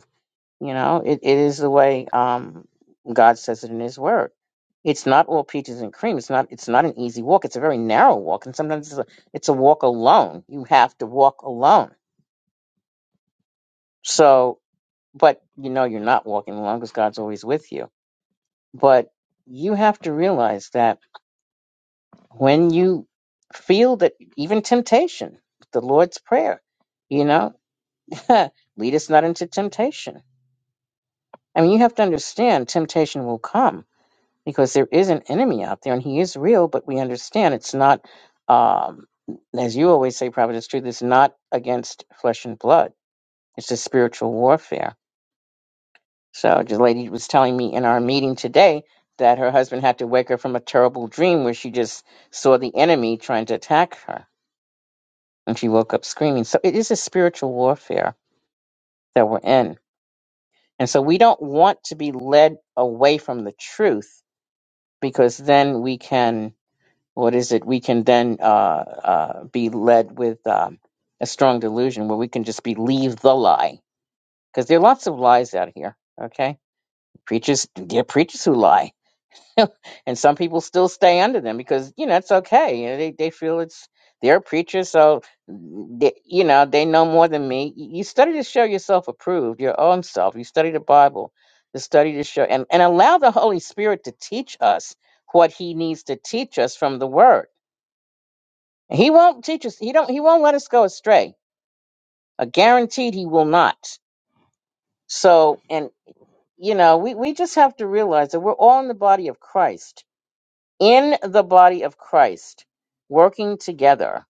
A: You know, it, it is the way um, God says it in His Word. It's not all peaches and cream. It's not. It's not an easy walk. It's a very narrow walk, and sometimes it's a, it's a walk alone. You have to walk alone. So, but you know you're not walking alone because God's always with you. But you have to realize that when you feel that even temptation, the Lord's prayer, you know, lead us not into temptation. I mean, you have to understand temptation will come because there is an enemy out there and he is real, but we understand it's not, um, as you always say, Providence Truth, it's not against flesh and blood. It's a spiritual warfare. So the lady was telling me in our meeting today that her husband had to wake her from a terrible dream where she just saw the enemy trying to attack her and she woke up screaming. So it is a spiritual warfare that we're in. And so we don't want to be led away from the truth because then we can what is it? We can then uh, uh, be led with um, a strong delusion where we can just believe the lie because there are lots of lies out here. Okay, preachers, there are preachers who lie, and some people still stay under them because you know it's okay. You know, they they feel it's they're preachers, so mm, they, you know they know more than me. Y- You study to show yourself approved, your own self. You study the Bible, to study to show, and and allow the Holy Spirit to teach us what He needs to teach us from the Word He won't teach us. He don't. He won't let us go astray. A guaranteed he will not. So, and you know, we we just have to realize that we're all in the body of Christ, in the body of Christ, working together.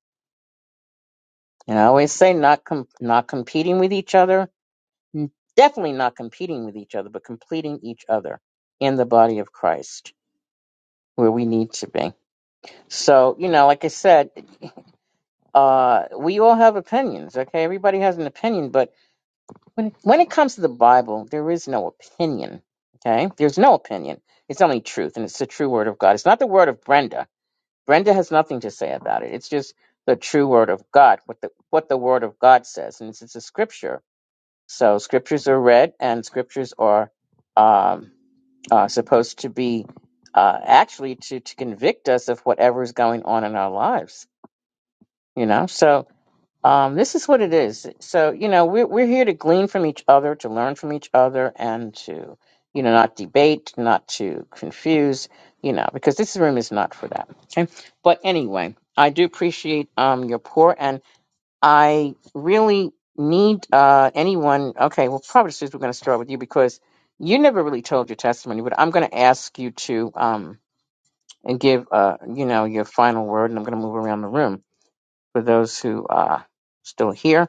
A: And I always say, not com- not competing with each other. n- Definitely not competing with each other, but completing each other in the body of Christ, where we need to be. So, you know, like I said, uh, we all have opinions. Okay, everybody has an opinion, but When when it comes to the Bible, there is no opinion. Okay? There's no opinion. It's only truth, and it's the true word of God. It's not the word of Brenda. Brenda has nothing to say about it. It's just the true word of God, what the what the word of God says, and it's, it's a scripture. So scriptures are read, and scriptures are um, uh, supposed to be uh, actually to to convict us of whatever is going on in our lives. You know, so um, this is what it is. So, you know, we're, we're here to glean from each other, to learn from each other, and to, you know, not debate, not to confuse, you know, because this room is not for that. Okay. But anyway, I do appreciate um, your pour, and I really need uh, anyone. Okay. Well, probably since we're going to start with you because you never really told your testimony, but I'm going to ask you to um, and give, uh, you know, your final word, and I'm going to move around the room for those who uh, still here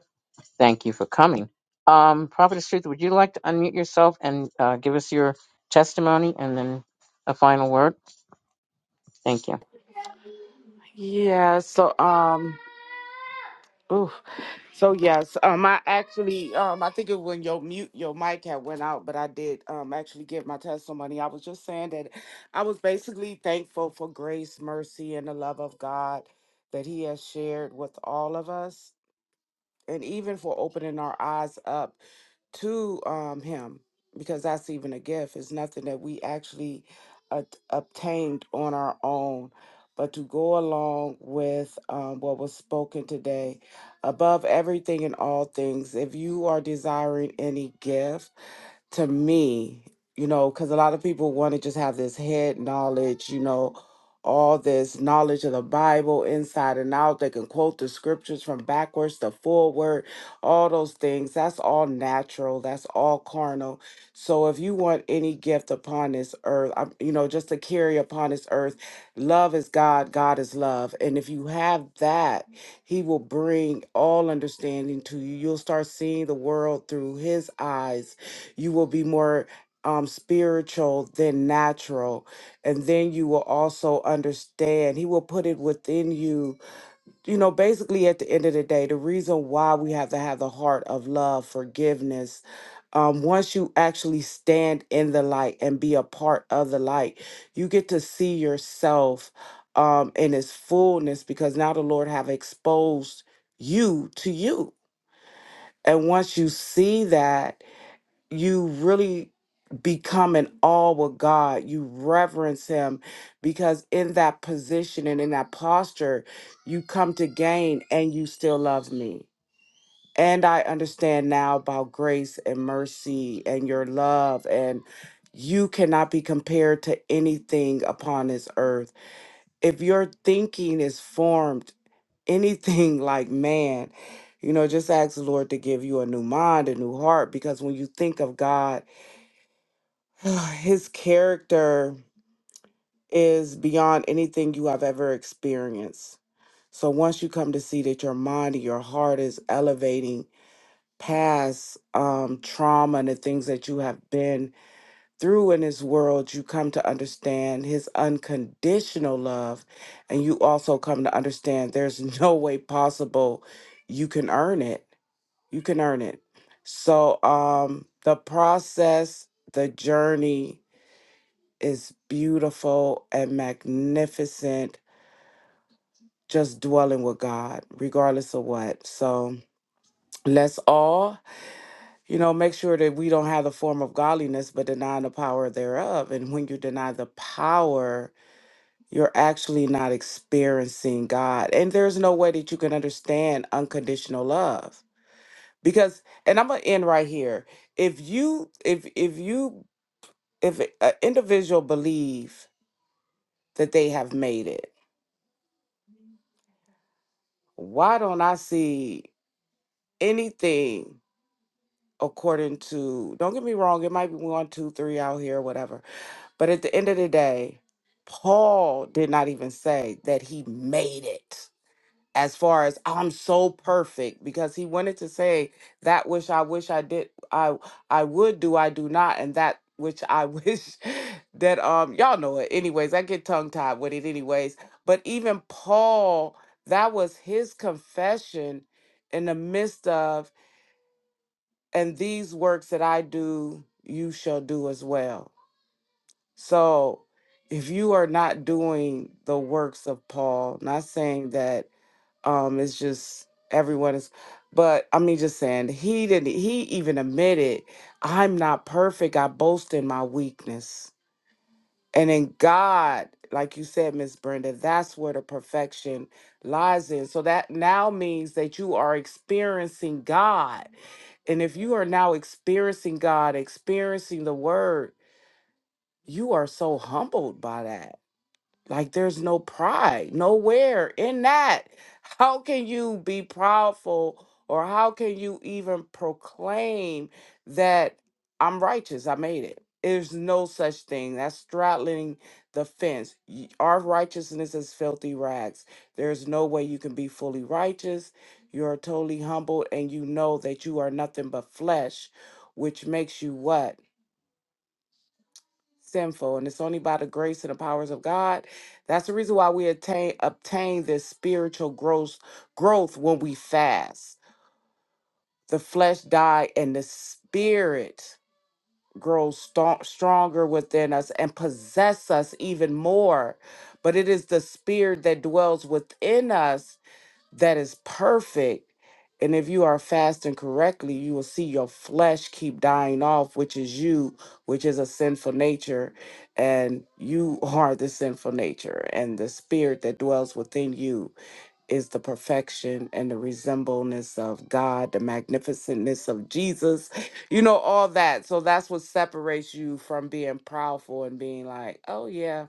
A: Thank you for coming. Um, Prophetess Truth, would you like to unmute yourself and uh, give us your testimony and then a final word? Thank you.
B: Yeah, so um oof. so yes, um I actually um I think it when your mute your mic had went out, but I did um actually give my testimony. I was just saying that I was basically thankful for grace, mercy, and the love of God that He has shared with all of us and even for opening our eyes up to um, him because that's even a gift. It's nothing that we actually ob- obtained on our own, but to go along with um, what was spoken today. Above everything and all things, if you are desiring any gift, to me, you know, because a lot of people want to just have this head knowledge, you know, all this knowledge of the Bible inside and out. They can quote the scriptures from backwards to forward, all those things. That's all natural, that's all carnal. So if you want any gift upon this earth, um, you know, just to carry upon this earth, love is God, God is love. And if you have that, He will bring all understanding to you. You'll start seeing the world through His eyes you will be more um, spiritual than natural. And then you will also understand. He will put it within you. You know, basically, at the end of the day, the reason why we have to have the heart of love, forgiveness, um, once you actually stand in the light and be a part of the light, you get to see yourself um, in its fullness because now the Lord have exposed you to you. And once you see that, you really become in awe with God. You reverence Him because in that position and in that posture, you come to gain and you still love me. And I understand now about grace and mercy and your love, and you cannot be compared to anything upon this earth. If your thinking is formed anything like man, you know, just ask the Lord to give you a new mind, a new heart, because when you think of God, His character is beyond anything you have ever experienced. So once you come to see that your mind and your heart is elevating past um, trauma and the things that you have been through in this world, you come to understand his unconditional love. And you also come to understand there's no way possible you can earn it. You can earn it. So um, the process, the journey, is beautiful and magnificent just dwelling with God, regardless of what. So let's all, you know, make sure that we don't have the form of godliness, but denying the power thereof. And when you deny the power, you're actually not experiencing God. And there's no way that you can understand unconditional love. Because and I'm going to end right here. If you if if you if an individual believe that they have made it why don't I see anything according to, don't get me wrong, it might be one, two, three out here, whatever. But at the end of the day, Paul did not even say that he made it as far as I'm so perfect because he wanted to say that which I wish I did I I would do I do not and that which I wish that um y'all know it anyways I get tongue tied with it anyways but even Paul that was his confession in the midst of and these works that I do you shall do as well so if you are not doing the works of Paul not saying that um it's just everyone is but i mean just saying he didn't he even admitted i'm not perfect i boast in my weakness and in god like you said miss brenda that's where the perfection lies in so that now means that you are experiencing god and if you are now experiencing god experiencing the word you are so humbled by that like there's no pride nowhere in that. How can you be proudful or how can you even proclaim that I'm righteous? I made it. There's no such thing. That's straddling the fence. Y- Our righteousness is filthy rags. There's no way you can be fully righteous. You're totally humbled, and you know that you are nothing but flesh, which makes you what? sinful, and it's only by the grace and the powers of God. That's the reason why we attain obtain this spiritual growth growth when we fast. The flesh die, and the spirit grows sto- stronger within us and possess us even more. But it is the spirit that dwells within us that is perfect. And if you are fasting correctly, you will see your flesh keep dying off, which is you, which is a sinful nature. And you are the sinful nature. And the spirit that dwells within you is the perfection and the resemblance of God, the magnificentness of Jesus, you know, all that. So that's what separates you from being proudful and being like, oh, yeah.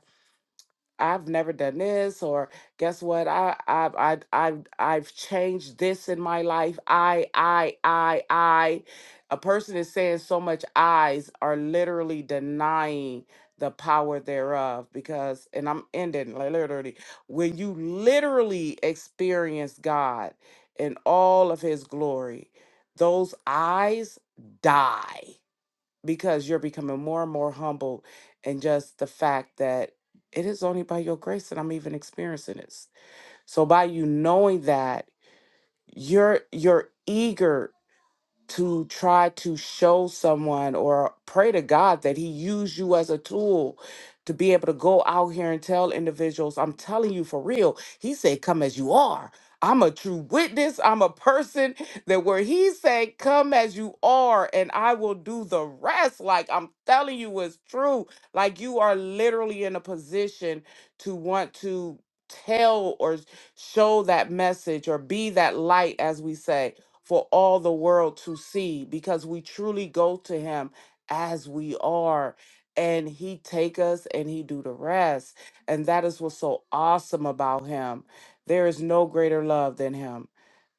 B: I've never done this or guess what I I've I I've I've changed this in my life. I I I I a person is saying so much I's are literally denying the power thereof because and I'm ending like literally when you literally experience God in all of his glory, those eyes die because you're becoming more and more humble and just the fact that it is only by your grace that I'm even experiencing this. So by you knowing that, you're you're eager to try to show someone or pray to God that He use you as a tool to be able to go out here and tell individuals, I'm telling you for real. He said, Come as you are. I'm a true witness. I'm a person that where he said, Come as you are, and I will do the rest. Like I'm telling you, it's true. Like you are literally in a position to want to tell or show that message or be that light, as we say for all the world to see because we truly go to him as we are and he take us and he do the rest and that is what's so awesome about him there is no greater love than him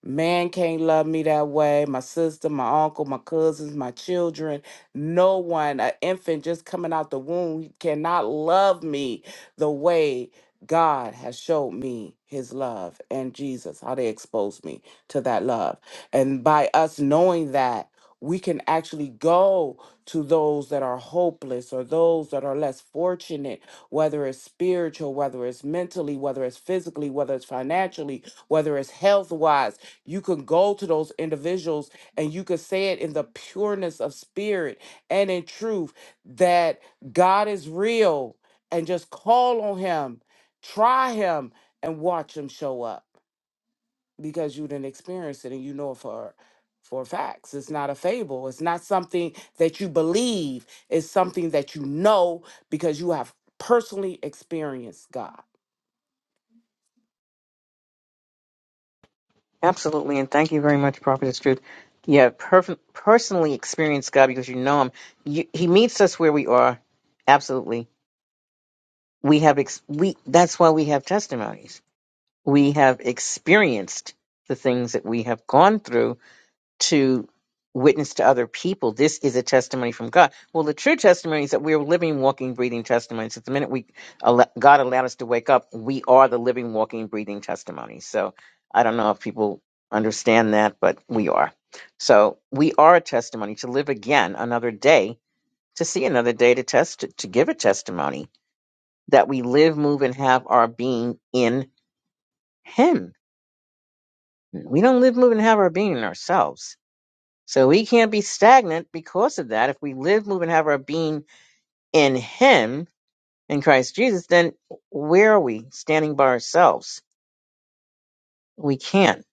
B: Man can't love me that way. My sister, my uncle, my cousins, my children, no one, an infant just coming out the womb, he cannot love me the way God has showed me his love and Jesus, how they exposed me to that love. And by us knowing that, we can actually go to those that are hopeless or those that are less fortunate, whether it's spiritual, whether it's mentally, whether it's physically, whether it's financially, whether it's health wise you can go to those individuals and you can say it in the pureness of spirit and in truth that God is real and just call on him, try him and watch him show up because you didn't experience it and you know it for for facts. It's not a fable. It's not something that you believe. It's something that you know because you have personally experienced God.
A: Absolutely, and thank you very much, Prophetess Truth. Yeah, perf- personally experienced God because you know Him. You, he meets us where we are. Absolutely, we have ex- we. That's why we have testimonies. We have experienced the things that we have gone through to witness to other people. This is a testimony from God. Well, the true testimony is that we're living, walking, breathing testimonies. At the minute we al- God allowed us to wake up, we are the living, walking, breathing testimony. So I don't know if people understand that, but we are. So we are a testimony to live again another day, to see another day, to test, to give a testimony that we live, move, and have our being in Him. We don't live, move, and have our being in ourselves. So we can't be stagnant because of that. If we live, move, and have our being in Him, in Christ Jesus, then where are we standing by ourselves? We can't.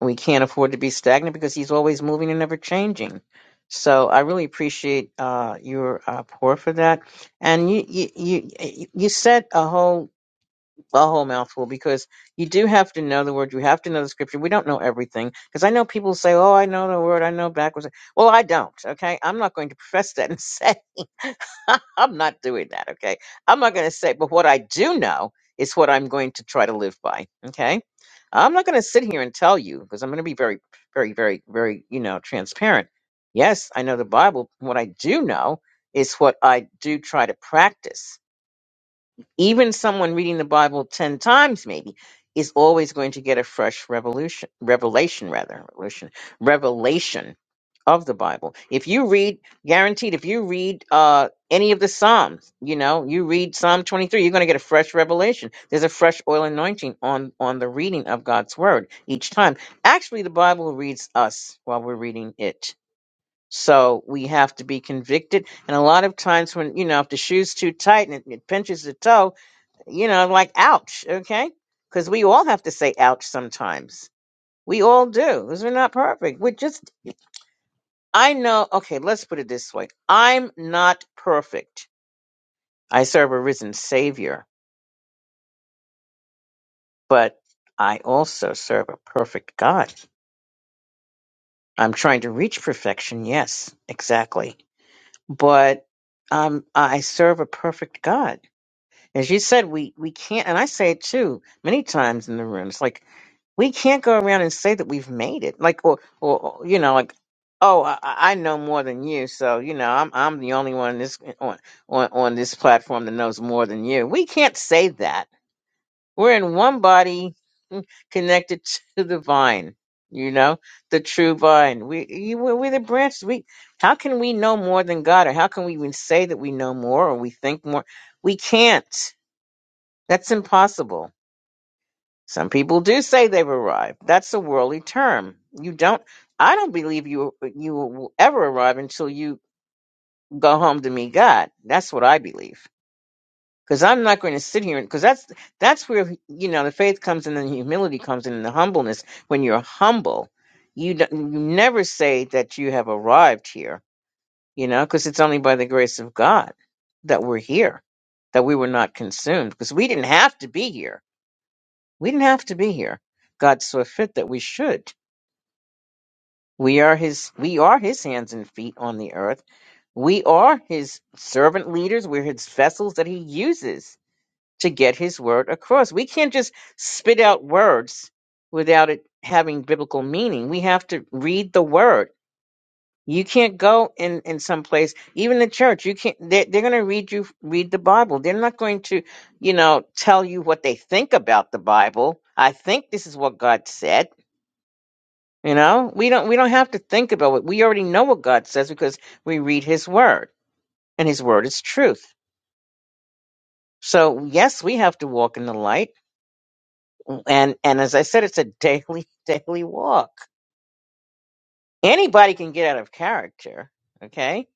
A: We can't afford to be stagnant because He's always moving and never changing. So I really appreciate uh, your uh, pour for that. And you, you, you, you said a whole a whole mouthful because you do have to know the word. You have to know the scripture. We don't know everything because I know people say, "Oh, I know the word. I know backwards." Well, I don't. Okay, I'm not going to profess that and say I'm not doing that. Okay, I'm not going to say. But what I do know is what I'm going to try to live by. Okay, I'm not going to sit here and tell you because I'm going to be very, very, very, very, you know, transparent. Yes, I know the Bible. What I do know is what I do try to practice even someone reading the Bible 10 times maybe is always going to get a fresh revolution revelation rather revolution revelation of the Bible. If you read guaranteed if you read uh any of the Psalms, you know, you read Psalm 23, you're going to get a fresh revelation. There's a fresh oil anointing on on the reading of God's word each time. Actually, the Bible reads us while we're reading it. So we have to be convicted. And a lot of times when, you know, if the shoe's too tight and it, it pinches the toe, you know, like ouch, okay? Because we all have to say ouch sometimes. We all do. because 'cause we're not perfect. We're just, I know, okay, let's put it this way I'm not perfect. I serve a risen Savior, but I also serve a perfect God. I'm trying to reach perfection, yes, exactly. But um, I serve a perfect God. As you said, we, we can't, and I say it too many times in the room. It's like, we can't go around and say that we've made it like or or or, you know like oh i, I I know more than you so you know i'm i'm the only one this on, on on this platform that knows more than you we can't say that we're in one body mm, connected to the vine you know the true vine we you, we're, we're the branches we how can we know more than god or how can we even say that we know more or we think more we can't that's impossible some people do say they've arrived. That's a worldly term. You don't. I don't believe you you will ever arrive until you go home to meet God. That's what I believe. Because I'm not going to sit here because that's that's where you know the faith comes in and the humility comes in and the humbleness. When you're humble, you don't, you never say that you have arrived here. You know, because it's only by the grace of God that we're here, that we were not consumed, because we didn't have to be here we didn't have to be here. God saw fit that we should. We are his we are his hands and feet on the earth. We are his servant leaders. We're his vessels that he uses to get his word across. We can't just spit out words without it having biblical meaning. We have to read the word. You can't go in, in some place, even the church, you can't they they're gonna read you read the Bible. They're not going to, you know, tell you what they think about the Bible. I think this is what God said You know, we don't we don't have to think about it. We already know what God says because we read His Word, and His Word is truth. So yes, we have to walk in the light, and and as I said, it's a daily daily walk. Anybody can get out of character. Okay,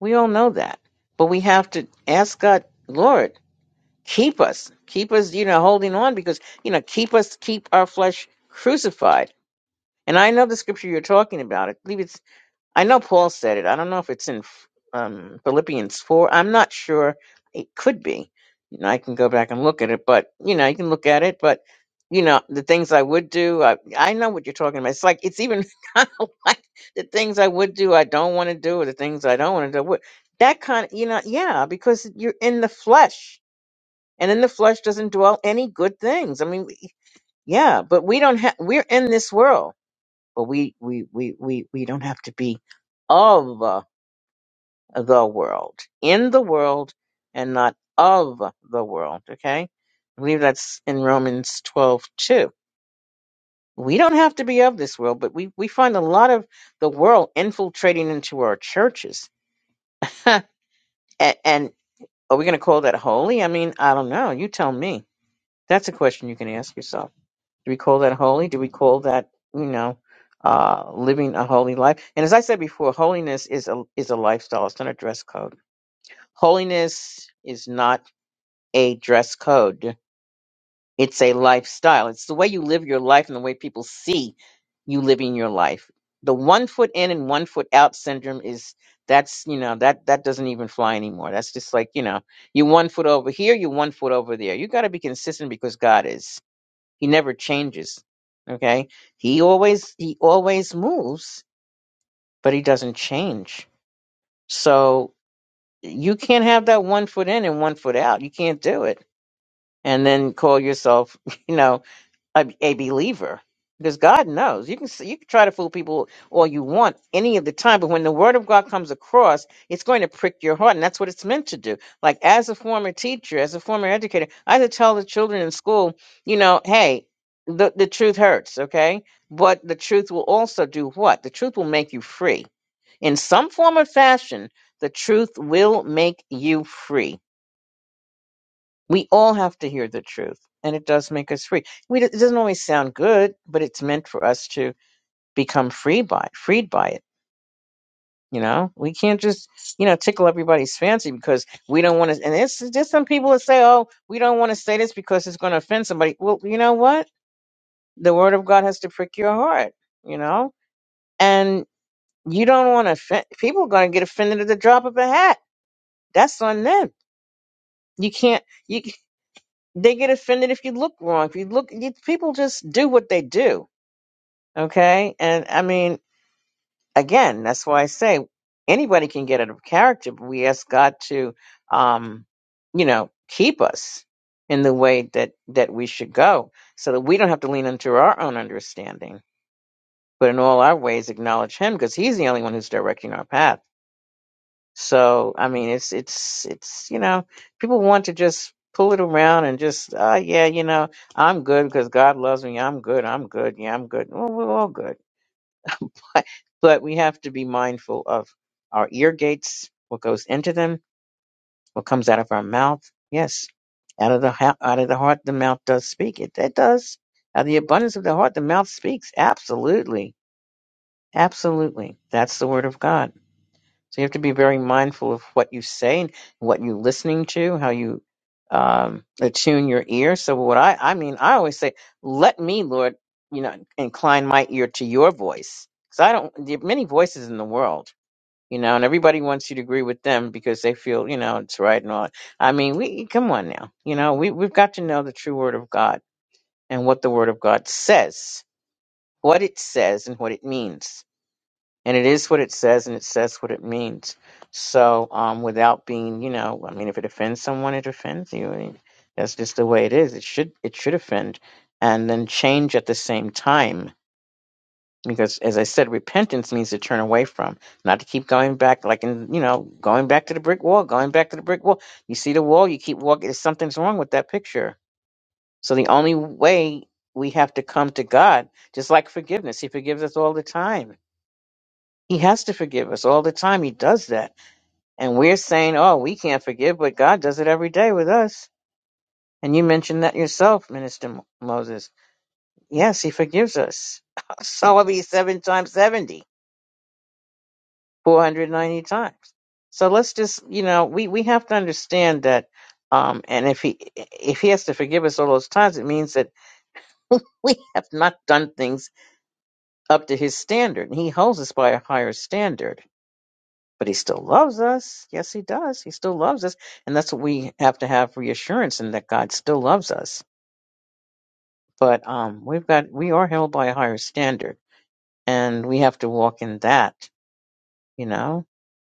A: we all know that, but we have to ask God, Lord, keep us, keep us, you know, holding on because you know, keep us, keep our flesh crucified. And I know the scripture you're talking about. I believe I know Paul said it. I don't know if it's in um, Philippians 4. I'm not sure. It could be. You know, I can go back and look at it, but you know, you can look at it, but you know, the things I would do, I, I know what you're talking about. It's like it's even kind of like the things I would do, I don't want to do, or the things I don't want to do. What- That kind of, you know, yeah, because you're in the flesh, and in the flesh doesn't dwell any good things. I mean, we- yeah, but we don't have. We're in this world but we we we we, we don't have to be of uh, the world, in the world, and not of the world. Okay, I believe that's in Romans twelve two. We don't have to be of this world, but we we find a lot of the world infiltrating into our churches. and, and are we going to call that holy? I mean, I don't know. You tell me. That's a question you can ask yourself. Do we call that holy? Do we call that, you know, uh, living a holy life? And as I said before, holiness is a is a lifestyle. It's not a dress code. Holiness is not a dress code. It's a lifestyle. It's the way you live your life and the way people see you living your life. The one foot in and one foot out syndrome is that's you know that that doesn't even fly anymore. That's just like you know you one foot over here, you one foot over there. You got to be consistent because God is. He never changes. Okay? He always he always moves, but he doesn't change. So you can't have that one foot in and one foot out. You can't do it. And then call yourself, you know, a, a believer because God knows you can s- you can try to fool people all you want any of the time, but when the word of God comes across, it's going to prick your heart, and that's what it's meant to do. Like as a former teacher, as a former educator, I had to tell the children in school, you know, hey, the the truth hurts, okay, but the truth will also do what? The truth will make you free in some form or fashion. The truth will make you free we all have to hear the truth, and it does make us free. We, it doesn't always sound good, but it's meant for us to become free by, freed by it. You know, we can't just, you know, tickle everybody's fancy because we don't want to. And it's just some people that say, "Oh, we don't want to say this because it's going to offend somebody." Well, you know what? The Word of God has to prick your heart. You know, and you don't want to offend. People are going to get offended at the drop of a hat. That's on them. You can't. You. they get offended if you look wrong. If you look, you, people just do what they do. Okay. And I mean, again, that's why I say anybody can get out of character, but we ask God to, um, you know, keep us in the way that, that we should go so that we don't have to lean into our own understanding, but in all our ways, acknowledge Him because He's the only one who's directing our path. So I mean, it's it's it's you know, people want to just pull it around and just ah yeah, you know, I'm good because God loves me. I'm good. I'm good. Yeah, I'm good. Well, we're all good, but but we have to be mindful of our ear gates, what goes into them, what comes out of our mouth. Yes, out of the hou- out of the heart, the mouth does speak. It it does. Out of the abundance of the heart, the mouth speaks. Absolutely, absolutely. That's the word of God. So you have to be very mindful of what you say and what you're listening to, how you um, attune your ear. So what I, I mean, I always say, let me, Lord, you know, incline my ear to your voice. Cause I don't, there are many voices in the world, you know, and everybody wants you to agree with them because they feel, you know, it's right and all. I mean, we, come on now, you know, we, we've got to know the true word of God and what the word of God says, what it says and what it means and it is what it says and it says what it means so um without being you know i mean if it offends someone it offends you I mean, that's just the way it is it should it should offend and then change at the same time because as i said repentance means to turn away from not to keep going back like in you know going back to the brick wall going back to the brick wall you see the wall you keep walking something's wrong with that picture so the only way we have to come to god just like forgiveness he forgives us all the time he has to forgive us all the time. He does that. And we're saying, oh, we can't forgive, but God does it every day with us. And you mentioned that yourself, Minister Mo- Moses. Yes, he forgives us. so it'll be seven times 70, 490 times. So let's just, you know, we, we have to understand that. Um, and if he, if he has to forgive us all those times, it means that we have not done things up to his standard. And he holds us by a higher standard. but he still loves us. Yes, he does. He still loves us, and that's what we have to have reassurance in that God still loves us. But um, we've got we are held by a higher standard, and we have to walk in that, you know.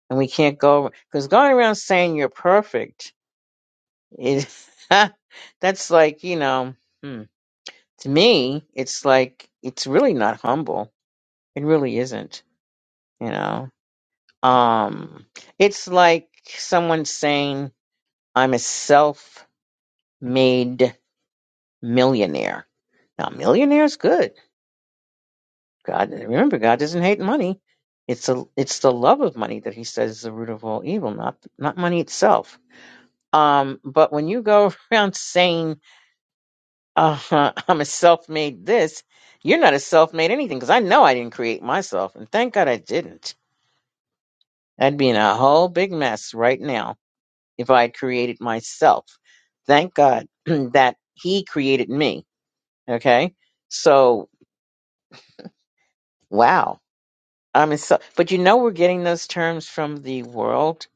A: And we can't go because going around saying you're perfect is that's like you know hmm, to me it's like it's really not humble. It really isn't, you know. Um, it's like someone saying I'm a self made millionaire. Now, millionaire is good. God, remember, God doesn't hate money. It's a, it's the love of money that He says is the root of all evil, not not money itself. Um, but when you go around saying, uh, "I'm a self-made this," you're not a self-made anything because I know I didn't create myself, and thank God I didn't. I'd be in a whole big mess right now if I had created myself. Thank God that He created me. Okay, so wow Um, and so, but you know, we're getting those terms from the world.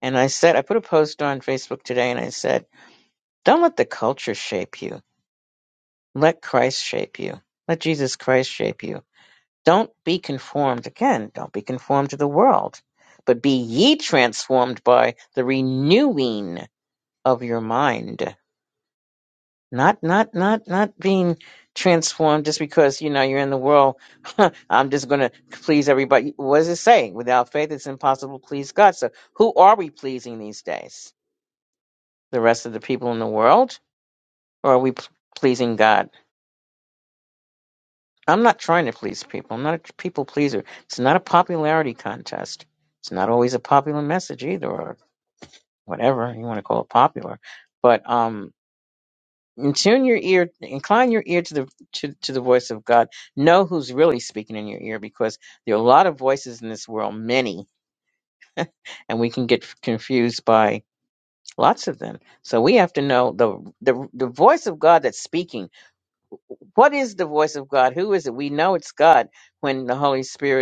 A: And I said, I put a post on Facebook today and I said, don't let the culture shape you. Let Christ shape you. Let Jesus Christ shape you. Don't be conformed. Again, don't be conformed to the world, but be ye transformed by the renewing of your mind. Not, not, not, not being transformed just because, you know, you're in the world. I'm just going to please everybody. What does it say? Without faith, it's impossible to please God. So who are we pleasing these days? The rest of the people in the world? Or are we p- pleasing God? I'm not trying to please people. I'm not a people pleaser. It's not a popularity contest. It's not always a popular message either or whatever you want to call it popular. But, um, And Tune your ear, incline your ear to the to, to the voice of God. Know who's really speaking in your ear, because there are a lot of voices in this world, many, and we can get confused by lots of them. So we have to know the the the voice of God that's speaking. What is the voice of God? Who is it? We know it's God when the Holy Spirit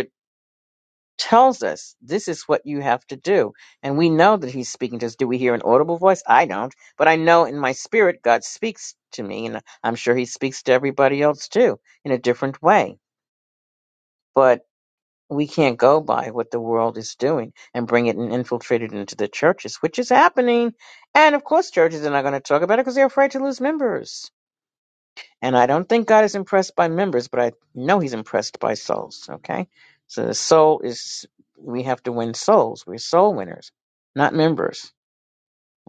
A: tells us this is what you have to do. And we know that he's speaking to us. Do we hear an audible voice? I don't. But I know in my spirit, God speaks to me. And I'm sure he speaks to everybody else too in a different way. But we can't go by what the world is doing and bring it and infiltrate it into the churches, which is happening. And of course, churches are not going to talk about it because they're afraid to lose members and I don't think God is impressed by members, but I know He's impressed by souls. Okay, so the soul is we have to win souls. We're soul winners, not members.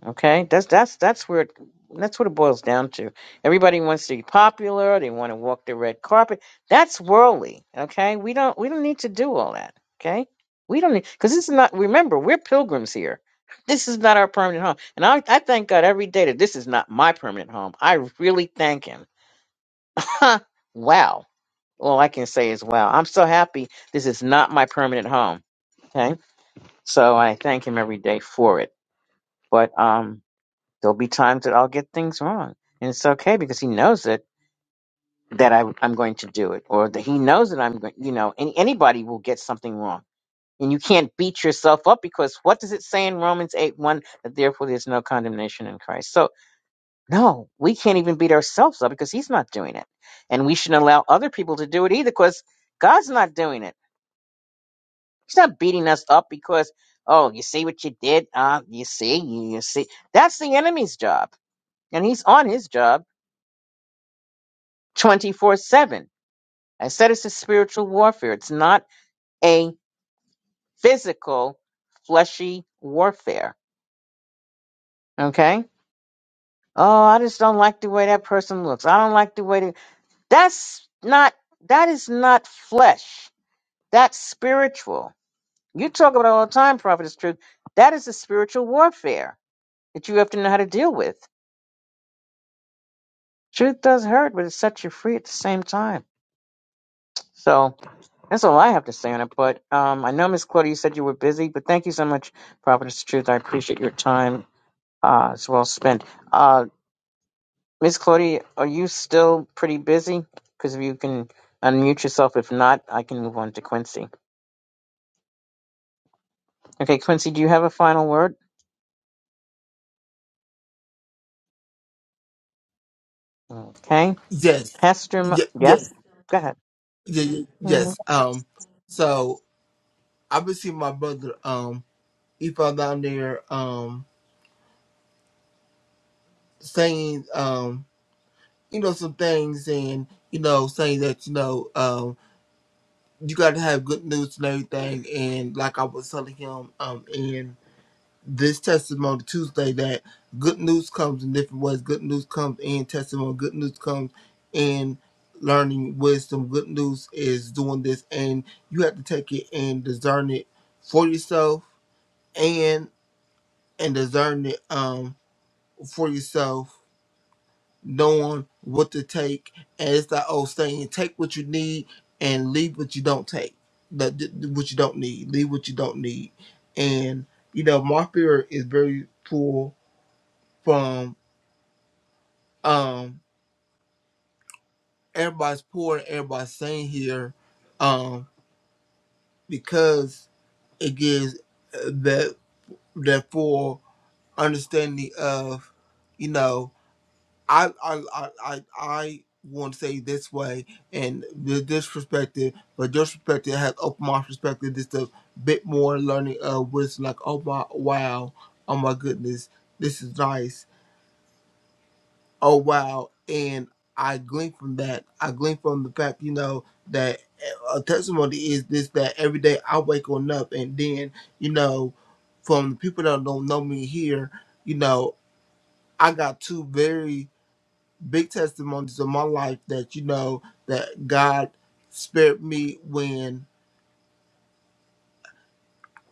A: Okay, that's that's that's where it, that's what it boils down to. Everybody wants to be popular. They want to walk the red carpet. That's worldly. Okay, we don't we don't need to do all that. Okay, we don't need because this is not. Remember, we're pilgrims here. This is not our permanent home, and I, I thank God every day that this is not my permanent home. I really thank Him wow. All I can say is wow. I'm so happy this is not my permanent home. Okay. So I thank him every day for it. But um there'll be times that I'll get things wrong. And it's okay because he knows it that I I'm going to do it. Or that he knows that I'm going you know, any, anybody will get something wrong. And you can't beat yourself up because what does it say in Romans eight one that therefore there's no condemnation in Christ? So No, we can't even beat ourselves up because he's not doing it. And we shouldn't allow other people to do it either because God's not doing it. He's not beating us up because, oh, you see what you did? Uh, you see, you, you see. That's the enemy's job. And he's on his job 24 7. I said it's a spiritual warfare, it's not a physical, fleshy warfare. Okay? Oh, I just don't like the way that person looks. I don't like the way that. That's not, that is not flesh That's spiritual. You talk about it all the time, Prophetess Truth. That is a spiritual warfare that you have to know how to deal with. Truth does hurt, but it sets you free at the same time. So that's all I have to say on it. But um, I know, Miss Claudia, you said you were busy, but thank you so much, Prophetess Truth. I appreciate your time. Uh, it's well spent. Uh, Miss Claudia, are you still pretty busy? Because if you can unmute yourself, if not, I can move on to Quincy. Okay, Quincy, do you have a final word? Okay.
C: Yes,
A: Pastor, Mo-
C: yeah, yeah,
A: yes? Go ahead.
C: yeah, yeah,
A: Mm,
C: yes. Um, so I received my brother um he fell down there um saying um you know some things and you know saying that you know um you got to have good news and everything, and like I was telling him um and this testimony Tuesday that good news comes in different ways. Good news comes in testimony. Good news comes in learning wisdom. Good news is doing this, and you have to take it and discern it for yourself, and and discern it um for yourself, knowing what to take. And it's that old saying: take what you need and leave what you don't take. That what you don't need, leave what you don't need, and you know my spirit is very full from um everybody's poor and everybody's saying here um because it gives uh, that that full understanding of you know I I I I, I want to say this way and th- this perspective but your perspective has opened my perspective just a bit more learning of what's like oh my wow oh my goodness this is nice oh wow and i glean from that i glean from the fact you know that a testimony is this that every day i wake on up and then you know from the people that don't know me here you know i got two very big testimonies in my life that you know that god spared me when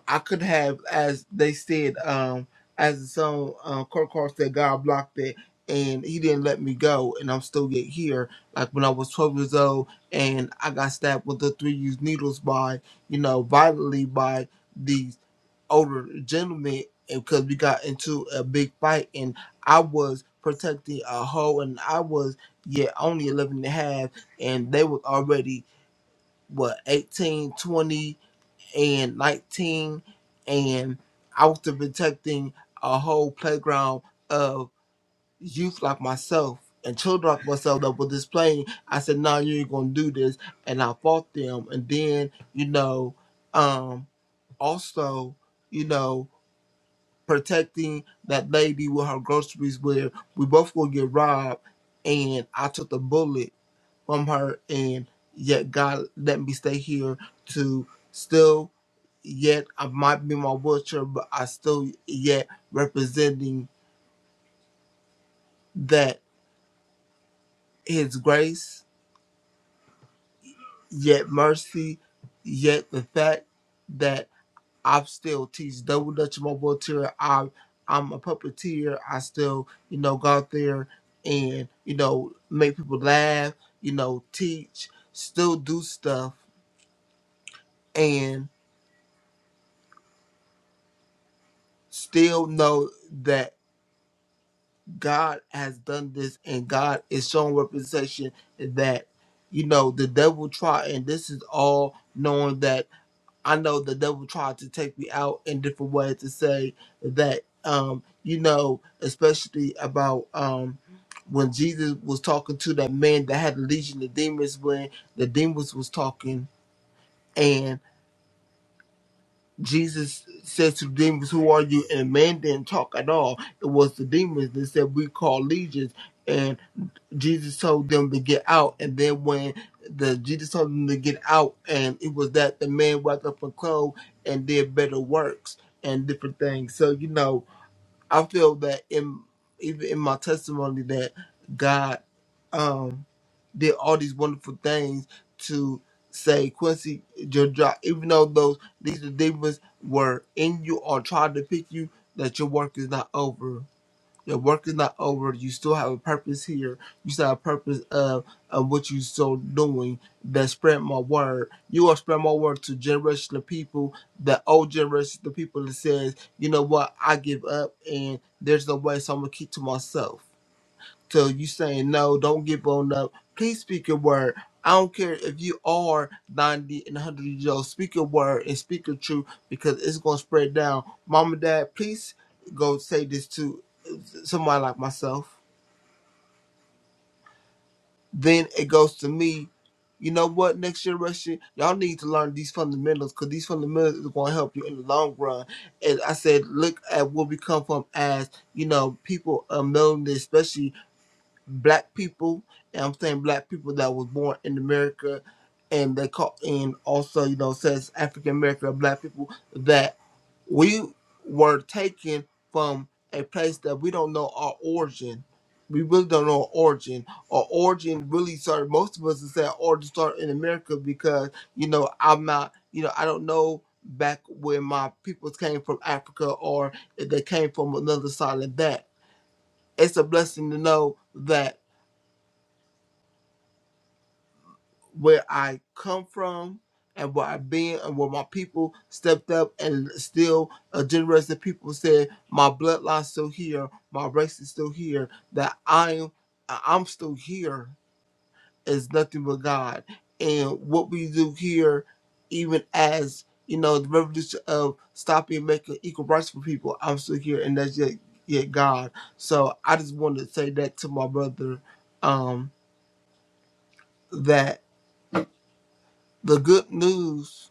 C: I could have, as they said, um, as the song uh, Kurt Carr said, God blocked it, and He didn't let me go, and I'm still yet here. Like when I was 12 years old, and I got stabbed with the three-used needles by, you know, violently by these older gentlemen, and because we got into a big fight, and I was protecting a hoe, and I was yeah only 11 and a half, and they was already what 18, 20 and 19 and i was protecting a whole playground of youth like myself and children like myself that were displaying i said no you ain't gonna do this and i fought them and then you know um also you know protecting that lady with her groceries where we both gonna get robbed and i took the bullet from her and yet God let me stay here to still yet I might be in my wheelchair but I still yet representing that his grace, yet mercy, yet the fact that I still teach double dutch in my wheelchair. I I'm a puppeteer. I still, you know, go out there and, you know, make people laugh, you know, teach, still do stuff and still know that God has done this and God is showing representation that, you know, the devil tried, and this is all knowing that I know the devil tried to take me out in different ways to say that, um, you know, especially about um, when Jesus was talking to that man that had a legion of demons, when the demons was talking and Jesus said to the demons, Who are you? And the man didn't talk at all. It was the demons that said, We call legions. Jesus told them to get out, and then when the Jesus told them to get out, and it was that the man wrapped up in clothes and did better works and different things. So you know, I feel that in even in my testimony that God um did all these wonderful things to say Quincy your job, even though those these demons were in you or tried to pick you, that your work is not over your work is not over. You still have a purpose here. You still have a purpose of, of what you still doing that spread my word. You are spread my word to generation of people, the old generation the people that says, you know what, I give up and there's no way so I'm gonna keep to myself. So you saying no, don't give on up. Please speak your word. I don't care if you are 90 and 100 years old. Speak your word and speak your truth because it's going to spread down. Mom and dad, please go say this to somebody like myself, then it goes to me. You know what? Next generation, y'all need to learn these fundamentals because these fundamentals is going to help you in the long run. And I said, look at where we come from as you know people um known this, especially black people. And I'm saying black people that was born in America, and they call and also you know says African American black people that. we were taken from a place that we don't know our origin. We really don't know our origin. Our origin really started. Most of us would say our origin started in America because you know I'm not. You know I don't know back when my peoples came from Africa or if they came from another side of that. It's a blessing to know that where I come from and where I've been and where my people stepped up and still a generation of people said, My bloodline's still here, my race is still here, that I'm I- am i am still here is nothing but God. And what we do here, even as you know, the revolution of stopping making equal rights for people, I'm still here and that's yet yet God. So I just wanted to say that to my brother, um, that the good news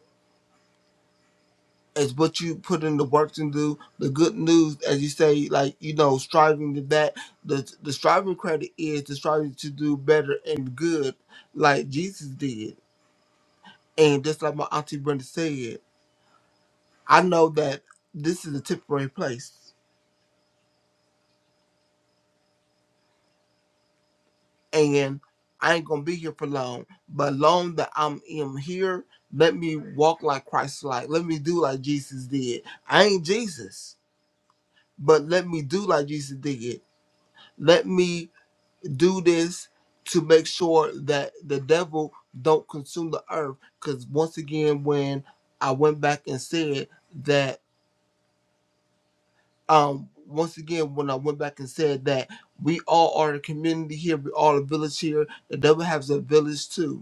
C: as what you put in the work to do. The good news, as you say, like you know, striving to that the the striving credit is the striving to do better and good, like Jesus did, and just like my auntie Brenda said, I know that this is a temporary place, and I ain't gonna be here for long. But long that I'm am here, let me walk like Christ, like let me do like Jesus did. I ain't Jesus, but let me do like Jesus did. Let me do this to make sure that the devil don't consume the earth because once again when i went back and said that um once again when i went back and said that we all are a community here we all a village here the devil has a village too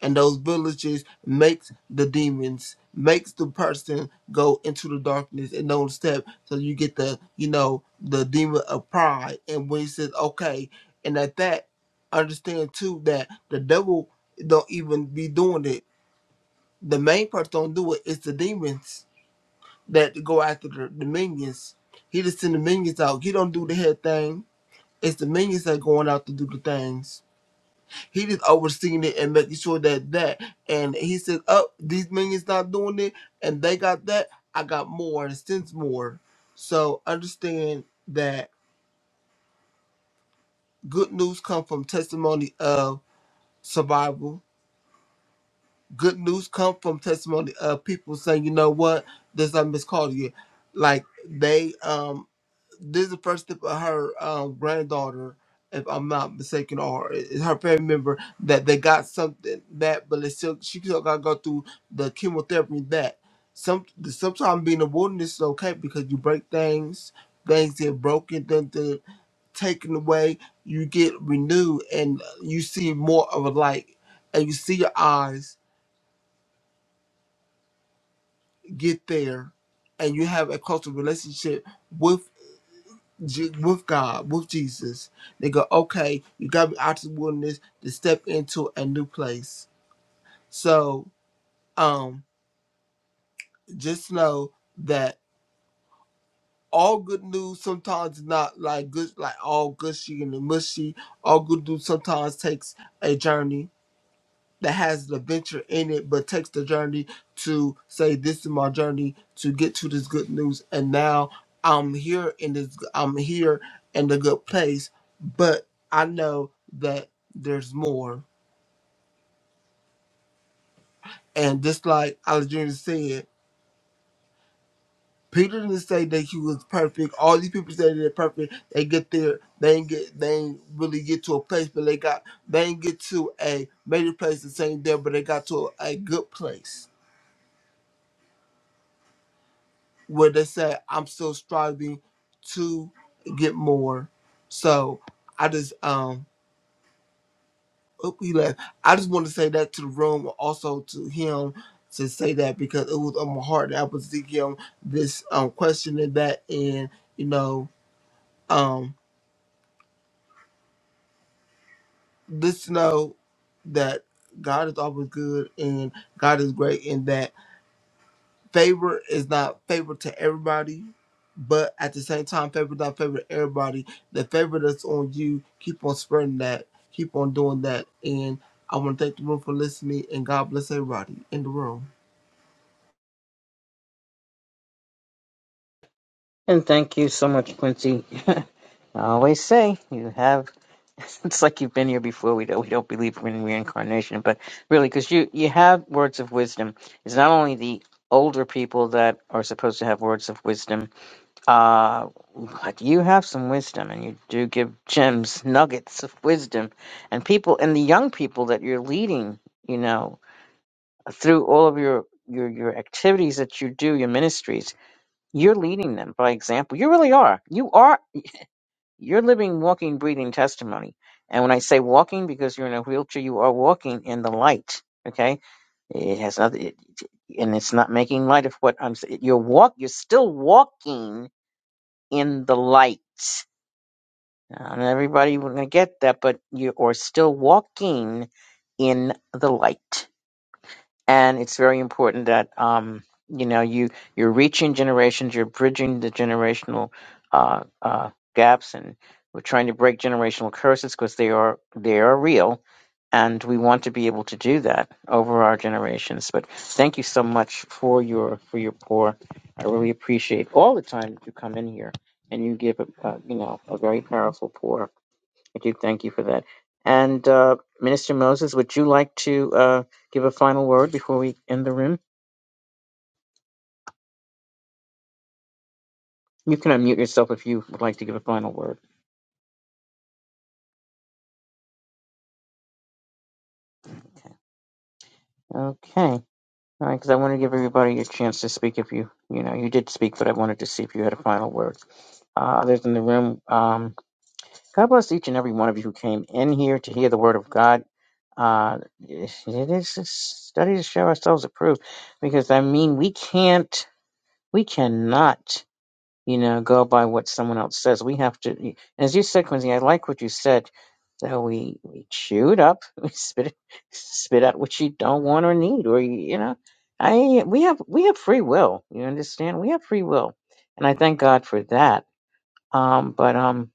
C: and those villages makes the demons makes the person go into the darkness and don't step so you get the you know the demon of pride and when he says okay and at that understand too that the devil don't even be doing it the main person don't do it it's the demons that go after the, the minions he just send the minions out he don't do the head thing it's the minions that going out to do the things he just overseeing it and making sure that that. And he said, "Oh, these minions not doing it, and they got that. I got more and since more." So understand that good news come from testimony of survival. Good news come from testimony of people saying, "You know what? This I miscalled you." Like they um this is the first step of her uh, granddaughter, if I'm not mistaken, or i- her family member that they got something that, but it's still she still got to go through the chemotherapy and that. Some sometimes being a wilderness is okay because you break things, things get broken, then they're taken away. You get renewed and you see more of a light, and you see your eyes get there, and you have a closer relationship with. Je- with God, with Jesus. They go, okay, you got to be out of the wilderness to step into a new place. So, um, just know that all good news sometimes is not like good, like all gushy and mushy. All good news sometimes takes a journey that has the adventure in it, but takes the journey to say, "This is my journey to get to this good news." And now I'm here in this. I'm here in the good place, but I know that there's more. And just like Alexander said, Peter didn't say that he was perfect. All these people say they're perfect. They get there, they ain't get, they ain't really get to a place, but they got, they ain't get to a major place the same there, but they got to a, a good place where they said I'm still striving to get more. So I just um oop, he left. I just want to say that to the room, also to him to say that because it was on my heart that I was thinking on this um question and that and you know um just know that God is always good and God is great in that favor is not favor to everybody, but at the same time, favor not favor to everybody. The favor that's on you, keep on spreading that, keep on doing that. And I want to thank the room for listening, and God bless everybody in the room.
A: And thank you so much, Quincy. I always say you have. It's like you've been here before. We don't we don't believe in reincarnation, but really, because you you have words of wisdom. It's not only the older people that are supposed to have words of wisdom, uh, but you have some wisdom, and you do give gems, nuggets of wisdom, and people and the young people that you're leading. You know, through all of your your your activities that you do, your ministries You're leading them by example. You really are. You are. You're living, walking, breathing testimony. And when I say walking, because you're in a wheelchair, you are walking in the light. Okay, it has nothing, it, and it's not making light of what I'm saying. You're walk. You're still walking in the light. Not everybody will get that, but you are still walking in the light. and it's very important that um, you know you you're reaching generations, you're bridging the generational uh, uh, gaps, and we're trying to break generational curses because they are they are real, and we want to be able to do that over our generations. But thank you so much for your for your pour. I really appreciate all the time that you come in here and you give a, a you know a very powerful pour. Thank you. Thank you for that. And uh, Minister Moses, would you like to uh, give a final word before we end the room? You can unmute yourself if you would like to give a final word. Okay. All right, because I want to give everybody a chance to speak. If you, you know, you did speak, but I wanted to see if you had a final word. Uh, others in the room, um, God bless each and every one of you who came in here to hear the word of God. Uh, it is a study to show ourselves approved, because I mean, we can't, we cannot you know, go by what someone else says. We have to, as you said, Quincy, I like what you said. So we, we chew it up, we spit it, spit out what you don't want or need, or you you know, I we have we have free will. You understand? We have free will, and I thank God for that. Um, but um,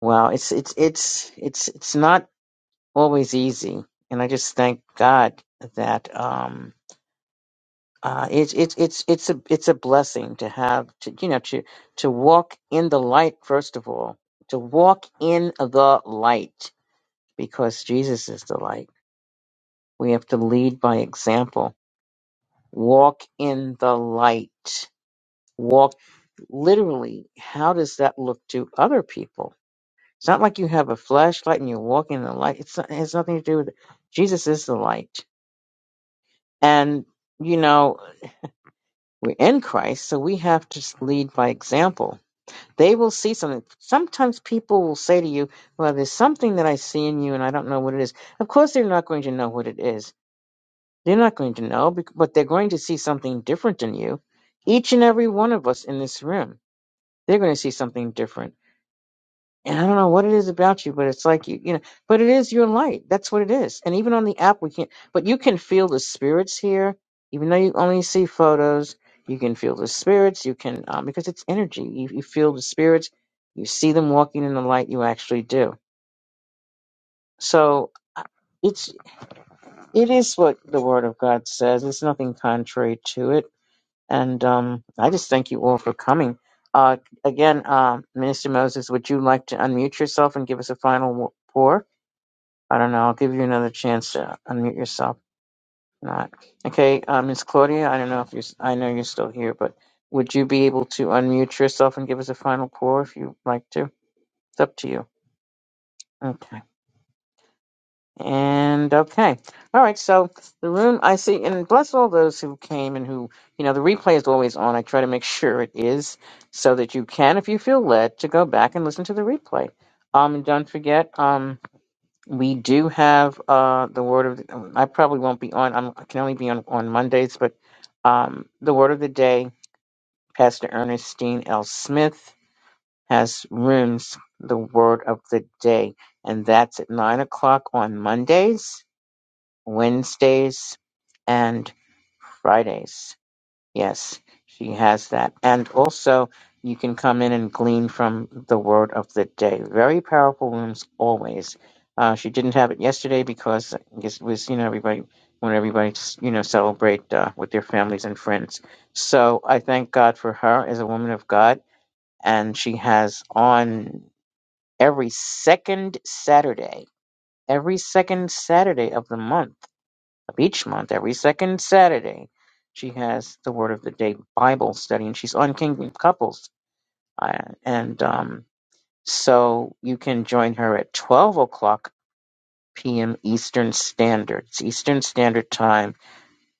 A: well, it's it's it's it's it's not always easy, and I just thank God that um uh, it's it's it's it's a it's a blessing to have to you know to to walk in the light first of all to walk in the light because Jesus is the light. We have to lead by example. Walk in the light. Walk literally. How does that look to other people? It's not like you have a flashlight and you're walking in the light. It's not, it has nothing to do with it. Jesus is the light, and you know we're in Christ, so we have to lead by example They will see something. Sometimes people will say to you, Well, there's something that I see in you and I don't know what it is. Of course, they're not going to know what it is. They're not going to know, bec- but they're going to see something different in you. Each and every one of us in this room, they're going to see something different and I don't know what it is about you, but it's like you, you know, but it is your light. That's what it is. And even on the app, we can't, but you can feel the spirits here. Even though you only see photos, you can feel the spirits. You can, um, because it's energy. You, you feel the spirits. You see them walking in the light. You actually do. So uh, it's, it is what the word of God says. There's nothing contrary to it. And, um, I just thank you all for coming. Uh, again, uh, Minister Moses, would you like to unmute yourself and give us a final wo- pour? I don't know. I'll give you another chance to unmute yourself. If Not okay, uh, Miss Claudia. I don't know if you. I know you're still here, but would you be able to unmute yourself and give us a final pour if you'd like to? It's up to you. Okay. And okay. All right. So the room I see, and bless all those who came and who, you know, the replay is always on. I try to make sure it is so that you can, if you feel led, to go back and listen to the replay. Um, and don't forget. Um, We do have uh the word of the, I probably won't be on. I'm, I can only be on on Mondays, but um the word of the day, Pastor Ernestine L. Smith has rooms the word of the day, and that's at nine o'clock on Mondays, Wednesdays, and Fridays. Yes, she has that. And also, you can come in and glean from the word of the day. Very powerful rooms always. Uh, she didn't have it yesterday because I guess it was, you know, everybody when everybody you know, celebrate uh, with their families and friends. So I thank God for her as a woman of God. And she has on every second Saturday, every second Saturday of the month of each month, every second Saturday, she has the Word of the Day Bible study, and she's on Kingdom Couples. Uh, and um, so you can join her at 12 o'clock p.m. Eastern Standard. It's Eastern Standard Time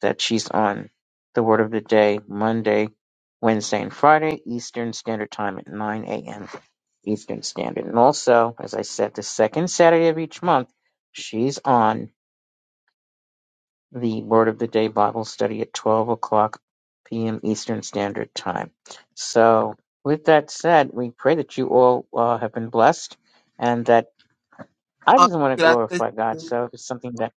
A: that she's on the Word of the Day Monday, Wednesday, and Friday, Eastern Standard Time at 9 a.m. Eastern Standard. And also, as I said, the second Saturday of each month, she's on. the Word of the Day Bible study at 12 o'clock p.m. Eastern Standard Time. So, with that said, we pray that you all uh, have been blessed and that I
C: Uh,
A: just want to
C: Can I say
A: glorify God.
C: something?
A: So, if it's something that,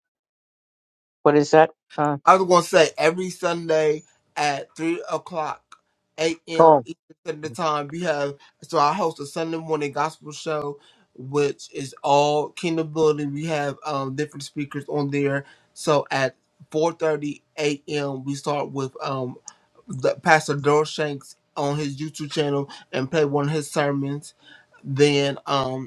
A: what is that? Uh,
C: I was gonna say every Sunday at three o'clock, a.m. Eastern Standard Time. We have so I host a Sunday morning gospel show, which is all Kingdom building. We have um different speakers on there. So at four thirty a.m. we start with um the Pastor Dorshanks on his YouTube channel and play one of his sermons. Then um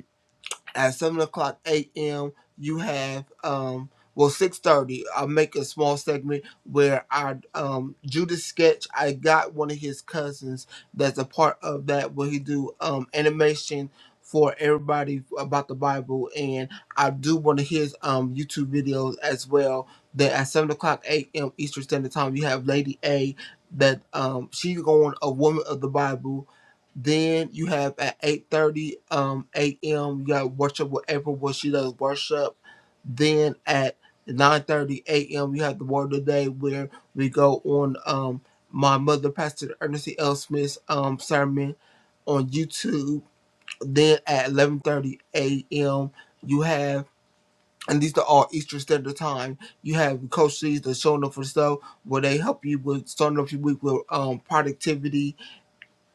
C: at seven o'clock a.m. You have um well six thirty. I'll make a small segment where our um Judas sketch. I got one of his cousins that's a part of that where he do um animation for everybody about the Bible, and I do one of his um YouTube videos as well. That at seven o'clock a.m. Eastern Standard Time, you have Lady A. That um she's going a woman of the Bible then you have at 8.30 um, a.m. you got worship whatever where she does worship. Then at 9.30 a.m. you have the word of the day where we go on um, my mother, Pastor Ernest E. L. Smith's um, sermon on YouTube. Then at 11.30 a.m. you have, and these are all Eastern Standard Time, you have Coach C's, the Showing Up for Stuff, where they help you with starting off your week with um, productivity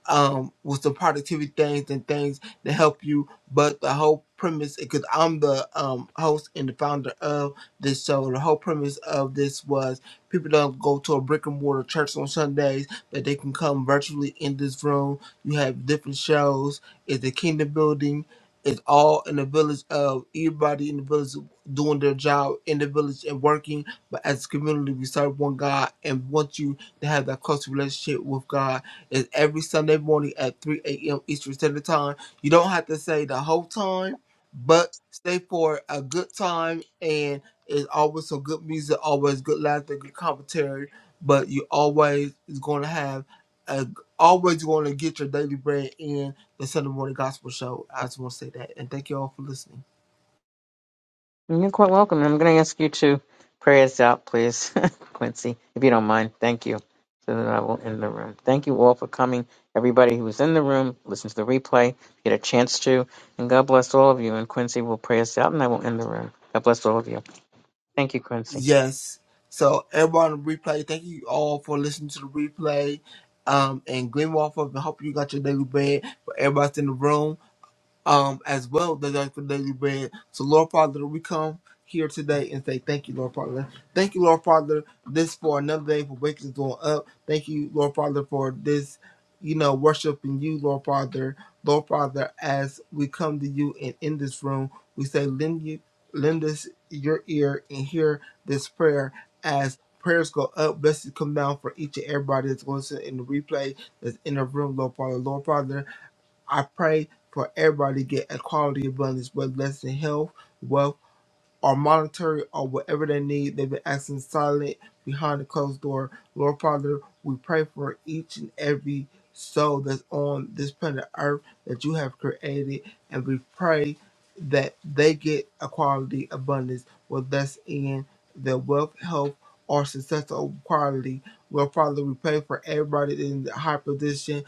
C: um with the productivity things and things to help you but the whole premise because i'm the um host and the founder of this show the whole premise of this was people don't go to a brick and mortar church on sundays but they can come virtually in this room you have different shows it's the kingdom building it's all in the village of everybody in the village doing their job in the village and working but as a community we serve one god and want you to have that close relationship with god it's every Sunday morning at 3 a.m. Eastern Standard Time. You don't have to say the whole time, but stay for a good time. And it's always some good music, always good laughter, good commentary. But you always is going to have, a, always going to get your daily bread in the Sunday morning gospel show. I just want to say that. And thank you all for listening.
A: you're quite welcome. And I'm going to ask you to pray us out, please, Quincy, if you don't mind. Thank you. So that I will end the room. Thank you all for coming. Everybody who was in the room, listen to the replay, get a chance to. And God bless all of you. And Quincy will pray us out, and I will end the room. God bless all of you. Thank you, Quincy.
C: Yes. So everyone on the replay, thank you all for listening to the replay. Um, and Glenn Walford, I hope you got your daily bread for everybody's in the room. um, as well that I could daily bread. So, Lord Father, we come here today and say thank you, Lord Father. Thank you, Lord Father, this for another day for waking us all up. Thank you, Lord Father, for this, you know, worshiping you, Lord Father. Lord Father, as we come to you and in this room, we say, lend you, lend us your ear and hear this prayer as prayers go up. Blessings come down for each and everybody that's going to in the replay that's in the room, Lord Father. Lord Father, I pray for everybody to get a quality abundance, whether that's in health, wealth, or monetary or whatever they need. They've been acting silent behind the closed door. Lord Father, we pray for each and every soul that's on this planet Earth that you have created, and we pray that they get a quality abundance, whether that's in their wealth, health, or success or quality. Lord Father, we pray for everybody in the high position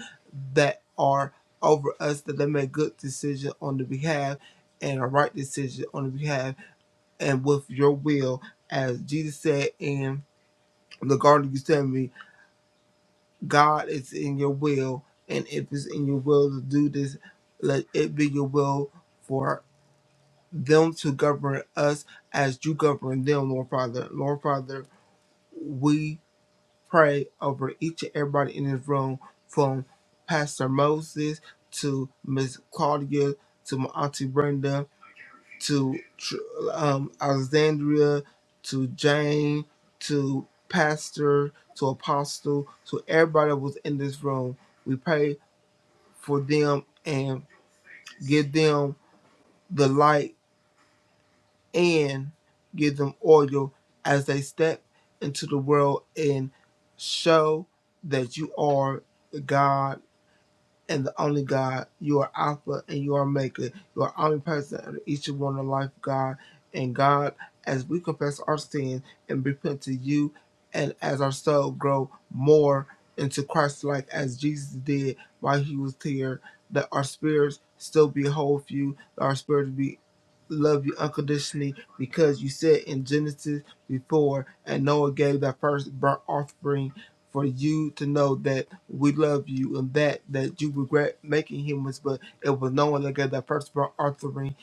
C: that are over us that they make good decisions on the behalf and a right decision on the behalf and with your will. As Jesus said in the Garden of Gethsemane, God is in your will, and if it's in your will to do this, let it be your will for them to govern us as you govern them, Lord Father. Lord Father, we pray over each and everybody in this room from Pastor Moses to Miss Claudia to my Auntie Brenda to um, Alexandria, to Jane, to Pastor, to Apostle, to everybody that was in this room. We pray for them and give them the light and give them oil as they step into the world and show that you are God and the only God. You are Alpha and you are Maker. You are omnipresent in each and one of life, God. And God, as we confess our sin and repent to you, and as our soul grow more into Christ like as Jesus did while he was here, that our spirits still be whole for you, that our spirits be love you unconditionally because you said in Genesis before and Noah gave that first burnt offering for you to know that we love you and that that you regret making humans, but it was no one that got that first part offering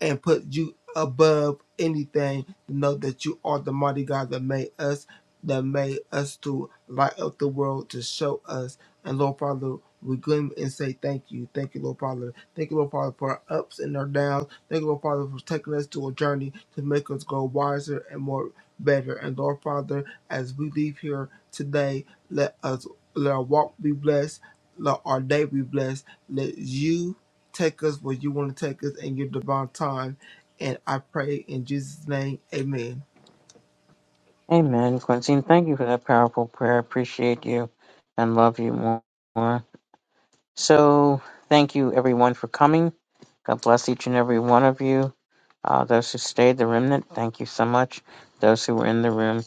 C: and put you above anything to know that you are the mighty God that made us, that made us to light up the world to show us. And Lord Father, we gleam and say thank you. Thank you, Lord Father. Thank you, Lord Father, for our ups and our downs. Thank you, Lord Father, for taking us to a journey to make us grow wiser and more better. And Lord Father, as we leave here today, let us let our walk be blessed, let our day be blessed. Let you take us where you want to take us in your divine time. And I pray in Jesus' name, Amen.
A: Amen, Quincy. And thank you for that powerful prayer. Appreciate you and love you more. more. So, thank you, everyone, for coming. God bless each and every one of you. Uh, those who stayed, the remnant, thank you so much. Those who were in the room,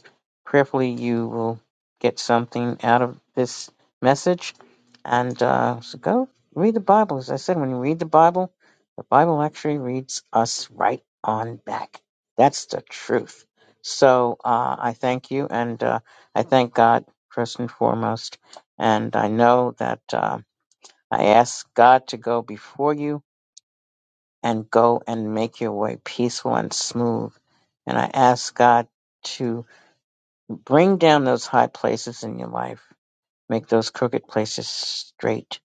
A: prayerfully you will get something out of this message. And uh, so go read the Bible. As I said, when you read the Bible, the Bible actually reads us right on back. That's the truth. So uh, I thank you, and uh, I thank God first and foremost. And I know that uh, I ask God to go before you and go and make your way peaceful and smooth. And I ask God to bring down those high places in your life, make those crooked places straight,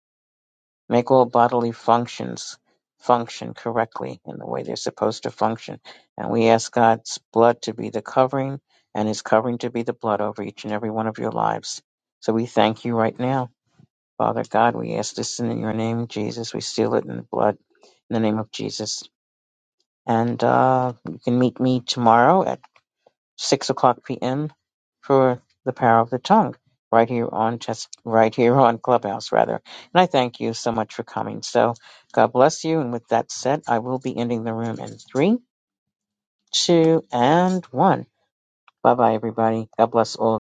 A: make all bodily functions function correctly in the way they're supposed to function. And we ask God's blood to be the covering and His covering to be the blood over each and every one of your lives. So we thank you right now. Father God, we ask this in your name, Jesus. We seal it in the blood, in the name of Jesus. And uh, you can meet me tomorrow at 6 o'clock p.m. for The Power of the Tongue, right here on Chess, right here on Clubhouse, rather. And I thank you so much for coming. So God bless you. And with that said, I will be ending the room in three, two, and one. Bye bye, everybody. God bless all.